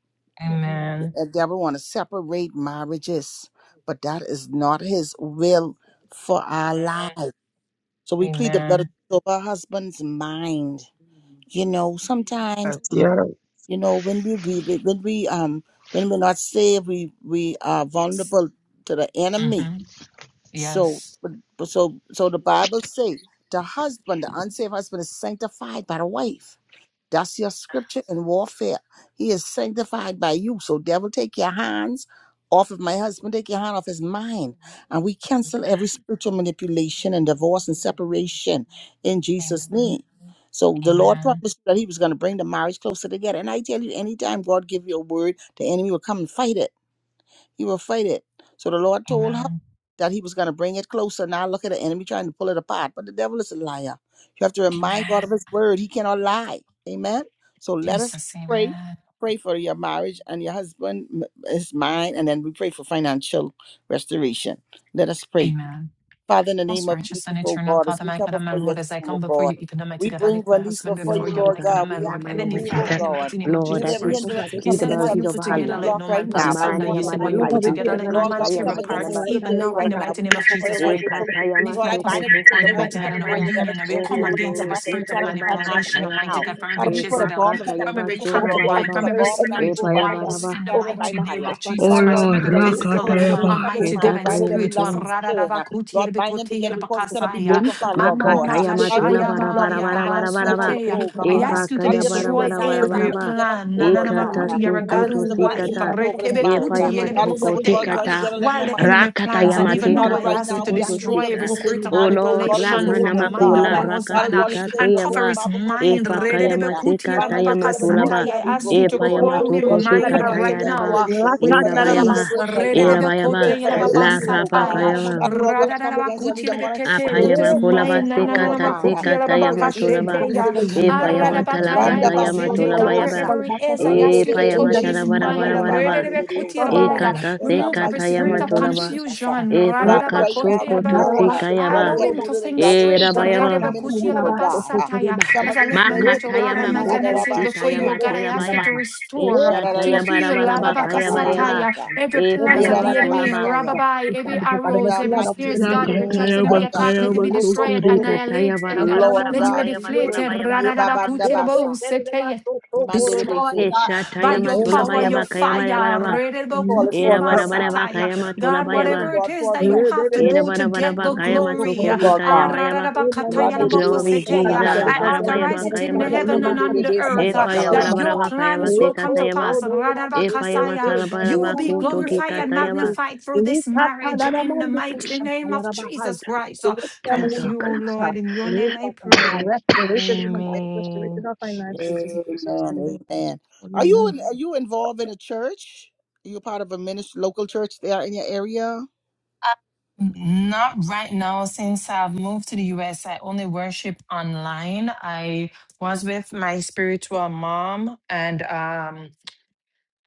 S2: Amen.
S5: Amen.
S1: The devil want to separate marriages, but that is not his will for our lives. So
S5: Amen.
S1: we plead the blood of
S5: Amen.
S1: Jesus over our husband's mind. You know, sometimes,
S4: Yes,
S1: uh,
S4: yes.
S1: you know, when we, we we- when we um when we're not saved, we we are
S5: Yes.
S1: vulnerable to the enemy
S5: hmm
S1: so,
S5: Yes.
S1: but- so, so the Bible say the husband, the unsaved husband, is sanctified by the wife. That's your scripture in warfare. He is sanctified by you. So, devil, take your hands off of my husband. Take your hand off his mind, and we cancel every spiritual manipulation and divorce and separation in Jesus'
S5: Amen.
S1: name. So the Lord
S5: Amen.
S1: promised that He was going to bring the marriage closer together. And I tell you, anytime God give you a word, the enemy will come and fight it he will fight it. So the Lord told her
S5: Amen.
S1: that he was going to bring it closer. Now look at the enemy trying to pull it apart. But the devil is a liar. You have to remind God
S5: Amen.
S1: of his word. He cannot lie. Amen. So let us
S5: Jesus, amen.
S1: pray for your marriage and your husband, m- his mind, and then we pray for financial restoration. Let us pray.
S5: Amen.
S1: Father, in the name
S5: Most
S1: of
S5: righteous
S1: Jesus,
S5: and
S1: oh
S5: eternal
S1: God, as
S5: Father,
S1: we
S5: my
S1: come
S5: God and
S1: before
S5: my
S1: your throne,
S5: Lord, as I come
S1: oh
S5: before you,
S1: God,
S5: even Almighty
S1: we
S5: God, I
S1: bring
S5: lift my
S1: Bernice
S5: husband
S1: before you,
S2: Lord,
S5: before you,
S2: Father
S1: Lord
S5: my
S2: God,
S5: God
S2: I
S1: God.
S5: and my
S1: We
S2: pray in the
S1: ask
S5: Lord,
S1: you
S2: mighty
S1: to
S2: name
S5: Heavenly
S2: of
S1: move, oh
S5: Father, in
S2: Jesus.
S5: the
S1: God.
S5: mighty name of
S2: Lord,
S1: Move
S5: Jesus
S2: that
S1: every
S2: you
S6: the
S5: Christ.
S6: Son of
S1: hindrance.
S6: God,
S1: We
S5: You
S6: the
S2: plead
S1: come
S2: the
S5: said,
S2: blood
S1: against
S2: of
S5: What you
S1: every
S2: Jesus over
S5: put
S2: her
S1: stumbling
S5: together,
S2: life,
S5: let
S1: block
S5: no
S1: right
S5: man
S6: goodness
S5: put
S2: Amen.
S1: now
S6: and
S1: by
S6: glory
S5: asunder.
S2: in
S1: force
S6: of
S2: the
S5: You
S6: God,
S5: said,
S2: mighty
S1: and
S6: God.
S5: What
S2: name
S5: you
S1: by
S6: Lord
S2: of
S5: put
S6: God, we
S1: fire.
S6: pray
S5: together,
S2: Jesus.
S6: that the
S5: let
S6: blood
S5: no
S6: of
S1: Lord
S5: man
S6: Jesus
S1: God, we
S2: kataya
S5: tear
S6: Christ
S1: come
S6: over
S1: against
S6: her
S1: the
S5: apart,
S2: Matolaba.
S6: right
S1: spirit of
S6: now,
S5: even
S6: Lord
S1: delay
S5: now,
S6: Father
S5: in
S1: right
S5: the
S6: God.
S1: now.
S5: mighty
S1: We
S5: name
S6: Lord
S5: of
S6: Father,
S1: destroy it
S5: Jesus
S6: Lord
S1: by
S6: God, we
S5: Christ.
S1: fire.
S6: call it the
S2: Ekatayama
S6: freedom,
S5: Lift
S1: Lord, I
S5: my
S6: Father God.
S1: bind up
S5: husband
S1: the
S2: sokotoko
S1: spirit
S5: before
S1: of
S5: you,
S6: Lord
S1: divorce,
S6: God,
S5: mighty
S6: we
S5: God, in
S6: pray,
S5: our
S1: separation,
S2: tukarabaya.
S6: God, Lord God,
S1: every
S5: union,
S6: that
S5: and we
S6: your
S2: Oh
S1: strange
S5: come
S6: will
S2: Holy
S1: woman
S6: be
S1: we
S6: done
S5: against every
S6: upon
S1: command
S2: Ghost,
S1: to
S6: her,
S5: spirit
S6: the
S5: of
S1: scatter
S6: one who
S1: from that
S6: counts on
S1: marriage
S6: the
S5: manipulation,
S1: right
S6: steps
S2: etayabarabakayaba.
S6: of our sons, Father God, in
S5: Almighty
S6: the
S1: now.
S5: God,
S6: name of
S5: from
S1: Father,
S5: every
S1: we put
S6: Jesus.
S1: a
S5: Jezebel,
S6: We
S1: bomb of
S6: pray that the
S5: from
S2: Epakatayaba
S5: every
S6: Lord
S1: separation,
S6: God,
S1: Lord
S6: every
S1: God. We
S5: concubine,
S2: sorabayaba.
S1: put
S5: from
S1: a
S6: adversary
S5: every
S6: and
S1: bomb in that
S6: enemy,
S5: spirit,
S6: Lord Father
S1: relationship
S6: God,
S1: and we
S5: wives,
S2: Epayabaraba.
S5: in the
S1: scatter
S6: over
S1: it
S6: her
S1: by
S5: mighty name
S6: marriage,
S5: of
S1: fire.
S6: Lord Father
S2: Oh
S5: Jesus
S6: God.
S1: Father,
S5: Christ,
S6: now.
S1: Lord,
S5: from
S1: we
S2: Lord,
S1: the
S5: every
S1: blood
S6: Eh,
S1: of
S6: Lord
S1: Jesus
S6: God,
S1: over
S5: physical
S6: now,
S1: his
S2: rakatayaba.
S6: Lord God,
S1: mind. Cover
S6: we
S1: his
S5: Almighty
S1: mind.
S5: God
S1: We
S5: and
S6: pray,
S1: bind up
S6: Lord
S2: Etakayama
S1: every
S5: spiritual.
S1: lust
S6: God,
S2: terum.
S1: and spirit.
S5: Rararabakuti
S1: Lord, bind them
S5: yerebekote
S1: together because it's going to be
S5: yerebakasaya.
S6: Many
S1: broken, Father,
S6: persons
S1: Lord
S6: have
S1: God. Huh?
S2: Makataya
S6: stated they
S1: Lord,
S2: matola
S1: bring a
S6: have
S2: bara
S1: new
S6: found the
S1: love in
S2: bara
S1: his
S5: Amamamakashayabaya
S2: bara
S6: difficult
S1: heart that
S2: bara
S1: he
S2: bara
S1: never had
S2: ba.
S6: to
S5: labasoteya.
S1: before,
S6: look at the
S5: I
S1: God.
S6: number
S1: Huh?
S6: of
S5: ask you to
S1: Lord,
S6: people
S2: Epakaya
S6: but
S1: give a
S6: not
S2: bara
S1: new
S5: destroy
S2: bara
S1: desire in
S2: bara
S1: his
S2: bara
S1: heart
S5: every
S1: that he
S6: the
S2: ba.
S1: never had
S6: person
S5: plan.
S1: before,
S6: that
S1: Lord
S6: is
S1: God.
S2: Ekata
S1: Huh?
S6: allowing
S5: Nananamakuti
S6: them
S5: you're
S6: to
S1: I
S5: God
S6: the
S5: who
S2: sokoto
S1: release the
S6: things that
S1: blood
S6: they
S1: of
S5: wipe.
S6: are
S1: Jesus
S2: sikata.
S1: over this
S6: talking
S1: marriage.
S6: with
S2: Epaya
S1: Huh?
S6: the
S5: Rekebekuti
S6: people
S1: Father,
S6: who
S1: you
S6: are
S1: said,
S2: matoko
S1: what
S6: going to
S1: God
S6: the
S5: yerebekeseteya.
S1: joined
S6: next
S2: tikata.
S1: together,
S6: and
S1: let
S5: While
S1: no man
S5: the
S1: put
S5: enemy
S2: Rakata
S5: plans,
S1: asunder. Huh?
S5: and
S6: the
S5: even now
S6: really
S1: Father,
S5: I
S2: yamatekata
S1: right
S6: stuff
S5: ask you
S6: that
S1: now,
S5: to
S6: they
S1: we
S2: sokoto
S6: are
S1: actually
S6: going to
S5: destroy every
S2: sika.
S1: intervene in
S6: talk
S1: this
S5: spirit
S6: with
S5: of
S6: the
S2: O
S1: marriage, oh
S2: Lord,
S1: God, in this
S5: manipulation
S1: home,
S2: Ramana
S5: from
S6: next
S5: the
S1: oh
S6: one that
S5: mind of
S1: God.
S6: they
S2: makola
S5: my
S1: Huh?
S6: want to
S1: Father,
S6: be
S5: husband uh,
S1: God, you
S6: told
S2: rakatika
S6: with
S1: said,
S5: and
S1: the
S6: the
S1: bone
S5: cover
S2: teyaba.
S1: of
S5: his
S1: my bone, the flesh
S5: mind.
S1: of my
S2: Epakaya
S1: flesh. Huh?
S5: Rerebekuti
S1: Bind
S2: masekata
S1: them together
S2: yamatola
S1: because it's
S6: next
S2: ba.
S5: yerababakasataya.
S1: going to be
S5: I ask
S6: and
S5: you
S6: the
S1: broken,
S5: to
S2: Epaya
S1: Lord. Huh?
S5: crown
S6: protocol
S2: matoko
S1: Lord,
S5: him
S1: we
S6: which
S1: pray
S6: we are
S1: for
S5: mind
S6: now
S2: tikata
S1: financial
S6: in.
S5: right now.
S2: yaraba.
S5: ah
S1: restoration. We pray
S5: with
S1: for financial
S2: Erabayaba.
S5: peace.
S1: deliverance right now.
S6: Lakandarabasotokoroba.
S1: We pray
S2: Erabayaba.
S5: Rededebekote
S1: for financial
S2: La
S1: healing, oh
S6: We fall
S5: yelababasataya.
S1: God.
S6: back,
S2: rabakayaba.
S1: Father, Lord God, I come against every
S5: Radadadabakuti
S1: demonic
S5: yelebekete.
S1: spirit,
S5: Put his
S2: Apayama
S1: force,
S2: kolaba
S5: mind.
S1: and
S5: na- na-
S1: power,
S5: na-
S1: Lord
S2: sekata
S1: God. I
S2: sekata
S1: Come up
S2: yama
S1: against this
S2: tolaba.
S1: marriage
S5: ya.
S2: E
S1: relationship.
S2: payama
S5: Aradabakaya
S1: Randa
S2: talakata yama
S5: yabasete.
S2: tolaba
S5: God,
S6: we
S2: yaba.
S1: Bashotolobosa.
S5: wherever
S6: fall
S5: he
S6: back,
S5: is, I
S6: Father.
S5: ask
S2: E
S5: you to
S6: In
S2: payama
S5: touch
S6: the
S1: Rebebebebe
S6: name
S5: his
S6: of
S2: talabara
S6: Jesus,
S1: Shika
S6: Father,
S2: bara
S5: mind.
S6: we
S2: bara
S6: thank
S2: ba
S1: talabahande
S6: you
S1: de
S6: for
S5: Rededebekoti
S2: E
S6: sovereign
S1: osaya,
S6: Lord.
S5: yelabaya.
S2: kata
S1: In the
S5: Remove every
S2: sekata
S1: mighty
S5: spirit
S2: yama
S1: name
S5: of
S6: Thank
S1: of
S2: tolaba.
S1: Jesus.
S5: confusion.
S2: E
S1: Father, right
S5: Radadabakote
S1: now,
S2: pakasoko
S1: Lord
S2: to
S1: God,
S5: yelabao.
S1: uh, let it
S2: sikayaba.
S5: Allow
S1: get
S5: him to
S1: rooted and
S5: think
S1: grounded in
S2: E
S1: the
S5: straight.
S1: church, in a
S2: rabayama.
S5: Rededebekoti
S1: ministry, Lord God. Uh,
S5: yelababasataya.
S1: we come
S5: As I
S1: against
S5: lift my
S1: every
S5: marriage, oh
S2: Makata
S1: spirit of
S5: God, and
S2: yama
S5: my
S1: delay.
S2: koko
S5: finances
S2: kita
S5: before you, oh
S2: yama
S5: God,
S1: Adarabashata.
S5: I ask you
S2: telabaya.
S5: to
S2: E
S5: restore
S2: shata
S5: to
S2: yaba bara
S5: heal
S1: Ilararabashata.
S2: bara bakayaba yaba.
S5: Lababakasataya,
S1: Rabababashata.
S5: every
S2: E
S5: plans of
S2: payama
S5: the enemy,
S2: tolaba.
S1: Ilararabashaya.
S5: Rababai, every
S1: In
S5: arrows,
S1: the
S5: every
S1: mighty
S5: snares, God, every
S1: name
S5: traps,
S2: Zakataya
S5: and every
S1: of
S5: attack,
S2: bakaya
S5: let it be
S1: Jesus,
S5: destroyed and
S2: batotori kataya bara
S5: annihilated.
S2: bara bara
S1: Lord
S5: Let it be
S1: God,
S2: bakaya
S1: we
S2: batula
S5: deflated.
S1: pray.
S2: baya bara bara bakaya ma.
S1: Yebabandabasa,
S5: Radadabakutilaboseteya. Destroyed
S1: mandelebese.
S5: uh,
S2: Esha
S5: by
S2: taya
S1: In
S5: your
S2: matula
S1: Jesus'
S5: power,
S2: baya
S1: mighty
S5: your
S1: name,
S2: bakaya bara
S5: fire.
S2: bara ba.
S1: we call it
S2: Ira
S1: forth
S2: bara
S1: right
S2: bara
S1: now.
S2: bakaya
S6: you.
S2: matula
S5: God,
S1: We're
S2: baya
S1: living
S5: whatever
S2: ba.
S5: it
S1: God
S5: is
S1: for
S5: that
S6: In
S5: you
S1: fresh.
S5: have to
S2: Ira
S6: the
S5: do to
S2: bara bara
S5: get the
S1: In
S2: bakaya
S1: Jesus' name,
S5: glory,
S2: matoko
S5: uh,
S1: Lord
S2: tikaya
S5: ah,
S1: God.
S5: ra,
S2: baya
S5: ra,
S2: ba.
S5: ra, ba, ka, ta,
S6: name
S5: ya, la,
S6: of
S5: mo, ko,
S6: Jesus,
S2: Glory
S5: se, te,
S6: Lord God,
S5: ya,
S6: we said
S2: Jesus.
S5: I
S6: it's our
S1: Randeleboshababababas,
S2: Shara
S6: bread and
S2: baya
S6: we
S5: authorize
S6: gotta
S5: it
S2: bakaya
S5: in
S6: stop
S5: the
S6: let
S2: matula
S6: no
S5: heaven and
S6: man
S2: ba.
S6: put
S5: on
S6: us
S5: the
S6: down,
S5: earth
S6: Lord.
S5: uh,
S2: Epa
S6: Now
S2: ya
S6: we're
S2: bara
S1: rebebebebebesikatababas.
S5: that
S6: going
S2: bara
S5: your
S6: out.
S2: bakaya ba
S5: plans will
S6: Look,
S5: come to
S6: oh,
S2: sekataya ba.
S6: oh,
S5: pass.
S6: no, we're
S5: Ra, ra,
S6: not
S5: ba, ka,
S6: shit,
S2: Epa ya
S5: sa,
S6: shit,
S5: ya.
S6: shit.
S2: matala
S6: Now,
S2: bara
S5: You will
S6: now, now,
S5: be
S2: bakuto
S6: now, look,
S5: glorified
S6: oh,
S5: and
S2: kikataya
S6: oh,
S2: ba.
S6: oh.
S5: magnified through this
S6: Likata,
S5: marriage
S6: na, na, na,
S5: in the
S6: man, look, oh,
S5: mighty
S6: shaka,
S5: name
S6: ya,
S5: of
S6: na, bahai.
S5: Jesus Christ.
S6: The
S5: Uh,
S6: word them
S2: That's
S5: Thank
S2: all,
S6: Holy
S5: you, O
S6: Ghost, ha.
S5: Lord. In your name I
S6: Likata, bahai.
S5: pray.
S6: Restoration
S2: Kalabadash.
S6: in the mind, restoration
S5: Amen.
S6: of finances
S5: Jesus.
S6: in Jesus'
S1: Amen.
S6: name.
S1: Amen. Are
S6: Amen.
S1: you in, are you involved in a church? Are you part of a ministry, local church there in your area?
S5: Not right now. Since I've moved to the US, I only worship online. I was with my spiritual mom, and um,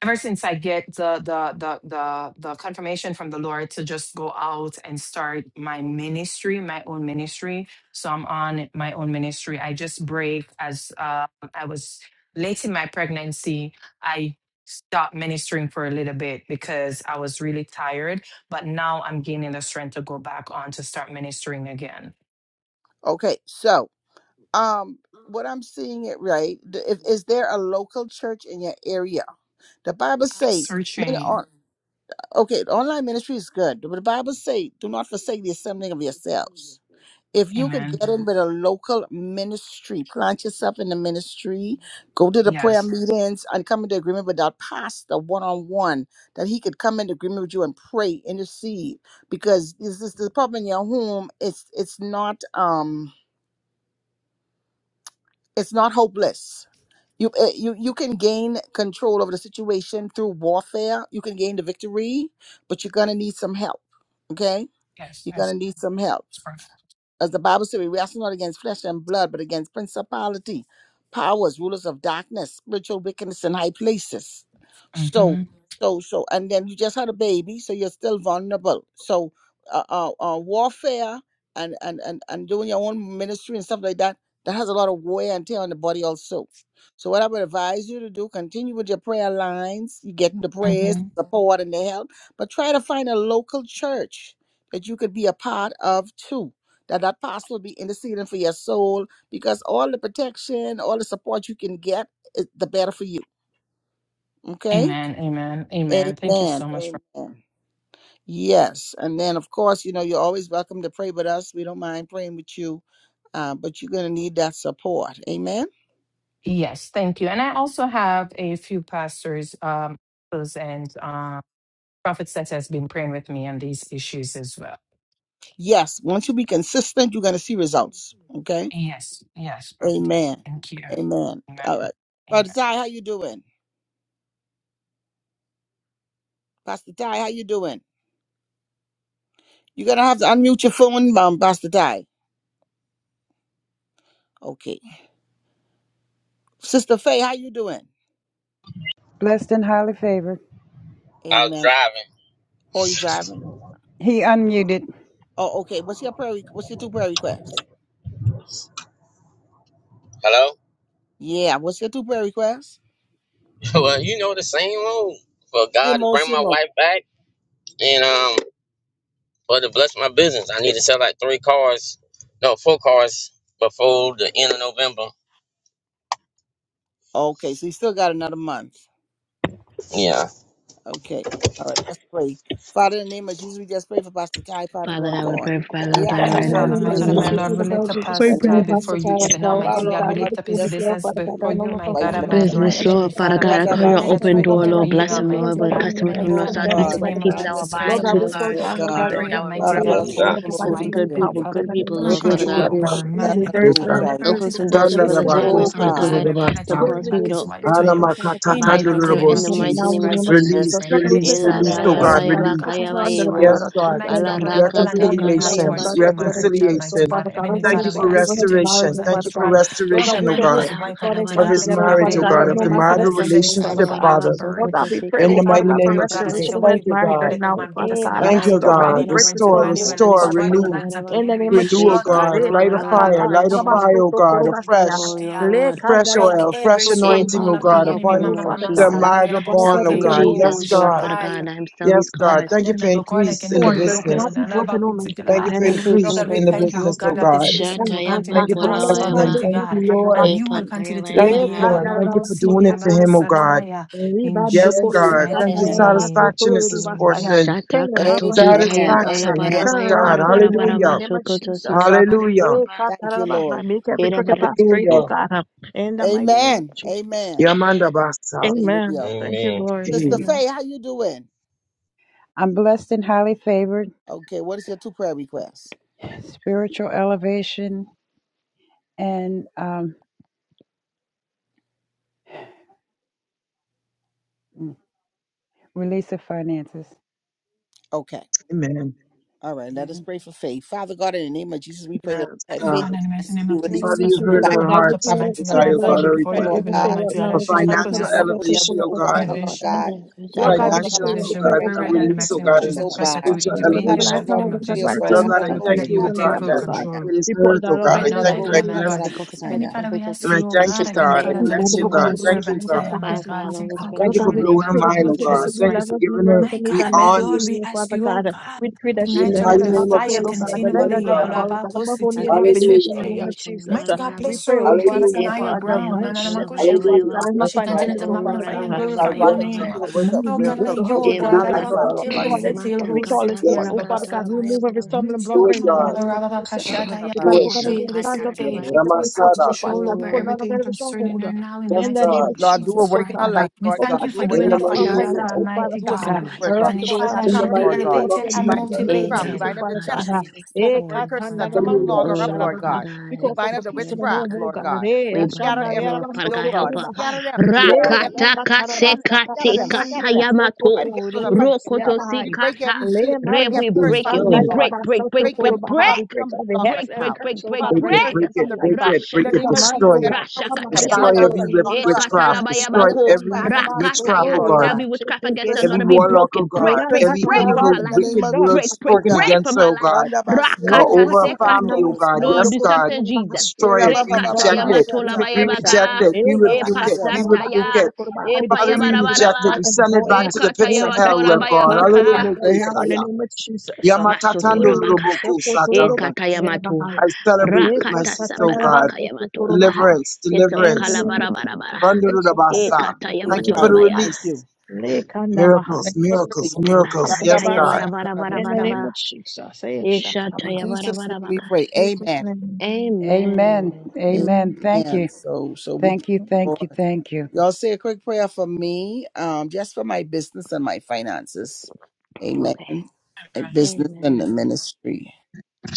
S5: ever since I get the the the the the confirmation from the Lord to just go out and start my ministry, my own ministry. So I'm on my own ministry. I just break as uh, I was late in my pregnancy. I stopped ministering for a little bit because I was really tired. But now I'm gaining the strength to go back on to start ministering again.
S1: Okay, so um, what I'm seeing it right, th- if, is there a local church in your area? The Bible
S5: I'm
S1: say many
S5: searching.
S1: are. Okay, the online ministry is good, but the Bible say, "Do not forsake the assembling of yourselves." If you could
S5: Amen.
S1: get in with a local ministry, plant yourself in the ministry, go to the prayer
S5: Yes.
S1: meetings, and come into agreement with that pastor one on one, that he could come into agreement with you and pray, intercede. Because this is the problem in your home. It's it's not um it's not hopeless. You eh, you you can gain control over the situation through warfare. You can gain the victory, but you're gonna need some help. Okay
S5: Yes.
S1: You're going
S5: That's,
S1: to need some help.
S5: that's perfect.
S1: As the Bible says, we wrestle not against flesh and blood, but against principality, powers, rulers of darkness, spiritual wickedness in high places. So,
S5: Mm-hmm.
S1: so, so, and then you just had a baby, so you're still vulnerable. So, uh, uh, uh warfare and, and and and doing your own ministry and stuff like that, that has a lot of wear and tear on the body also. So, what I would advise you to do, continue with your prayer lines, you getting the prayers,
S5: Mm-hmm.
S1: support, and the help, but try to find a local church that you could be a part of too that that pastor will be interceding for your soul because all the protection, all the support you can get, is the better for you. Okay?
S5: Amen, amen, amen. Thank you
S1: Amen.
S5: so much for
S1: Amen. Yes. And then, of course, you know, you're always welcome to pray with us. We don't mind praying with you, uh, but you're going to need that support. Amen.
S5: yes, thank you. And I also have a few pastors, um, those and uh, prophets that has been praying with me on these issues as well.
S1: Yes. Once you be consistent, you're going to see results. Okay?
S5: Yes, yes, prophetess.
S1: Amen.
S5: Thank you.
S1: Amen. All
S5: Amen,
S1: right.
S5: amen.
S1: Brother Ty, how you doing? Pastor Ty, how you doing? You're going to have to unmute your phone, um, Pastor Ty. Okay. Sister Faye, how you doing?
S3: Blessed and highly favored.
S7: I was
S1: Amen.
S7: driving.
S1: Oh, you driving?
S3: He unmuted.
S1: Oh, okay. What's your prayer? requ- What's your two prayer requests?
S7: Hello?
S1: Yeah. What's your two prayer requests?
S7: well, you know the same room. For God to
S1: Simo,
S7: bring my
S1: Simo.
S7: wife back and um for to bless my business. I need to sell like three cars. No, four cars before the end of November.
S1: Okay. So you still got another month.
S7: Yeah.
S1: Okay. All right. Let's pray. Father, in the name of Jesus, we just pray for Pastor Ty, Father,
S2: Father
S1: Lord
S2: God, we
S1: God.
S2: pray for
S1: We
S2: those that
S1: ask,
S2: are
S5: Heavenly
S1: oh
S2: right
S1: God,
S2: now,
S5: Father,
S1: that
S6: Hallelujah,
S1: you
S5: my
S6: Lord Jesus,
S5: God,
S2: Father
S6: we
S1: visit
S5: and
S6: look
S1: his
S5: my
S6: to
S2: God.
S6: you
S5: Lord,
S6: through
S5: we
S6: the
S1: business,
S6: blood
S5: lift
S6: of
S5: up
S1: oh God,
S6: Jesus
S2: Pray,
S1: in the name
S6: Christ
S2: pray,
S5: Pasita
S1: of
S6: over
S2: pray.
S1: Jesus.
S5: before
S6: Pastor
S5: you,
S6: Tyler, and
S5: even
S6: our
S1: Father,
S5: Almighty
S6: Father
S1: Lord
S5: God. We
S6: God, we
S1: God,
S5: lift up
S1: we
S6: decree
S5: his
S6: and
S1: just
S6: declare, the prayer,
S1: ask
S5: business
S6: Father
S1: you
S6: God,
S1: to
S5: before
S6: that
S1: touch
S6: no
S5: you,
S6: more
S1: his
S5: my God,
S1: life,
S6: performance
S5: and my
S1: Lord
S6: against the
S5: Lord.
S6: Lord,
S1: God.
S2: Business,
S6: worship
S5: Heavenly
S2: Lord,
S6: against
S2: Father
S6: the
S5: Father,
S2: God,
S6: Lord,
S2: I
S6: and
S5: mighty God,
S2: call
S6: the
S5: we
S2: your
S5: pray
S6: Lord,
S1: Radabashu,
S5: that
S6: and
S5: you
S2: open
S5: will
S2: door,
S6: Father
S2: Lord.
S6: God,
S5: intervene,
S6: the
S2: Bless them,
S6: blessing and
S2: Lord,
S5: Almighty
S2: with
S6: judgment
S5: God.
S6: of God is
S2: customers
S5: Heavenly
S2: from
S6: already
S1: Oh
S2: north,
S5: Father,
S2: south,
S5: in the
S6: condemned,
S2: east,
S6: oh,
S5: mighty
S2: and
S1: God, we
S2: west,
S6: Father
S5: name of
S6: God.
S2: people that
S1: bind
S2: will
S1: up
S5: Jesus
S1: every
S5: Christ
S2: buy
S6: Lord
S5: of
S6: God,
S2: two
S6: we pull
S1: hindrance,
S5: Nazareth,
S2: cars,
S1: Lord
S6: down,
S2: one
S6: Lord
S5: we
S1: God.
S2: car,
S6: God,
S2: Lord.
S5: pray,
S6: every
S2: I will
S5: Almighty
S2: refer
S6: stronghold,
S5: God,
S7: Yes,
S6: we
S2: people
S1: Radabashu,
S6: bind
S7: God.
S5: for
S6: up, oh,
S5: his
S2: to
S6: God,
S2: them to
S6: every
S5: wife,
S2: good
S5: Heavenly
S2: people,
S6: power, in
S2: good
S5: Father.
S6: the name
S2: people,
S6: of
S5: Our
S2: Lord,
S4: Yes,
S2: Father
S6: Jesus.
S5: control
S2: God.
S4: yes,
S5: over our
S6: We
S5: mind, Heavenly
S4: yes,
S6: reverse
S5: Father,
S4: yes.
S6: every
S5: whatever
S1: Re-be-be-be-be-shikanda-ro-saya.
S5: it
S2: Open
S5: is
S6: spiritual,
S2: some
S5: that they're
S6: Father
S2: doors
S6: God,
S2: for
S4: Sanda
S6: we
S4: da
S5: facing
S2: Brother
S5: and
S6: just
S4: ba
S5: they're
S2: Ty,
S6: ready
S4: ko
S5: going
S6: We
S1: Oh
S2: Lord,
S5: through
S2: Father
S4: sto
S5: at
S6: get
S4: to
S5: this
S6: this
S4: ro
S5: time,
S2: God,
S4: da
S5: I
S6: one.
S1: God.
S4: ba
S5: pray that
S2: to
S5: you
S4: sa.
S6: We're ready
S5: bring
S2: cause
S6: to
S5: back
S2: people
S6: get
S5: his
S2: to
S6: this
S5: wife to
S4: Ana
S6: business,
S5: him
S4: ma
S6: oh,
S4: ka
S6: Father
S4: ta
S6: God.
S5: in
S4: ta
S5: the
S6: uh,
S2: buy
S4: ndo
S2: from
S4: ro
S5: mighty
S4: ro
S2: him
S6: We
S4: bo
S5: name
S2: in the
S5: of
S6: condemn it
S4: si.
S2: mighty
S5: Jesus
S6: now in
S2: name
S6: the
S2: of
S6: name
S5: Christ
S6: of
S5: of
S2: Jesus.
S6: Jesus.
S4: Release,
S6: Lord
S5: Nazareth.
S6: God, we
S4: release,
S5: Heavenly
S6: pray for
S2: Ela
S5: Father,
S6: her,
S4: release,
S5: I
S7: Yes,
S4: oh
S6: life, oh
S2: raya
S7: God.
S4: God,
S5: ask
S6: Father
S5: you,
S2: baya
S5: oh
S6: God, we
S2: baka
S6: pray
S4: release.
S6: for
S5: God,
S2: ya
S5: to
S6: her under
S2: baya
S6: the
S5: destroy.
S2: bo.
S4: Yes,
S6: blood of
S4: God,
S6: Jesus.
S5: Mighty
S4: thank
S6: uh,
S2: Ala
S5: God,
S4: you.
S5: whatever
S6: the
S2: raka
S5: plan the
S6: blood, the
S5: enemy
S2: taka
S5: have
S6: blood,
S2: taya
S6: the
S4: Reconciliation,
S5: towards
S6: blood,
S2: basu
S5: their
S6: the blood of
S5: marriage,
S2: kotorira.
S6: Jesus. So,
S5: Almighty
S4: reconciliation.
S5: God,
S6: Father God,
S5: Heavenly
S6: over
S4: Thank
S6: his
S4: you
S5: Father, we
S4: for
S6: life,
S5: ask
S6: over
S5: you
S6: his
S5: to
S6: marriage,
S4: restoration.
S5: expose
S6: oh
S5: and
S4: Thank
S6: Father
S4: you for
S6: God.
S5: destroy it.
S6: Lord
S5: Lord
S6: God,
S4: restoration,
S5: God,
S6: you
S4: oh
S5: bring
S6: said
S2: Bara
S5: back
S6: we
S4: God.
S5: his
S2: bara
S5: wife,
S6: God
S2: bakara
S6: is
S5: Almighty
S2: bara
S4: of
S6: joined
S5: God.
S4: his
S5: Let
S6: together,
S5: it
S2: bakore
S6: oh
S5: not
S4: marriage,
S5: be
S6: Father
S4: oh
S2: kaya
S6: God.
S4: God,
S5: long,
S2: baya
S6: Let
S4: of
S6: no
S4: the
S5: Heavenly
S6: man
S2: baya.
S6: put
S5: Father,
S4: marital
S6: us
S5: as he
S6: under,
S5: said,
S6: oh
S5: it's not
S6: Father
S5: will
S4: relationship,
S5: for
S6: God.
S5: man to
S2: Arabaraba
S4: Father,
S6: Lord
S5: burn.
S2: sokoto
S6: God, we pray,
S4: in
S5: Heavenly
S4: the
S6: oh
S5: Father,
S6: Father
S2: sekayaba
S4: mighty
S5: we
S6: God, for
S5: pray,
S4: name
S5: oh
S4: of
S5: God, as you
S4: Jesus.
S6: restoration
S5: said,
S6: in
S5: what
S2: sekatayaba.
S4: Thank
S5: you
S6: his
S4: you,
S5: put
S6: marriage
S5: together,
S6: right
S4: God.
S5: let no
S6: now, oh
S5: man put
S6: Father
S2: E
S5: asunder.
S6: God.
S5: We
S4: Thank
S5: ask you
S4: you,
S5: to
S6: Lord God,
S5: ride
S4: God.
S6: we
S5: in, oh
S6: break
S2: pakayabarabaraba
S6: the
S5: Prince
S4: Restore,
S2: koyaba
S5: Emmanuel,
S6: stronghold,
S5: and
S6: oh
S4: restore,
S6: Father
S5: destroy the
S6: God.
S4: renew,
S5: plans of
S2: sekatayabaraba.
S5: the
S6: In the
S5: enemy.
S6: name of
S2: E
S4: renew, oh
S6: Jesus.
S5: Lord God,
S4: God.
S6: Eh,
S4: Light
S5: break
S4: a
S6: ta, ta,
S2: tayabarabaraba
S4: fire,
S6: ta,
S4: light a
S2: kayaraba.
S4: fire, oh
S6: yarabasoto,
S4: God, a
S6: korobasaya.
S2: Oh
S4: fresh,
S6: Le,
S2: Lord,
S4: fresh
S5: Break
S4: oil,
S5: every
S4: fresh
S6: kandarabatoto,
S2: eh,
S4: anointing,
S5: stronghold
S4: oh
S5: of
S2: Paka,
S6: korobaba.
S4: God,
S5: the
S2: help
S5: enemy,
S2: him,
S4: upon
S6: Oh
S5: Mama
S2: Lord
S6: Father
S5: Mama
S4: the
S6: God.
S2: Jesus.
S4: marital
S5: Satayelabo
S6: Father
S2: Help
S4: bond,
S6: God,
S4: oh
S2: him,
S6: together,
S4: God.
S6: oh God.
S5: Siteyebo
S4: Yes,
S2: Jesus, Lord
S4: God.
S2: Father
S5: Shatai.
S2: God. Let him sell these
S4: Yes, God.
S5: God
S2: cars.
S5: bind
S4: Thank you
S5: them
S4: for
S5: like your corner
S4: increase
S5: can
S4: in
S5: never
S4: the
S5: be
S6: Lord, there
S4: business.
S6: cannot
S5: broken.
S6: be
S5: And I
S6: broken
S5: back with it,
S6: omens,
S4: Thank you
S6: God,
S5: Lord.
S6: in
S4: for
S6: the name of
S2: Increase
S5: Lord
S2: in the
S4: increase
S5: God,
S6: Jesus.
S5: we
S4: in the
S5: thank you,
S6: God,
S5: oh
S2: business.
S4: business, oh
S5: God,
S6: we
S5: that
S4: God.
S5: this
S6: pray.
S5: business
S6: Oh,
S5: will
S6: God,
S5: continue
S4: Thank
S2: Shatayaba,
S6: God,
S4: you
S5: to
S4: for
S6: God, oh, Lord,
S5: prosper,
S4: blessing
S6: man,
S4: him.
S2: Walawayaba,
S5: mighty
S6: this
S4: Thank
S6: is
S4: you,
S5: God.
S6: God, the
S5: And
S4: Lord.
S2: eh,
S6: best
S5: you will
S6: friend.
S5: continue to
S4: Thank
S5: be the
S4: you,
S5: head
S2: Pakayabayaba.
S5: of
S4: Lord. Thank
S6: oh,
S4: you
S5: Nonomo
S4: for doing
S5: City,
S4: it for
S5: Lama
S4: him, oh God.
S5: Sataya. In
S6: Riba,
S4: Yes,
S6: doko,
S5: Jesus'
S6: si,
S4: God.
S6: kata,
S5: mighty
S4: Thank you.
S1: Amen.
S6: oh, Lord,
S5: name.
S6: soto,
S4: Satisfaction
S6: oh,
S4: is his portion.
S5: Amen.
S6: Turn
S2: Shataka,
S6: around for him, oh my
S2: Tokitaya,
S1: Amen.
S6: God.
S4: Satisfaction.
S1: Amen.
S4: Yes,
S6: Turn
S4: God.
S6: around, turn around in the
S4: Hallelujah.
S2: Palaparabayabarabaraba,
S6: name of
S2: Sokoto,
S6: Jesus. Uh,
S4: Hallelujah.
S6: oh,
S2: Sikarabarabaraba.
S6: God, God,
S1: Thank
S6: oh,
S1: you, Lord.
S6: Make every crooked
S2: Kirabara.
S6: path straight, oh
S4: Hallelujah.
S6: God. uh, In the mighty name of
S1: Amen.
S6: Jesus.
S1: Amen.
S4: Yamanda
S1: Amen.
S4: Basa.
S6: Amen.
S1: Hallelujah.
S6: Thank you,
S7: Amen.
S6: Lord.
S1: Sister
S4: Hey.
S6: Amen.
S1: Faye, how you doing?
S3: I'm blessed and highly favored.
S1: Okay, what is your two prayer requests?
S3: Spiritual elevation and um, release of finances.
S1: Okay.
S4: Amen.
S1: All right, let us
S3: Amen.
S1: pray for faith. Father God, in the name of Jesus, we pray that
S4: Yes,
S1: by
S5: Heavenly
S1: faith
S4: God.
S5: Father, in the mighty
S1: finances
S5: name
S1: be
S5: of
S6: In the
S5: Jesus
S1: released.
S4: Father,
S6: name of
S4: you
S5: Christ of
S1: We
S4: heard
S6: Jesus,
S5: Nazareth,
S1: bind
S6: oh
S1: up
S4: her
S5: we
S6: God,
S5: lift
S6: we
S1: the
S5: up
S4: heart's
S1: prophet
S6: pray
S5: Almighty
S1: and
S6: through
S5: God
S6: the
S4: desire,
S5: and
S1: come
S6: blood
S5: pray
S6: of
S1: up
S4: God, her
S6: Jesus
S1: against
S5: before
S1: the
S5: you,
S6: Christ
S4: request
S1: Lord
S6: over
S5: even now,
S6: faith
S1: God.
S6: right
S5: mighty God,
S6: now,
S4: for
S6: oh
S5: as you
S6: God,
S1: Pray right
S6: from the
S5: help us
S6: top
S4: financial
S6: of
S5: with
S1: now that
S6: our
S1: oh
S6: head to the
S5: spiritual
S1: there will
S4: elevation,
S1: be
S6: full
S1: an
S6: of
S4: oh
S6: our
S1: open
S4: God.
S6: feet,
S1: heaven,
S6: oh
S1: Lord
S6: Father
S5: elevation
S6: God.
S1: God.
S2: Research
S6: Lord
S5: and
S1: Father
S6: God,
S1: Lord
S6: we
S2: elevation.
S1: God,
S5: financial
S1: I'm
S4: Financial,
S6: declare and
S4: oh
S1: asking
S5: elevation. We
S6: declare,
S2: elevation.
S1: you
S4: God,
S6: oh
S5: pray
S1: right
S4: a
S1: now
S6: God,
S5: right
S1: to
S6: now
S5: now in
S1: make
S5: the
S6: weapon
S4: release, oh
S5: mighty
S6: formed
S1: a
S5: name of
S4: God,
S6: against
S1: deliverance,
S6: us,
S4: and
S6: oh
S5: Jesus
S1: oh
S6: God,
S4: for
S5: Christ
S6: to
S5: that
S1: God.
S5: you
S4: spiritual
S6: prosper, Lord, and
S5: intervene in
S6: every
S1: Father
S5: the
S6: life,
S1: Lord
S4: elevation.
S5: mighty
S1: God,
S6: oh
S5: name
S1: we
S5: of
S6: God, that
S1: pray, oh
S5: Jesus
S6: rises
S4: Lord
S5: Christ.
S1: God.
S5: Oh
S6: in
S4: God, I
S5: God,
S6: the
S5: we pray
S4: thank
S5: that you
S4: you, oh
S5: will
S4: God,
S5: take
S6: instant,
S5: full
S6: oh
S4: that
S6: God.
S1: Hadaraboshatarabasaya,
S5: control.
S4: it is
S6: We pull
S4: hers, oh
S6: down, oh
S4: God.
S2: In
S5: Right
S6: God,
S4: I
S5: now,
S6: every
S4: thank
S5: my
S4: you.
S5: God
S4: I
S2: the mighty name
S5: and
S2: of
S5: my
S2: Jesus,
S6: stronghold,
S4: bless
S5: Lord.
S2: Lord, we
S4: you.
S2: go for
S5: Heavenly
S2: spiritual
S1: Hadaraboshatarabasaya.
S5: Father, we
S2: elevation.
S5: ask
S4: And I
S5: you, oh
S2: My
S4: thank
S5: God,
S4: you,
S2: sister
S5: Heavenly
S2: Faye,
S4: God. I
S2: in
S5: Father,
S2: the
S6: we
S5: to
S6: pray
S2: mighty
S4: bless
S5: lift
S6: the
S4: you,
S5: your
S2: name of
S6: God of
S4: God.
S5: woman
S6: the morning,
S4: Thank
S2: Jesus.
S4: you,
S5: servant.
S6: comes
S5: I
S6: of
S4: God.
S5: am my
S2: Father
S6: darkness, and
S2: God,
S5: God.
S6: Father
S2: Lord,
S5: Take
S2: we
S5: full
S6: God.
S2: spread
S4: Thank
S6: Lord
S2: our
S4: you for
S6: God,
S5: control
S6: we
S5: in the
S4: blowing
S2: elevation
S4: her
S6: pray
S5: mighty
S6: that
S2: in
S5: name
S6: you
S4: mind,
S6: will
S4: oh
S5: of
S2: Jesus'
S6: take us
S4: God.
S6: to
S2: name.
S5: Jesus
S6: new
S4: Thank you
S5: Christ.
S4: for
S6: levels, new
S4: giving her
S6: realms,
S5: My
S6: and new
S5: God and my
S4: beyond
S6: dimensions
S4: what
S5: Lord,
S6: in
S5: we
S4: she's
S6: you,
S5: ask
S6: Father
S5: you, oh
S6: God.
S4: requesting.
S5: God,
S6: We pray that she's
S4: In the
S5: ignite
S6: the
S5: her
S6: head
S5: with
S4: mighty
S5: a
S6: and
S2: Shukata
S6: not
S4: name
S6: the
S2: sa
S4: of
S5: fire
S6: tail, oh
S4: Jesus.
S6: God,
S2: rabaya,
S6: the
S2: baya,
S4: Yes,
S6: lender, and
S5: continually.
S6: not the
S2: bagula,
S4: God.
S2: ba.
S6: borrower, God, above
S2: I
S6: only and
S2: go
S6: not
S2: for
S6: beneath
S5: Alabakositelebesete.
S2: spiritual
S6: in
S4: Hallelujah.
S6: the name of
S2: elevation.
S6: Jesus.
S2: Ba
S5: Mighty
S6: Uh,
S5: God,
S2: bara,
S6: We
S2: ba.
S5: place
S6: pray, oh
S5: her
S6: Father
S5: feet on
S6: God,
S4: Hallelujah.
S6: for
S5: higher
S6: a
S2: Epaka,
S5: ground.
S2: yaba,
S6: divine
S2: tula,
S6: shift,
S2: baya,
S6: oh
S2: baya, ba. ya ya
S6: Father
S4: Hallelujah.
S2: ba
S6: God,
S2: ba.
S6: in my
S5: Lord,
S4: Yes,
S5: She continue
S4: God.
S6: finances,
S5: to
S2: Oh
S6: oh
S2: Lord,
S6: Father
S2: I
S5: magnify
S2: go
S6: God.
S5: and
S2: ba ba ba
S1: Father
S2: bara,
S5: glorify
S1: God,
S2: bara,
S5: your
S4: Yes,
S5: name.
S1: continue to
S2: bara,
S4: God.
S1: work
S6: Money
S1: up
S6: is
S5: Lord
S6: being
S5: God,
S6: owed
S1: miracles
S5: let
S6: to her,
S4: Thank you
S5: your
S6: oh
S4: for
S1: in
S6: Father
S2: bara.
S1: our
S4: doing
S2: ka
S4: it,
S6: God.
S1: life,
S6: Uh,
S1: Father
S4: God.
S1: Lord
S6: We
S1: God, in
S6: call it
S1: Jesus'
S6: forth.
S2: mata,
S6: We
S1: name.
S6: call it
S2: kata,
S6: forth,
S2: se,
S4: Yes,
S6: oh Father
S4: God.
S2: kata,
S6: God.
S2: la,
S6: We
S2: ba ya
S6: remove every
S2: ba.
S6: stumbling
S5: with your
S4: Do
S6: block
S4: it,
S6: right now in
S5: power,
S6: the
S4: God.
S2: Lord,
S6: name of Jesus. Uh,
S5: Rababakashata,
S6: We bind
S4: Do
S6: up
S4: it.
S6: all kind of
S2: Isha,
S5: Yabakote,
S6: those plans
S2: kata,
S6: of the
S2: ra,
S5: Rebesete,
S6: enemy,
S2: bara.
S6: every demonic
S5: faithful
S6: powers,
S4: Yamasada.
S6: oh Father
S2: Oh
S5: control
S6: God. We
S5: over
S6: pull
S2: Lord.
S6: down
S5: everything
S6: every every
S5: concerning
S6: stronghold
S5: her
S6: uh,
S5: now in the
S4: Yes,
S6: in
S5: mighty
S6: the
S2: of
S5: name
S6: name
S4: God.
S5: of
S6: of
S2: Jesus,
S1: Lord, do
S2: Father
S1: a
S5: Jesus
S6: Jesus, oh
S1: work
S2: God.
S1: in
S5: Christ.
S1: our
S6: God. Uh,
S1: life,
S5: We
S1: Lord
S6: Oh
S1: God.
S5: thank
S6: God,
S5: you
S1: Do
S5: for
S1: a
S6: fix
S1: work
S4: In
S5: doing
S1: in
S6: it
S4: the
S1: our
S5: it
S6: for
S5: for
S6: her
S4: mighty
S5: your
S6: right
S4: name of
S1: finances.
S6: now,
S5: daughter,
S6: oh Father
S5: mighty
S4: Jesus.
S1: Do a
S6: God.
S2: In the
S5: God.
S1: speedy
S6: Uh,
S2: mighty
S1: work,
S2: name
S1: Lord.
S2: of
S1: We
S5: Heavenly
S1: call
S6: Rapido,
S1: it
S2: Jesus,
S5: Father,
S1: not
S4: In
S6: rapido,
S1: car,
S4: the
S5: she
S2: Father
S5: be
S4: mighty
S6: rapido.
S1: Lord
S2: God.
S6: We
S1: God.
S6: call
S4: name of
S5: elevated
S6: for
S1: We
S5: and
S1: bind
S6: money,
S1: up the
S4: Jesus.
S6: little
S2: Eh,
S1: witchcraft.
S6: money,
S1: We
S5: motivated.
S6: oh
S1: bind
S2: Rabba,
S1: up the
S6: Father
S2: God,
S5: In
S6: God.
S1: chance.
S6: Uh,
S2: I am.
S5: Jesus'
S1: Spoken
S6: eh,
S1: word
S5: name,
S6: kata
S1: curses are trying to
S6: nagamandu
S5: amen.
S4: Hallelujah.
S1: clog
S2: Oh
S1: her up,
S2: Lord,
S1: Lord
S2: Father
S6: kusharabaha.
S1: God.
S6: We
S2: God,
S1: We
S6: call
S2: in
S6: for,
S1: bind up
S6: for
S2: Jesus'
S1: the
S6: peace in
S2: name,
S6: the
S2: Father
S6: home,
S1: witchcraft,
S2: God.
S6: oh
S1: Lord
S6: God.
S1: God.
S6: Eh,
S2: We
S1: Scatter
S6: ashana,
S2: pray,
S6: eh,
S1: every
S2: Lord,
S1: enemy,
S2: Father
S6: arabasto,
S1: oh
S2: God,
S1: God.
S2: help her.
S6: tokurubaha.
S1: Scatter them.
S4: Yeah,
S1: Scatter our
S6: Lesha
S1: enemy
S2: Rakata
S1: now. Scatter them.
S6: katarabasa
S1: Scatter
S2: kasekate
S1: them.
S6: kataramandi
S1: Scatter
S2: kata
S1: them. Fight
S2: yamato.
S6: kusokoto
S1: against those that fight
S6: rus
S1: against us.
S2: Rokoto
S1: We
S6: yarabahai.
S1: break
S2: sikata.
S1: every shield.
S6: le
S1: We
S2: Re,
S1: break every
S2: we
S6: manduku
S1: curse,
S2: break
S1: Father,
S2: it. We
S1: Lord
S6: shanda
S4: Lord.
S1: God.
S2: break,
S6: yarabasa
S2: break, break,
S1: Break
S2: break,
S1: every
S2: break.
S6: tokorobaha.
S1: block,
S6: We break
S1: stumbling
S6: every
S1: block right
S6: hex,
S2: Break,
S6: every
S1: now.
S2: break, break,
S6: curse, oh
S2: break,
S6: God,
S1: Father,
S4: Break
S1: we
S4: it,
S6: rendered
S1: curse
S2: break.
S4: break
S1: it
S6: against
S4: it,
S1: from
S6: our
S1: the
S6: life.
S4: break
S1: root.
S6: Uh,
S4: it,
S1: In
S4: break
S1: the
S6: we
S4: it,
S1: name
S2: Rashakata.
S1: of
S6: command,
S1: Jesus,
S4: destroy
S6: oh
S4: it.
S1: every
S6: God, to
S1: power
S6: come
S1: trying
S6: out
S2: Rashakata
S1: to
S6: of
S1: bind
S6: power
S4: Destroy
S1: her
S6: in
S1: up
S2: yamato.
S4: every
S6: the
S1: and
S4: wit-
S1: block
S6: name of
S1: her up.
S6: Jesus.
S2: Ekata
S6: Uh,
S4: witchcraft.
S1: We
S4: Destroy
S1: bind
S6: Le
S1: up
S2: labayabako.
S1: every
S6: kanda
S4: every
S1: trap in Jesus'
S6: yarabasa
S4: witchcraft,
S1: name,
S2: Rakataya.
S4: oh
S1: Lord
S4: God.
S2: Every
S1: God.
S6: torobashe
S2: witchcraft
S1: We
S2: against her,
S1: curse it
S4: Every
S2: Lord,
S1: from the
S2: be
S6: tekerebahai.
S1: root.
S4: warlock, oh
S2: broken.
S1: We
S4: God.
S2: Break,
S6: La
S2: break,
S1: curse it
S4: Every
S1: from the
S2: break
S1: root
S2: from
S4: evil,
S2: her
S1: in
S6: kataramandi
S1: the
S2: life.
S1: name
S4: wicked
S1: of
S6: kusa.
S4: word
S2: Break,
S1: Jesus,
S2: break,
S1: Lord
S4: spoken
S1: God.
S2: break
S4: against
S2: from
S4: her,
S2: her
S4: oh
S2: life.
S4: God.
S1: Randa basia
S4: Or
S6: Le
S2: Rakata
S4: over a
S1: derebese katora
S4: family,
S2: sekato.
S4: oh God.
S1: bosaya.
S2: Lord,
S4: Yes,
S2: do
S4: God.
S2: something,
S6: kataramasti
S2: Jesus.
S4: Destroy
S1: Era
S4: it.
S1: ba ba
S4: We
S1: ba
S2: Rekata
S1: ba
S6: every
S4: reject
S1: ba
S6: health
S4: it.
S2: yamatola
S6: every
S1: shata.
S4: We
S6: curse. uh,
S4: reject
S1: In
S2: bayabaka.
S4: it.
S1: the
S6: is
S4: We
S1: name of
S4: rebuke it. We
S1: Jesus,
S2: Epasata
S4: rebuke
S2: ya.
S4: it.
S6: Shakatarabasotokoroba. I
S4: Father,
S6: decree
S4: we
S6: and it is
S4: reject it.
S2: Epayabarabaraba.
S6: not
S4: We
S6: and
S4: send it
S6: void.
S4: back
S6: uh,
S4: to the
S6: I
S2: Ekata
S4: pits
S6: will
S4: of hell,
S6: affect
S2: yamatola
S6: her
S4: Lord
S1: we
S4: God.
S6: all
S1: send
S6: my
S1: it
S6: life
S1: back
S2: bayabaka.
S1: to
S6: right
S1: the head.
S6: now in the
S4: Hallelujah.
S6: name of Jesus. uh,
S4: Yamatatando
S2: Masotora
S6: eh,
S2: baka.
S4: roboko sata.
S6: Shakotoroba,
S2: Ekata yamatua.
S6: Rabahai.
S4: I celebrate
S6: Eh,
S4: with my
S2: Rakata
S4: sister, oh God.
S2: sabarabaka yamatola ba.
S6: Shakatayarabasotokoroba.
S4: Deliverance,
S2: Yes, Lord.
S6: In the
S4: deliverance
S6: name of
S2: Kalabarabarabara.
S6: Jesus.
S1: In
S6: we shall have
S1: Jesus'
S6: it.
S4: Bandurudabasa.
S2: Ekata
S4: Thank
S1: name,
S4: you
S2: yamatola
S4: for
S1: Father,
S4: the
S1: we
S6: Otoroba,
S2: baya.
S6: I-
S1: thank you.
S4: release.
S6: Le
S4: Miracles,
S6: Kandavahan.
S1: Thank you for the
S4: miracles,
S1: release.
S6: Shakotoroba. Come
S4: miracles.
S6: to the
S1: Randa
S2: Masata
S4: Yes,
S1: ba
S6: Lord
S4: God.
S6: now.
S1: shata da
S6: In the
S1: bosa.
S6: name
S2: yamarabarabarabara.
S6: of Jesus. eh,
S2: Eshata
S1: In
S6: Shakarabahan.
S1: Jesus' name we
S6: In
S2: yamarabarabaka.
S1: pray.
S6: Jesus'
S1: Amen.
S6: name.
S3: Amen.
S2: Amen.
S3: Amen.
S6: Amen.
S3: Thank
S1: Amen.
S3: you.
S1: So, so we thank
S3: Thank you.
S1: the
S3: Thank you.
S1: Lord.
S3: Thank you.
S1: Y'all say a quick prayer for me, um, just for my business and my finances. Amen.
S2: Okay.
S1: My business and the
S2: Amen.
S1: ministry.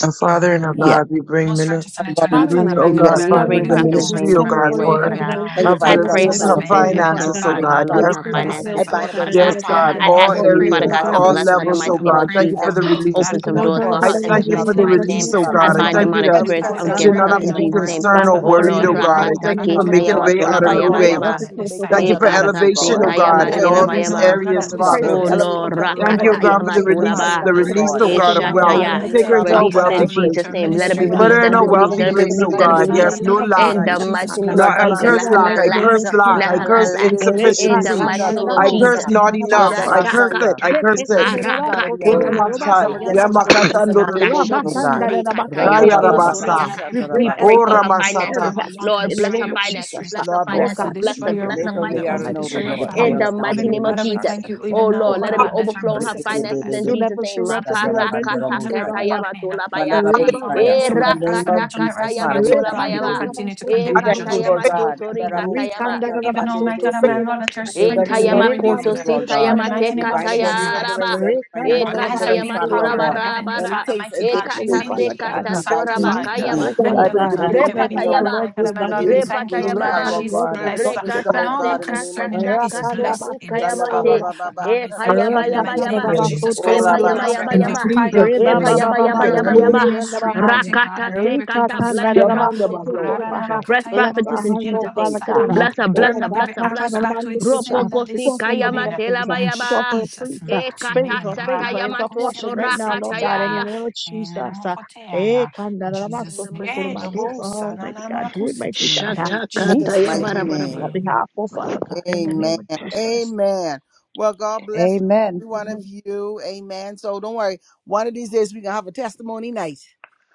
S4: And Father and
S5: Amen.
S4: our
S1: Yeah.
S4: God, we
S2: Amen.
S4: bring,
S5: Most
S4: mini-
S5: righteous and
S1: Father God, in the
S4: we
S5: eternal
S2: Father, in the
S5: Father,
S4: bring,
S2: mighty
S5: my
S4: oh
S2: name
S1: name
S5: God
S2: of
S1: of
S5: and
S4: God,
S2: Jesus,
S1: Jesus,
S5: my
S2: we
S1: I pray
S6: Father,
S5: Lord,
S4: Father,
S5: we
S2: bring
S6: in the
S4: the
S1: for
S5: lift
S6: name
S1: my
S6: of
S5: up your
S2: Prophetess
S1: business
S6: Jesus,
S5: woman
S2: Vane
S4: ministry,
S6: we
S4: oh
S6: come
S5: servant
S2: before
S4: God,
S2: you,
S6: before
S5: before
S6: you,
S5: you
S2: Lord,
S6: O
S4: for
S2: Father
S6: Father
S5: even
S2: God.
S6: God. We
S5: now,
S1: Thank
S6: place
S1: you
S4: our
S5: mighty
S1: for
S2: I
S1: your
S5: God,
S6: Prophet
S1: trust
S2: pray
S1: with
S4: business,
S2: for
S5: purpose
S6: Lawyer
S1: our
S2: the
S4: our
S1: Lord.
S6: before
S5: Spain.
S6: you, O
S2: business,
S6: Father
S5: Heavenly
S1: Financial
S2: Lord,
S4: finances,
S6: God.
S4: oh
S2: Father
S5: Father,
S1: breakthrough,
S5: we
S2: God,
S4: God.
S1: for
S5: pray
S2: Lord,
S6: We
S1: our
S2: and
S4: Yes,
S5: for
S2: her
S5: her
S6: decree and
S1: Lord God.
S4: God.
S6: declare,
S2: finances,
S6: O
S1: I
S5: business.
S6: Father
S1: bind
S2: Lord,
S1: up
S6: God,
S2: Father
S1: every
S6: that the
S1: sort
S4: Yes,
S5: My
S2: God.
S1: of
S6: work
S5: God
S6: of
S5: and
S1: poverty,
S4: God.
S5: my
S1: oh
S6: the
S2: I
S1: God. I
S4: All
S5: Lord,
S1: ask
S5: we
S2: ask
S1: you to
S6: Lord
S2: of you,
S1: remove
S5: pray,
S6: is
S1: the
S2: Father
S5: oh
S6: our
S4: areas,
S2: God,
S1: power
S6: God
S5: God,
S2: to
S1: for
S5: for
S1: my
S6: for
S4: all
S2: bless
S1: sake,
S2: her in the
S1: Father
S4: levels,
S5: restoration
S1: Lord
S4: oh
S6: safety.
S2: mighty
S5: and we
S2: name
S1: God.
S4: God.
S2: of
S5: pray
S4: Thank you
S1: I
S4: for
S5: for,
S2: Jesus.
S1: ask
S4: the
S1: you to open up
S5: mighty
S1: the
S4: release.
S1: windows
S5: God,
S2: Open
S6: Because
S1: of
S6: the
S2: some
S1: heaven
S6: Lord
S2: doors
S1: for
S6: of
S2: for
S1: the
S4: I
S2: her
S6: God
S5: abundance
S1: blessing
S5: in
S2: in
S5: the
S4: thank
S1: that
S6: arise
S1: may
S4: you
S1: not
S4: for
S1: be
S5: mighty
S2: Jesus'
S6: against
S4: the
S1: rough
S5: name
S6: and
S2: mighty
S1: to
S5: of
S2: name.
S4: release,
S6: judgment
S1: receive,
S6: is
S4: oh
S5: Jesus
S1: Father
S2: I
S4: God.
S1: Lord
S5: Christ.
S6: condemned,
S4: I
S5: Uh,
S6: and
S2: bind
S1: God.
S6: we
S4: thank you
S6: need
S2: demonic
S1: Father,
S4: that
S6: to
S1: we
S5: Heavenly
S2: spirits
S5: Father,
S6: support
S1: cancel
S5: I
S6: God,
S1: every
S4: should
S6: our
S2: against
S5: pray
S1: plan
S4: not
S6: God,
S2: her
S1: of
S6: of
S4: have
S5: right
S1: the
S6: the
S4: to
S2: in
S5: now
S4: be
S1: enemy.
S6: Lord,
S5: for
S1: We
S2: Jesus'
S5: her
S1: come
S2: name.
S6: the
S4: concerned
S5: help.
S1: against
S6: bound of
S4: or
S5: And
S6: God,
S2: Oh,
S1: spiritual
S5: mighty
S6: and the
S4: worried,
S1: wickedness
S5: God,
S2: Lord,
S4: oh
S5: I
S6: Holy
S1: in the
S4: God.
S5: pray,
S1: high
S4: I
S6: Power,
S5: oh
S2: Rakata,
S6: in
S4: thank
S6: the
S5: God,
S4: you for
S5: that
S6: name
S1: Father
S5: you
S6: of
S2: Kita,
S1: Lord
S4: making a
S5: locate
S6: Jesus
S2: Yama,
S1: God.
S4: way
S5: her
S6: Christ.
S2: Tola,
S4: out
S5: with
S4: of
S1: Father
S6: We
S4: no
S5: even
S1: Lord
S5: a
S2: Bayaba,
S6: reverse
S1: God,
S4: way.
S1: I'm
S2: Yaba.
S5: husband
S6: every
S1: asking
S5: at
S1: you to
S6: curse,
S5: this
S1: make
S6: O
S5: time.
S4: Thank
S1: ways
S6: Father
S4: you
S1: out
S4: for
S1: of no
S6: God.
S1: ways,
S2: Ekasa,
S1: oh
S4: elevation,
S1: God. Uh,
S4: oh
S6: Oh,
S5: How
S6: Father
S5: can
S4: God,
S2: Sekayama,
S1: Move
S5: I
S4: in
S6: God,
S1: every
S6: we
S2: Tela,
S5: pray
S4: all
S1: hindrance
S5: right
S4: these
S5: now,
S1: and
S5: oh
S2: Bayaba.
S1: every
S5: God,
S4: areas,
S5: that
S1: stumbling
S6: we
S5: this
S1: block.
S6: pray
S4: Father.
S6: for
S2: Oh
S5: business is
S6: every
S1: Elevate me,
S2: Lord,
S5: covered
S1: Father
S5: in the
S1: Lord
S4: Thank
S6: door
S4: you, O
S1: God.
S5: mighty
S6: that's
S2: Rakataya
S4: God,
S5: name
S1: Move
S6: been
S5: of
S1: me,
S4: for the
S1: take me
S5: Jesus
S6: closed,
S1: up
S6: oh
S5: Christ
S6: Father
S4: release,
S1: higher
S5: of
S2: Matulaba.
S1: in
S4: the
S6: God.
S1: you,
S6: We
S1: oh
S5: Nazareth.
S4: release,
S6: command
S1: God.
S6: it
S4: O God,
S6: open
S4: of
S1: Take
S6: now
S5: Oh
S1: me up
S6: in
S4: wealth.
S5: Lord
S6: the
S2: Eshataya.
S1: higher.
S6: name of
S4: Take
S5: Almighty,
S1: Eh,
S5: I
S4: her
S6: Jesus.
S4: into
S5: pray,
S1: rabba,
S6: God.
S4: a
S5: oh
S2: Release
S5: God,
S2: it
S5: that
S2: in
S4: wealthy
S5: you
S1: dabba,
S5: will
S6: Open up
S4: place.
S5: lift
S2: Jesus'
S6: the
S5: your
S1: shoo, boo,
S2: name. Let
S6: floodgates
S2: it
S6: of
S2: be
S5: ministry
S1: saya.
S6: heaven,
S5: on
S4: Put
S6: oh
S2: released.
S4: her
S2: Let
S4: in
S6: God.
S2: it
S5: another
S4: a
S2: be
S6: God
S2: released.
S1: Rebe,
S4: wealthy
S2: Let
S5: ground.
S2: it
S1: be,
S6: blessing
S2: be
S1: be,
S4: place,
S6: upon
S1: be,
S6: our
S4: O
S2: released.
S1: be,
S6: life
S2: Let it
S5: Heavenly
S2: be
S6: that
S4: God.
S6: we
S5: Father,
S6: know
S2: released.
S1: shika,
S4: Yes,
S5: in
S6: we
S5: the
S4: no
S6: will not
S5: mighty
S6: be
S4: lack.
S2: In
S5: name of
S2: the
S1: talabasaya.
S6: receiving
S5: Jesus
S6: God
S2: mighty
S6: now.
S2: name
S4: No,
S5: Christ of
S2: of
S4: I
S2: Jesus.
S6: In
S5: Nazareth,
S1: Radabaso
S4: curse
S6: the
S4: lack.
S5: I
S6: mighty
S2: Lahana
S4: I
S1: Dolobo
S2: lack.
S5: pray
S6: name of
S4: curse
S6: Jesus.
S4: lack.
S5: that
S1: Shata.
S4: I
S6: God.
S5: you, oh
S2: Nahana
S4: curse
S5: God,
S2: lack.
S5: will take
S2: In
S5: full
S1: Rebebebebe
S2: the
S4: insufficiency.
S6: Rekata
S2: mighty
S1: Shikato
S2: name
S5: control
S2: of
S4: I
S5: in the
S6: maradabando
S4: curse
S1: Robosa.
S5: mighty
S2: Jesus.
S5: name
S4: not
S5: of
S4: enough.
S5: Jesus
S4: I
S5: Christ.
S4: curse it.
S1: Radabasaya.
S4: I
S2: Shatakata.
S4: curse
S1: We
S4: it.
S1: curse
S5: Heavenly
S1: every
S5: Father,
S1: plan
S5: I
S1: of the
S5: you,
S4: Kora
S1: enemy.
S5: oh
S2: Arakateka.
S5: God,
S1: We
S5: right
S4: masai.
S1: come
S5: now, oh
S1: against
S5: God, to
S1: spiritual
S5: arise
S4: Yamakata
S1: wickedness
S5: and
S1: and
S5: fight
S1: high
S5: for your
S1: places,
S5: woman
S1: oh
S4: ndororobosi.
S1: God.
S2: Lashokotori
S5: servant
S4: Kaya
S5: against,
S2: katayamakotori
S1: Randabababa
S5: mighty
S4: rabasa.
S2: yaka.
S5: God,
S6: we
S1: Shata
S5: every
S6: break
S2: We
S5: plant
S2: pray
S1: Rabasa.
S5: of
S6: every
S2: for
S5: the
S4: Ora
S2: her
S6: curse,
S5: enemy, oh
S6: every
S4: masata.
S5: God,
S2: finances.
S5: what
S6: hex
S5: wants to
S2: Lord,
S6: in the
S5: destroy
S2: bless her
S6: name
S5: your
S6: of
S2: finances,
S5: ministry,
S6: Jesus.
S2: bless her
S1: Lord
S5: that
S6: Oh
S1: bless
S5: wants to
S6: God,
S2: finances,
S1: her.
S6: we
S2: bless
S5: destroy
S2: her,
S6: never
S5: your
S2: bless
S1: Make
S2: her
S6: remember
S1: a
S5: home,
S6: this
S1: way
S5: that
S1: out
S5: wants
S2: finances.
S1: of
S5: to
S6: life
S1: no way,
S5: destroy
S6: become
S5: your
S6: the
S1: Lord.
S2: In
S5: family.
S2: the
S6: powerless
S1: Honorable
S6: now in the
S2: mighty
S5: Heavenly
S6: name
S2: name of
S6: of
S5: Father, we
S1: Shata
S2: Jesus.
S6: Jesus.
S5: thank you
S2: Oh
S5: even
S6: Oh
S5: now,
S2: Lord,
S1: Rabasa.
S5: oh
S2: let
S6: Father,
S2: it be
S6: I
S5: God, that her
S6: continue to
S2: overflowing
S6: take
S2: her
S5: business
S6: us
S5: is
S2: finances in
S5: blessed.
S1: Rebebebebe
S6: You
S2: Jesus'
S6: never do
S2: name.
S5: She's
S6: reps of
S5: blessed
S1: Shikato
S5: in
S6: you, I
S5: her
S6: make this
S5: going
S6: of
S5: out and
S6: you,
S5: her
S1: Rabandorobosaya.
S6: God.
S5: coming in. No
S2: Maparakatakayamatolabaya.
S5: weapon formed
S1: Mandarabosaya.
S5: against her
S1: In
S5: will
S1: the
S5: be
S1: name
S5: prospered.
S2: Erakatakayamatolabayaba.
S1: of
S5: Every tongue that
S1: Jesus,
S5: rises
S1: Father,
S5: against,
S1: we
S5: oh
S1: thank
S5: God,
S1: you
S5: you will
S1: today.
S5: continue to
S6: Rekandarabasotho
S2: Ekatayamatosori
S1: We
S5: condemn
S4: I
S5: in
S2: katayama.
S1: thank
S4: see
S1: you,
S2: tolabaya.
S4: the
S1: Lord
S2: Ekatayama
S5: judgment.
S4: faith,
S6: korobasaya.
S1: God.
S2: tosori
S5: Heavenly Father, we
S2: katayama.
S5: thank
S4: yes,
S5: you even now, my
S6: Rekandarabasotho
S5: God, and
S4: faith,
S1: Mandaraboshatarabandedebese.
S5: my Lord, that your
S6: korobasaya.
S1: In the
S5: strength is
S1: name
S5: being
S1: of
S2: Etayamakoto
S1: Jesus,
S5: renewed.
S1: Lord
S5: In
S1: God,
S5: the
S6: Remandukushana
S5: mighty
S1: we
S5: name
S2: sitayamateka
S5: of
S1: bind up
S5: Jesus
S1: every
S6: yarabasaya.
S5: Christ.
S1: hindrance,
S2: katayaraba.
S1: every
S5: Her
S1: financial
S5: eyes are
S1: hindrance,
S5: being
S6: Rekandarabasotho
S1: Father, Lord
S5: covered,
S1: God.
S5: Heavenly
S1: Any
S2: Ekatayamatorabara.
S5: Father,
S1: taste
S5: mighty
S1: of this
S5: God. She's
S6: Oh
S4: yes,
S2: Ekata
S1: favor,
S5: been
S6: Father
S1: hatred, and death,
S6: God.
S2: sekata
S5: healed,
S1: we
S6: uh,
S1: bind it in
S6: Move
S5: sanctified,
S1: Jesus'
S6: now,
S1: name.
S6: oh
S5: and
S1: I
S6: Father
S2: sorabakayamase.
S4: God.
S1: pray you give
S6: God. uh,
S1: me
S5: delivered.
S6: and
S1: wisdom
S6: Right
S1: to
S5: Heavenly
S6: now, let the
S1: know,
S5: Father,
S2: Repatayaba.
S5: my
S6: Lord
S5: God,
S6: do
S5: and
S6: it
S1: wisdom
S5: my
S1: to deal
S5: Lord,
S1: with
S5: we
S1: the
S6: valiantly.
S5: thank you,
S6: The
S5: oh
S1: situation,
S6: Right
S5: God,
S1: Father,
S5: that
S6: now,
S2: Repatayaba.
S6: the
S1: Lord
S5: she's
S6: Lord is
S1: God. Uh,
S5: blessed.
S6: exalted, oh
S1: Wisdom,
S5: And
S1: oh
S2: Rekata
S6: Father
S5: all
S1: God,
S5: that
S6: God.
S1: in the name of
S2: sekata
S5: concerning her is
S1: Jesus.
S2: sakato
S1: Uh,
S5: blessed in this
S1: Randa ba ba
S2: sikayamate.
S5: hour.
S1: ba ba ba,
S6: Rakandabasotorobasan,
S5: Lord, we thank you in the mighty name
S2: Epayabayaba.
S1: shatarabandedebese.
S5: of Jesus
S1: Oh,
S5: Christ of
S1: Rabba
S5: Nazareth that
S4: In
S1: Shata.
S6: rakatadabasotondorobasia,
S5: your
S2: Epayabayaba.
S5: fire
S4: Jesus'
S1: In
S5: will
S1: Jesus'
S4: name.
S5: surround her,
S1: mighty
S5: her
S1: name.
S2: Epayabayaba.
S4: Hallelujah.
S5: ministry,
S6: rebabababakotosiandabahaya,
S5: Almighty God,
S2: Rakata
S5: and everything
S2: sekata. Bless the
S5: concerning her.
S4: Yamanda
S2: prophetess, Lord.
S6: rikatandadabasotokorobaha.
S4: basata.
S2: Bless
S6: Bless
S2: prophetess
S6: our
S2: in
S6: hands, oh
S2: Jesus' name.
S6: Father God. uh,
S2: Bless her, bless
S5: Return
S6: Oh,
S2: her,
S5: back
S6: God,
S2: bless
S5: every
S2: her,
S6: touch
S2: bless
S6: our
S5: arrows
S2: her.
S5: back
S6: body,
S5: to its
S6: push out.
S5: sender
S2: Ropoko
S6: we
S2: si
S6: go
S5: this
S6: for, for
S2: kayama
S5: evening.
S6: blessings. uh,
S5: In
S6: We go
S2: telabayaba.
S6: for a
S5: Jesus'
S6: priest.
S2: E
S5: mighty
S2: kata
S5: name.
S6: Favor, favor is
S2: satayama
S6: our portion right
S2: totora
S6: now, Lord God,
S5: Radadabakusilebesetiaya.
S6: in the
S5: ya
S2: kataya.
S6: name of
S5: In
S6: Jesus. Uh, eh, kanda la la ba
S2: In
S5: Jesus'
S6: so
S2: the
S5: name.
S6: to ko
S2: mother
S6: ro
S2: of
S5: Eh,
S6: ba do so.
S2: Jesus.
S6: Oh, mighty God, do it, mighty
S5: dobosananamakusite.
S6: God. Uh,
S1: In
S2: Shata
S6: Move,
S1: Jesus'
S5: Jesus,
S2: kataya
S6: oh
S1: mighty
S6: God,
S2: bara. bara
S1: name.
S2: bara.
S6: on
S5: amen.
S6: behalf of Father God, in the
S1: Amen.
S6: name of Jesus.
S1: Amen. Well, God bless each and
S3: Amen.
S1: every one of
S6: Amen.
S1: you. Amen. So don't worry. One of these days we're gonna have a testimony night.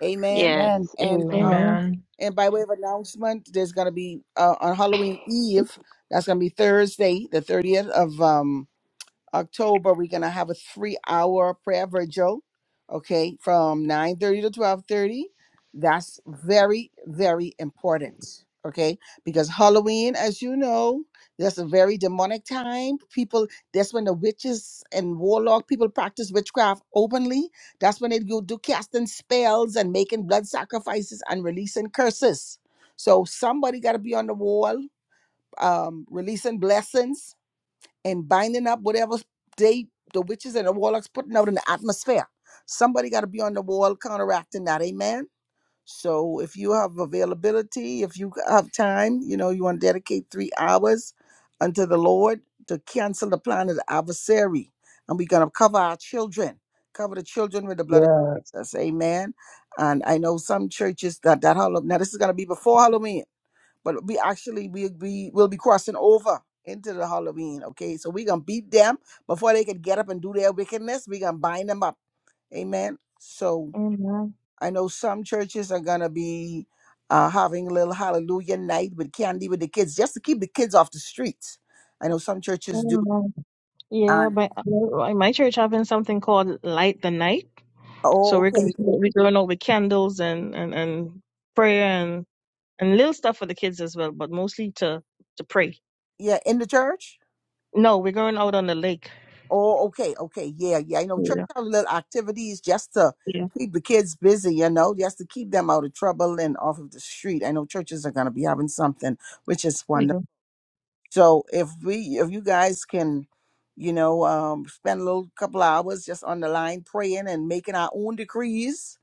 S1: Amen.
S2: Yes,
S3: Amen.
S1: And uh
S2: amen.
S6: Amen.
S5: Amen.
S1: and by way of announcement, there's gonna be uh, on Halloween Eve, that's gonna be Thursday, the 30th of um October, we're gonna have a three-hour prayer virgil, okay, from 9:30 to 12:30. That's very, very important, okay? Because Halloween, as you know, that's a very demonic time. People, that's when the witches and warlock people practice witchcraft openly. That's when they go do casting spells and making blood sacrifices and releasing curses. So somebody gotta be on the wall, um, releasing blessings and binding up whatever they the witches and the warlocks putting out in the atmosphere. Somebody got to be on the wall counteracting that, amen. So if you have availability, if you have time, you know you want to dedicate three hours unto the Lord to cancel the plan of the adversary, and we're gonna cover our children, cover the children with the blood of
S4: Yes.
S1: Jesus, amen. And I know some churches that that Halloween. Now this is gonna be before Halloween but we actually we we will be crossing over into the Halloween. Okay, so we're gonna beat them before they can get up and do their wickedness. We're gonna bind them up. Amen. So
S6: Amen.
S1: I know some churches are gonna be uh, having a little Hallelujah night with candy with the kids just to keep the kids off the streets. I know some churches do.
S6: Amen. Yeah,
S1: And
S6: but uh, in my church having something called Light the Night. So
S1: oh,
S6: we're going to,
S1: okay,
S6: we're going out with candles and, and, and prayer and, and little stuff for the kids as well, but mostly to, to pray.
S1: yeah, in the church.
S6: No, we're going out on the lake.
S1: Oh, okay, okay, yeah, yeah. You know, church
S6: Yeah.
S1: have little activities just to
S6: Yeah.
S1: keep the kids busy, you know, just to keep them out of trouble and off of the street. I know churches are gonna be having something, which is wonderful. So if we if you guys can, you know, um spend a little couple hours just on the line praying and making our own decrees,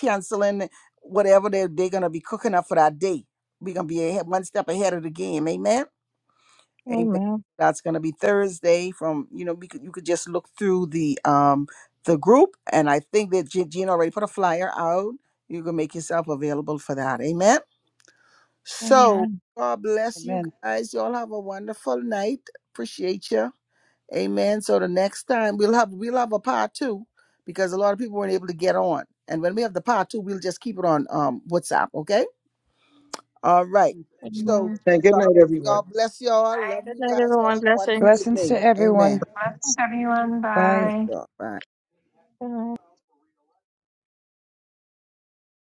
S1: canceling whatever they they're gonna be cooking up for that day. We're gonna be ahead, one step ahead of the game, amen. Amen.
S6: Amen.
S1: That's going to be Thursday. From you know, we could, you could just look through the um the group, and I think that Je- Jean already put a flyer out. You can make yourself available for that. Amen. So
S6: Amen.
S1: God bless you
S3: Amen.
S1: guys. Y'all have a wonderful night. Appreciate you. Amen. So the next time we'll have we'll have a part two because a lot of people weren't able to get on, and when we have the part two, we'll just keep it on um WhatsApp. Okay. All right. So
S6: Amen.
S4: And good
S1: God,
S4: night,
S1: God
S4: everyone.
S1: bless y'all. Love
S6: Good
S1: you
S6: night,
S1: guys. Y'all
S6: everyone.
S1: have a wonderful
S6: Blessings.
S3: Blessings to
S1: evening.
S3: everyone.
S1: Amen. God
S3: Bye.
S1: bless
S5: bye.
S1: y'all. Bye.
S6: Good night.